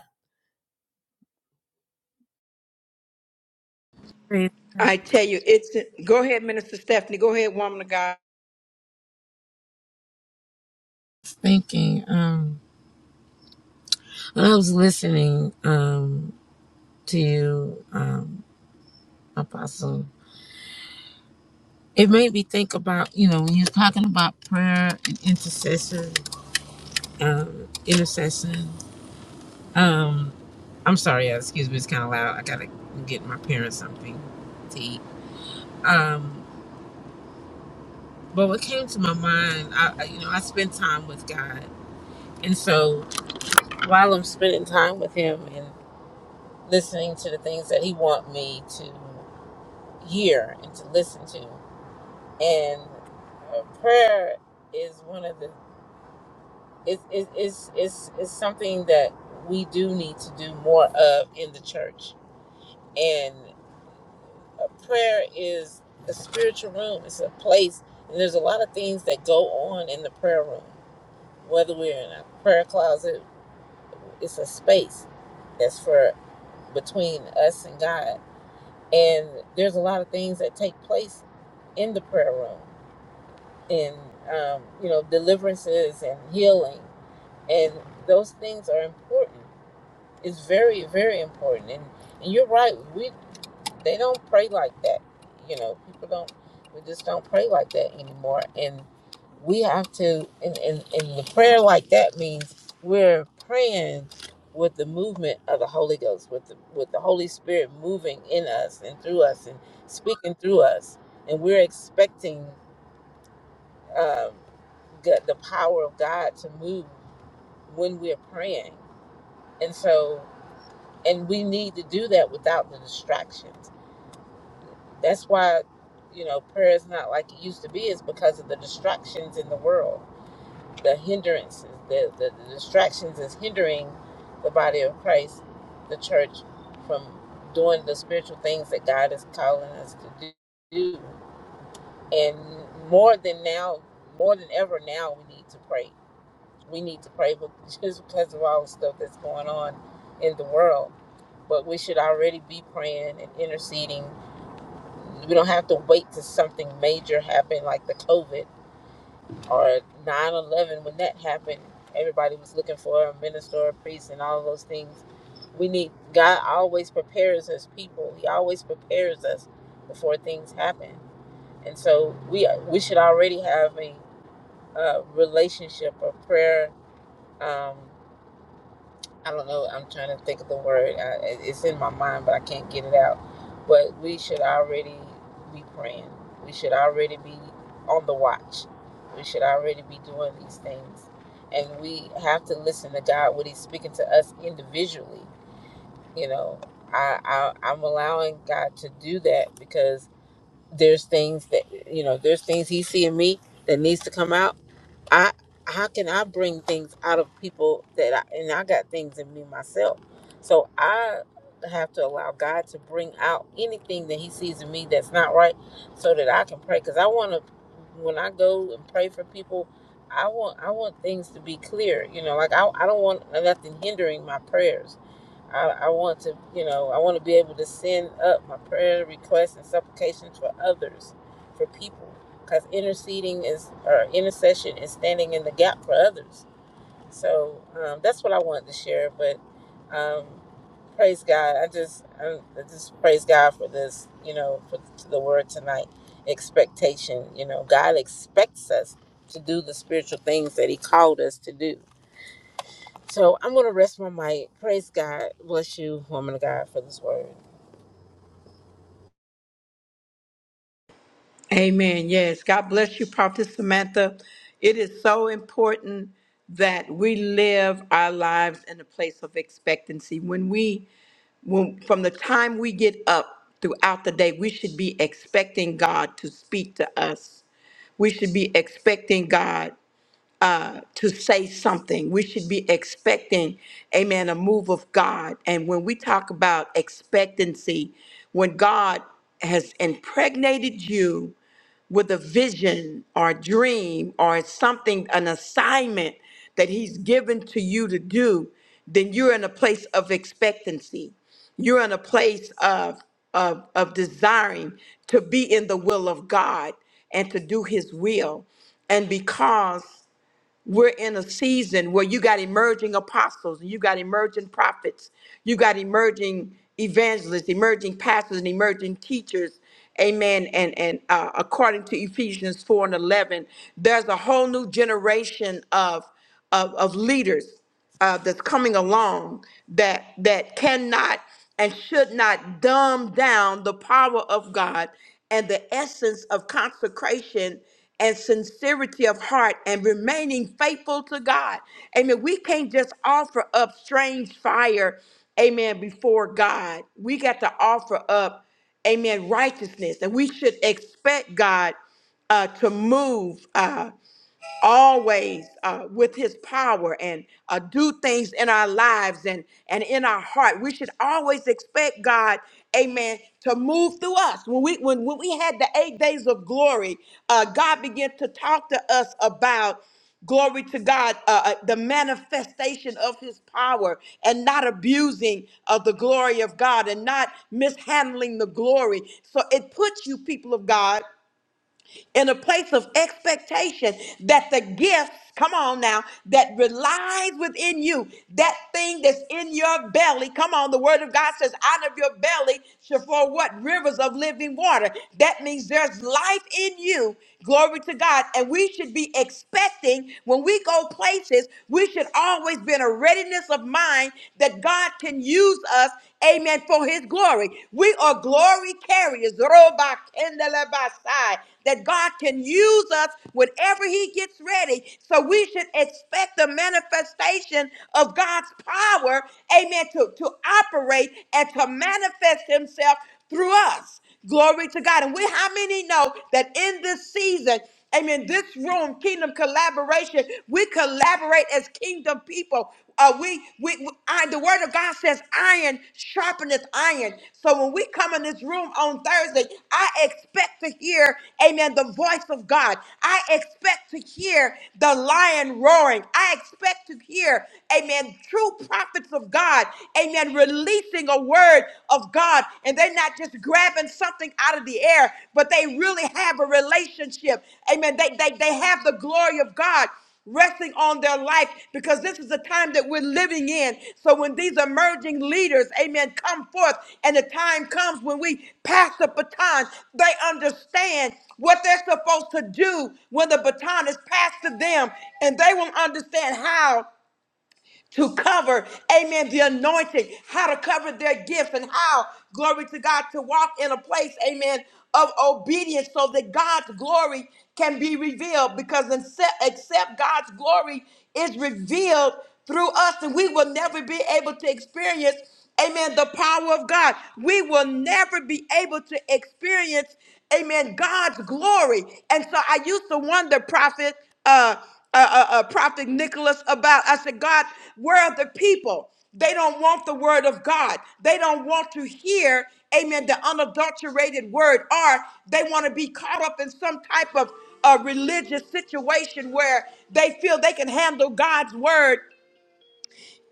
[SPEAKER 2] I
[SPEAKER 1] I tell you, it's go ahead, Minister Stephanie. Go ahead, woman of God.
[SPEAKER 2] was thinking um, when I was listening um, to you, um, Apostle. It made me think about you know when you're talking about prayer and intercession, um, intercession. I'm sorry, yeah, excuse me, it's kind of loud. I gotta get my parents something to eat. Um, but what came to my mind, I, I- you know, I spend time with God, and so while I'm spending time with Him and listening to the things that He want me to hear and to listen to, and uh, prayer is one of the it's it's it's it's it's something that we do need to do more of in the church, prayer is a spiritual room. It's a place, and there's a lot of things that go on in the prayer room. Whether we're in a prayer closet, it's a space that's for between us and God. And there's a lot of things that take place in the prayer room, in um, you know deliverances and healing, and those things are important. It's very, very important. And and you're right. we. They don't pray like that. You know, people don't, we just don't pray like that anymore. And we have to, and, and, and the prayer like that means we're praying with the movement of the Holy Ghost, with the, with the Holy Spirit moving in us and through us and speaking through us. And we're expecting, um, God, the power of God to move when we're praying. And so, and we need to do that without the distractions. That's why, you know, prayer is not like it used to be, is because of the distractions in the world, the hindrances, the, the, the distractions is hindering the body of Christ, the church, from doing the spiritual things that God is calling us to do. And more than now, more than ever now, we need to pray. We need to pray but just because of all the stuff that's going on in the world. But we should already be praying and interceding we don't have to wait till something major happened like the COVID or 9 11. When that happened, everybody was looking for a minister, or a priest, and all those things. We need, God always prepares us people. He always prepares us before things happen. And so we we should already have a uh, relationship of prayer. Um, I don't know. I'm trying to think of the word. I, it- it's in my mind, but I can't get it out. But we should already be praying. We should already be on the watch. We should already be doing these things, and we have to listen to God when He's speaking to us individually. You know, I, I I'm allowing God to do that because there's things that you know there's things he see in me that needs to come out i how can i bring things out of people that i and i got things in me myself so i have to allow god to bring out anything that he sees in me that's not right so that i can pray because i want to when i go and pray for people i want i want things to be clear you know like i, I don't want nothing hindering my prayers I, I want to, you know, I want to be able to send up my prayer requests and supplications for others, for people, because interceding is or intercession is standing in the gap for others. So um, that's what I wanted to share. But um, praise God, I just, I, I just praise God for this, you know, for the word tonight. Expectation, you know, God expects us to do the spiritual things that He called us to do so I'm going to rest my mic. Praise God. Bless you, woman of God, for this word.
[SPEAKER 1] Amen. Yes. God bless you, Prophet Samantha. It is so important that we live our lives in a place of expectancy. When we, when, from the time we get up throughout the day, we should be expecting God to speak to us. We should be expecting God uh, to say something. We should be expecting, amen, a move of God. And when we talk about expectancy, when God has impregnated you, with a vision or a dream or something, an assignment that He's given to you to do, then you're in a place of expectancy. You're in a place of, of, of desiring to be in the will of God and to do His will. And because we're in a season where you got emerging apostles you got emerging prophets you got emerging evangelists emerging pastors and emerging teachers amen and and uh, according to ephesians 4 and 11 there's a whole new generation of of, of leaders uh, that's coming along that that cannot and should not dumb down the power of God and the essence of consecration and sincerity of heart and remaining faithful to God. Amen. We can't just offer up strange fire, amen, before God. We got to offer up, amen, righteousness. And we should expect God uh, to move. uh, always uh, with his power and uh, do things in our lives and, and in our heart. We should always expect God, amen, to move through us. When we, when, when we had the eight days of glory, uh, God began to talk to us about glory to God, uh, uh, the manifestation of his power and not abusing of the glory of God and not mishandling the glory. So it puts you, people of God in a place of expectation that the gifts, come on now, that relies within you, that thing that's in your belly, come on, the word of God says, out of your belly shall flow what? Rivers of living water. That means there's life in you. Glory to God. And we should be expecting when we go places, we should always be in a readiness of mind that God can use us us, amen, for his glory. We are glory carriers, roba kendele basai, that God can use us whenever he gets ready. So we should expect the manifestation of God's power, amen, to, to operate and to manifest himself through us. Glory to God. And we, how many know that in this season, amen, this room, kingdom collaboration, we collaborate as kingdom people. Uh, we, we, we- I, the word of God says iron sharpeneth iron. So when we come in this room on Thursday, I expect to hear, amen, the voice of God. I expect to hear the lion roaring. I expect to hear, amen, true prophets of God, amen, releasing a word of God and they're not just grabbing something out of the air, but they really have a relationship. Amen. They, they, they have the glory of God resting on their life because this is the time that we're living in. So when these emerging leaders, amen, come forth and the time comes when we pass the baton, they understand what they're supposed to do when the baton is passed to them and they will understand how to cover, amen, the anointing, how to cover their gifts, and how, glory to God, to walk in a place, amen, of obedience so that God's glory can be revealed. Because except, except God's glory is revealed through us, and we will never be able to experience Amen. The power of God. We will never be able to experience, amen, God's glory. And so I used to wonder, Prophet, uh, uh, uh, uh, Prophet Nicholas, about, I said, God, where are the people? They don't want the word of God. They don't want to hear, amen, the unadulterated word, or they want to be caught up in some type of a religious situation where they feel they can handle God's word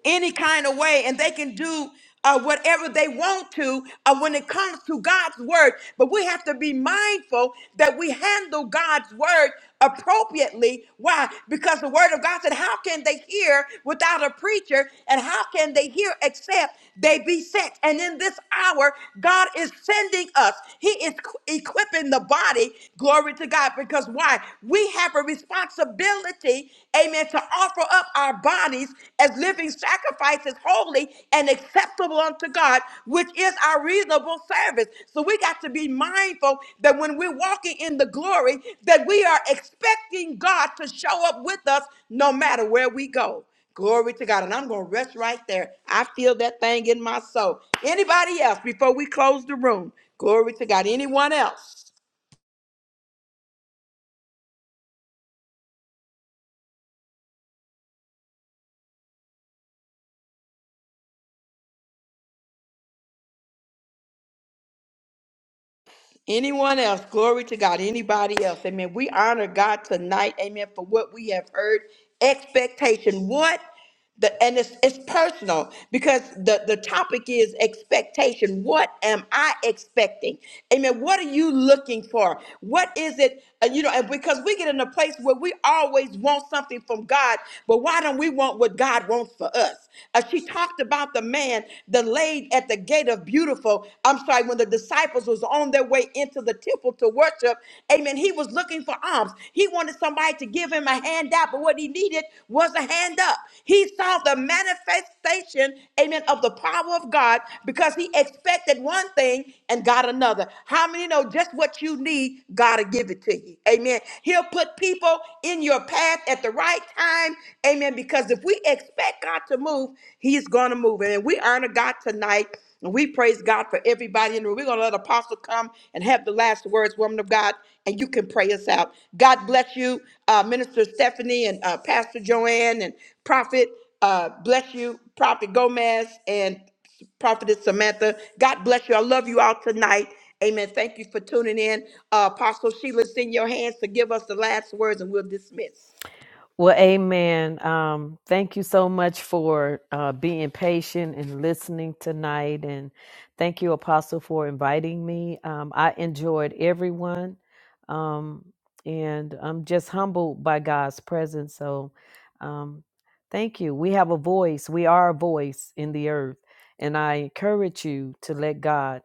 [SPEAKER 1] any kind of way and they can do uh, whatever they want to uh, when it comes to God's word. But we have to be mindful that we handle God's word appropriately. Why? Because the word of God said, How can they hear without a preacher? And how can they hear except they be sent? And in this hour, God is sending us, He is equipping the body. Glory to God. Because why? We have a responsibility ability, amen, to offer up our bodies as living sacrifices, holy and acceptable unto God, which is our reasonable service. So we got to be mindful that when we're walking in the glory, that we are expecting God to show up with us no matter where we go. Glory to God. And I'm going to rest right there. I feel that thing in my soul. Anybody else before we close the room? Glory to God. Anyone else? Anyone else? Glory to God. Anybody else? Amen. We honor God tonight. Amen. For what we have heard. Expectation. What? The, and it's, it's personal because the, the topic is expectation. What am I expecting? Amen. What are you looking for? What is it? uh, you know, and because we get in a place where we always want something from God, but why don't we want what God wants for us? Uh, she talked about the man that laid at the gate of beautiful. I'm sorry, when the disciples was on their way into the temple to worship, Amen. He was looking for alms. He wanted somebody to give him a hand out, but what he needed was a hand up. He saw the manifestation, amen, of the power of God because he expected one thing and got another. How many know just what you need, God will give it to you? Amen. He'll put people in your path at the right time. Amen. Because if we expect God to move, he's going to move. And we honor God tonight. And we praise God for everybody in the room. We're going to let Apostle come and have the last words, woman of God, and you can pray us out. God bless you, uh, Minister Stephanie and uh, Pastor Joanne and Prophet. Uh, bless you, Prophet Gomez and Prophetess Samantha. God bless you. I love you all tonight. Amen. Thank you for tuning in. Uh, Apostle Sheila, it's in your hands to give us the last words, and we'll dismiss.
[SPEAKER 3] Well, amen. Um, thank you so much for uh, being patient and listening tonight. And thank you, Apostle, for inviting me. Um, I enjoyed everyone. Um, and I'm just humbled by God's presence. So um, thank you. We have a voice, we are a voice in the earth. And I encourage you to let God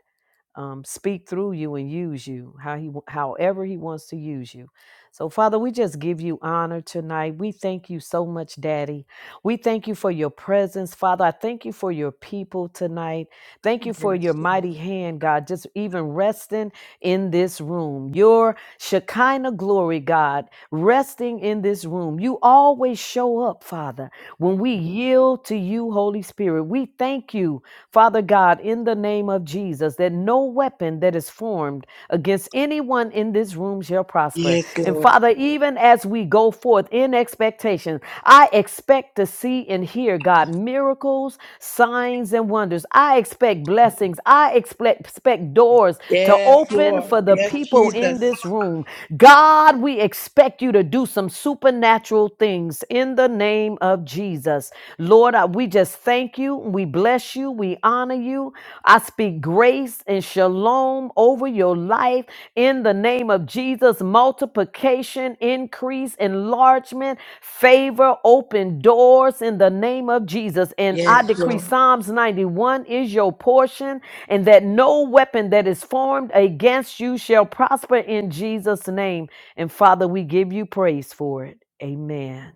[SPEAKER 3] um, speak through you and use you how he however he wants to use you so father we just give you honor tonight we thank you so much daddy we thank you for your presence father i thank you for your people tonight thank you for your mighty hand god just even resting in this room your shekinah glory god resting in this room. You always show up, Father, when we yield to you, Holy Spirit. We thank you, Father God, in the name of Jesus, that no weapon that is formed against anyone in this room shall prosper.
[SPEAKER 1] Yes,
[SPEAKER 3] And
[SPEAKER 1] Lord.
[SPEAKER 3] Father, even as we go forth in expectation, I expect to see and hear, God, miracles, signs, and wonders. I expect blessings. I expect, expect doors to
[SPEAKER 1] Yes,
[SPEAKER 3] open
[SPEAKER 1] Lord.
[SPEAKER 3] for the
[SPEAKER 1] Yes,
[SPEAKER 3] people in
[SPEAKER 1] Jesus.
[SPEAKER 3] this room. God, we we expect you to do some supernatural things in the name of Jesus. Lord, I- we just thank you. We bless you. We honor you. I speak grace and shalom over your life in the name of Jesus. Multiplication, increase, enlargement, favor, open doors in the name of Jesus. And
[SPEAKER 1] Yes,
[SPEAKER 3] I
[SPEAKER 1] Lord.
[SPEAKER 3] decree Psalms 91 is your portion, and that no weapon that is formed against you shall prosper in Jesus' name. And Father, we give you praise for it. Amen.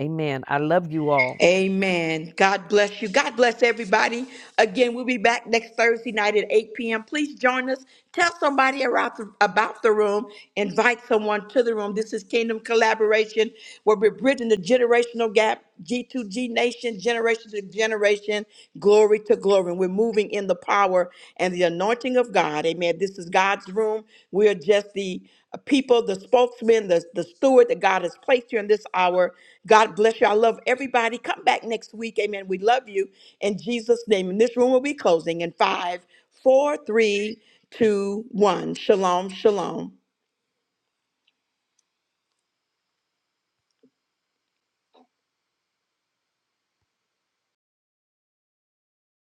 [SPEAKER 3] Amen. I love you all.
[SPEAKER 1] Amen. God bless you. God bless everybody. Again, we'll be back next Thursday night at 8 p.m. Please join us. Tell somebody about the, about the room. Invite someone to the room. This is Kingdom Collaboration, where we're bridging the generational gap, G2G nation, generation to generation, glory to glory. And we're moving in the power and the anointing of God. Amen. This is God's room. We are just the people, the spokesmen, the, the steward that God has placed here in this hour. God bless you. I love everybody. Come back next week. Amen. We love you in Jesus' name. And this room will be closing in five, four, three, two, one. Shalom, shalom.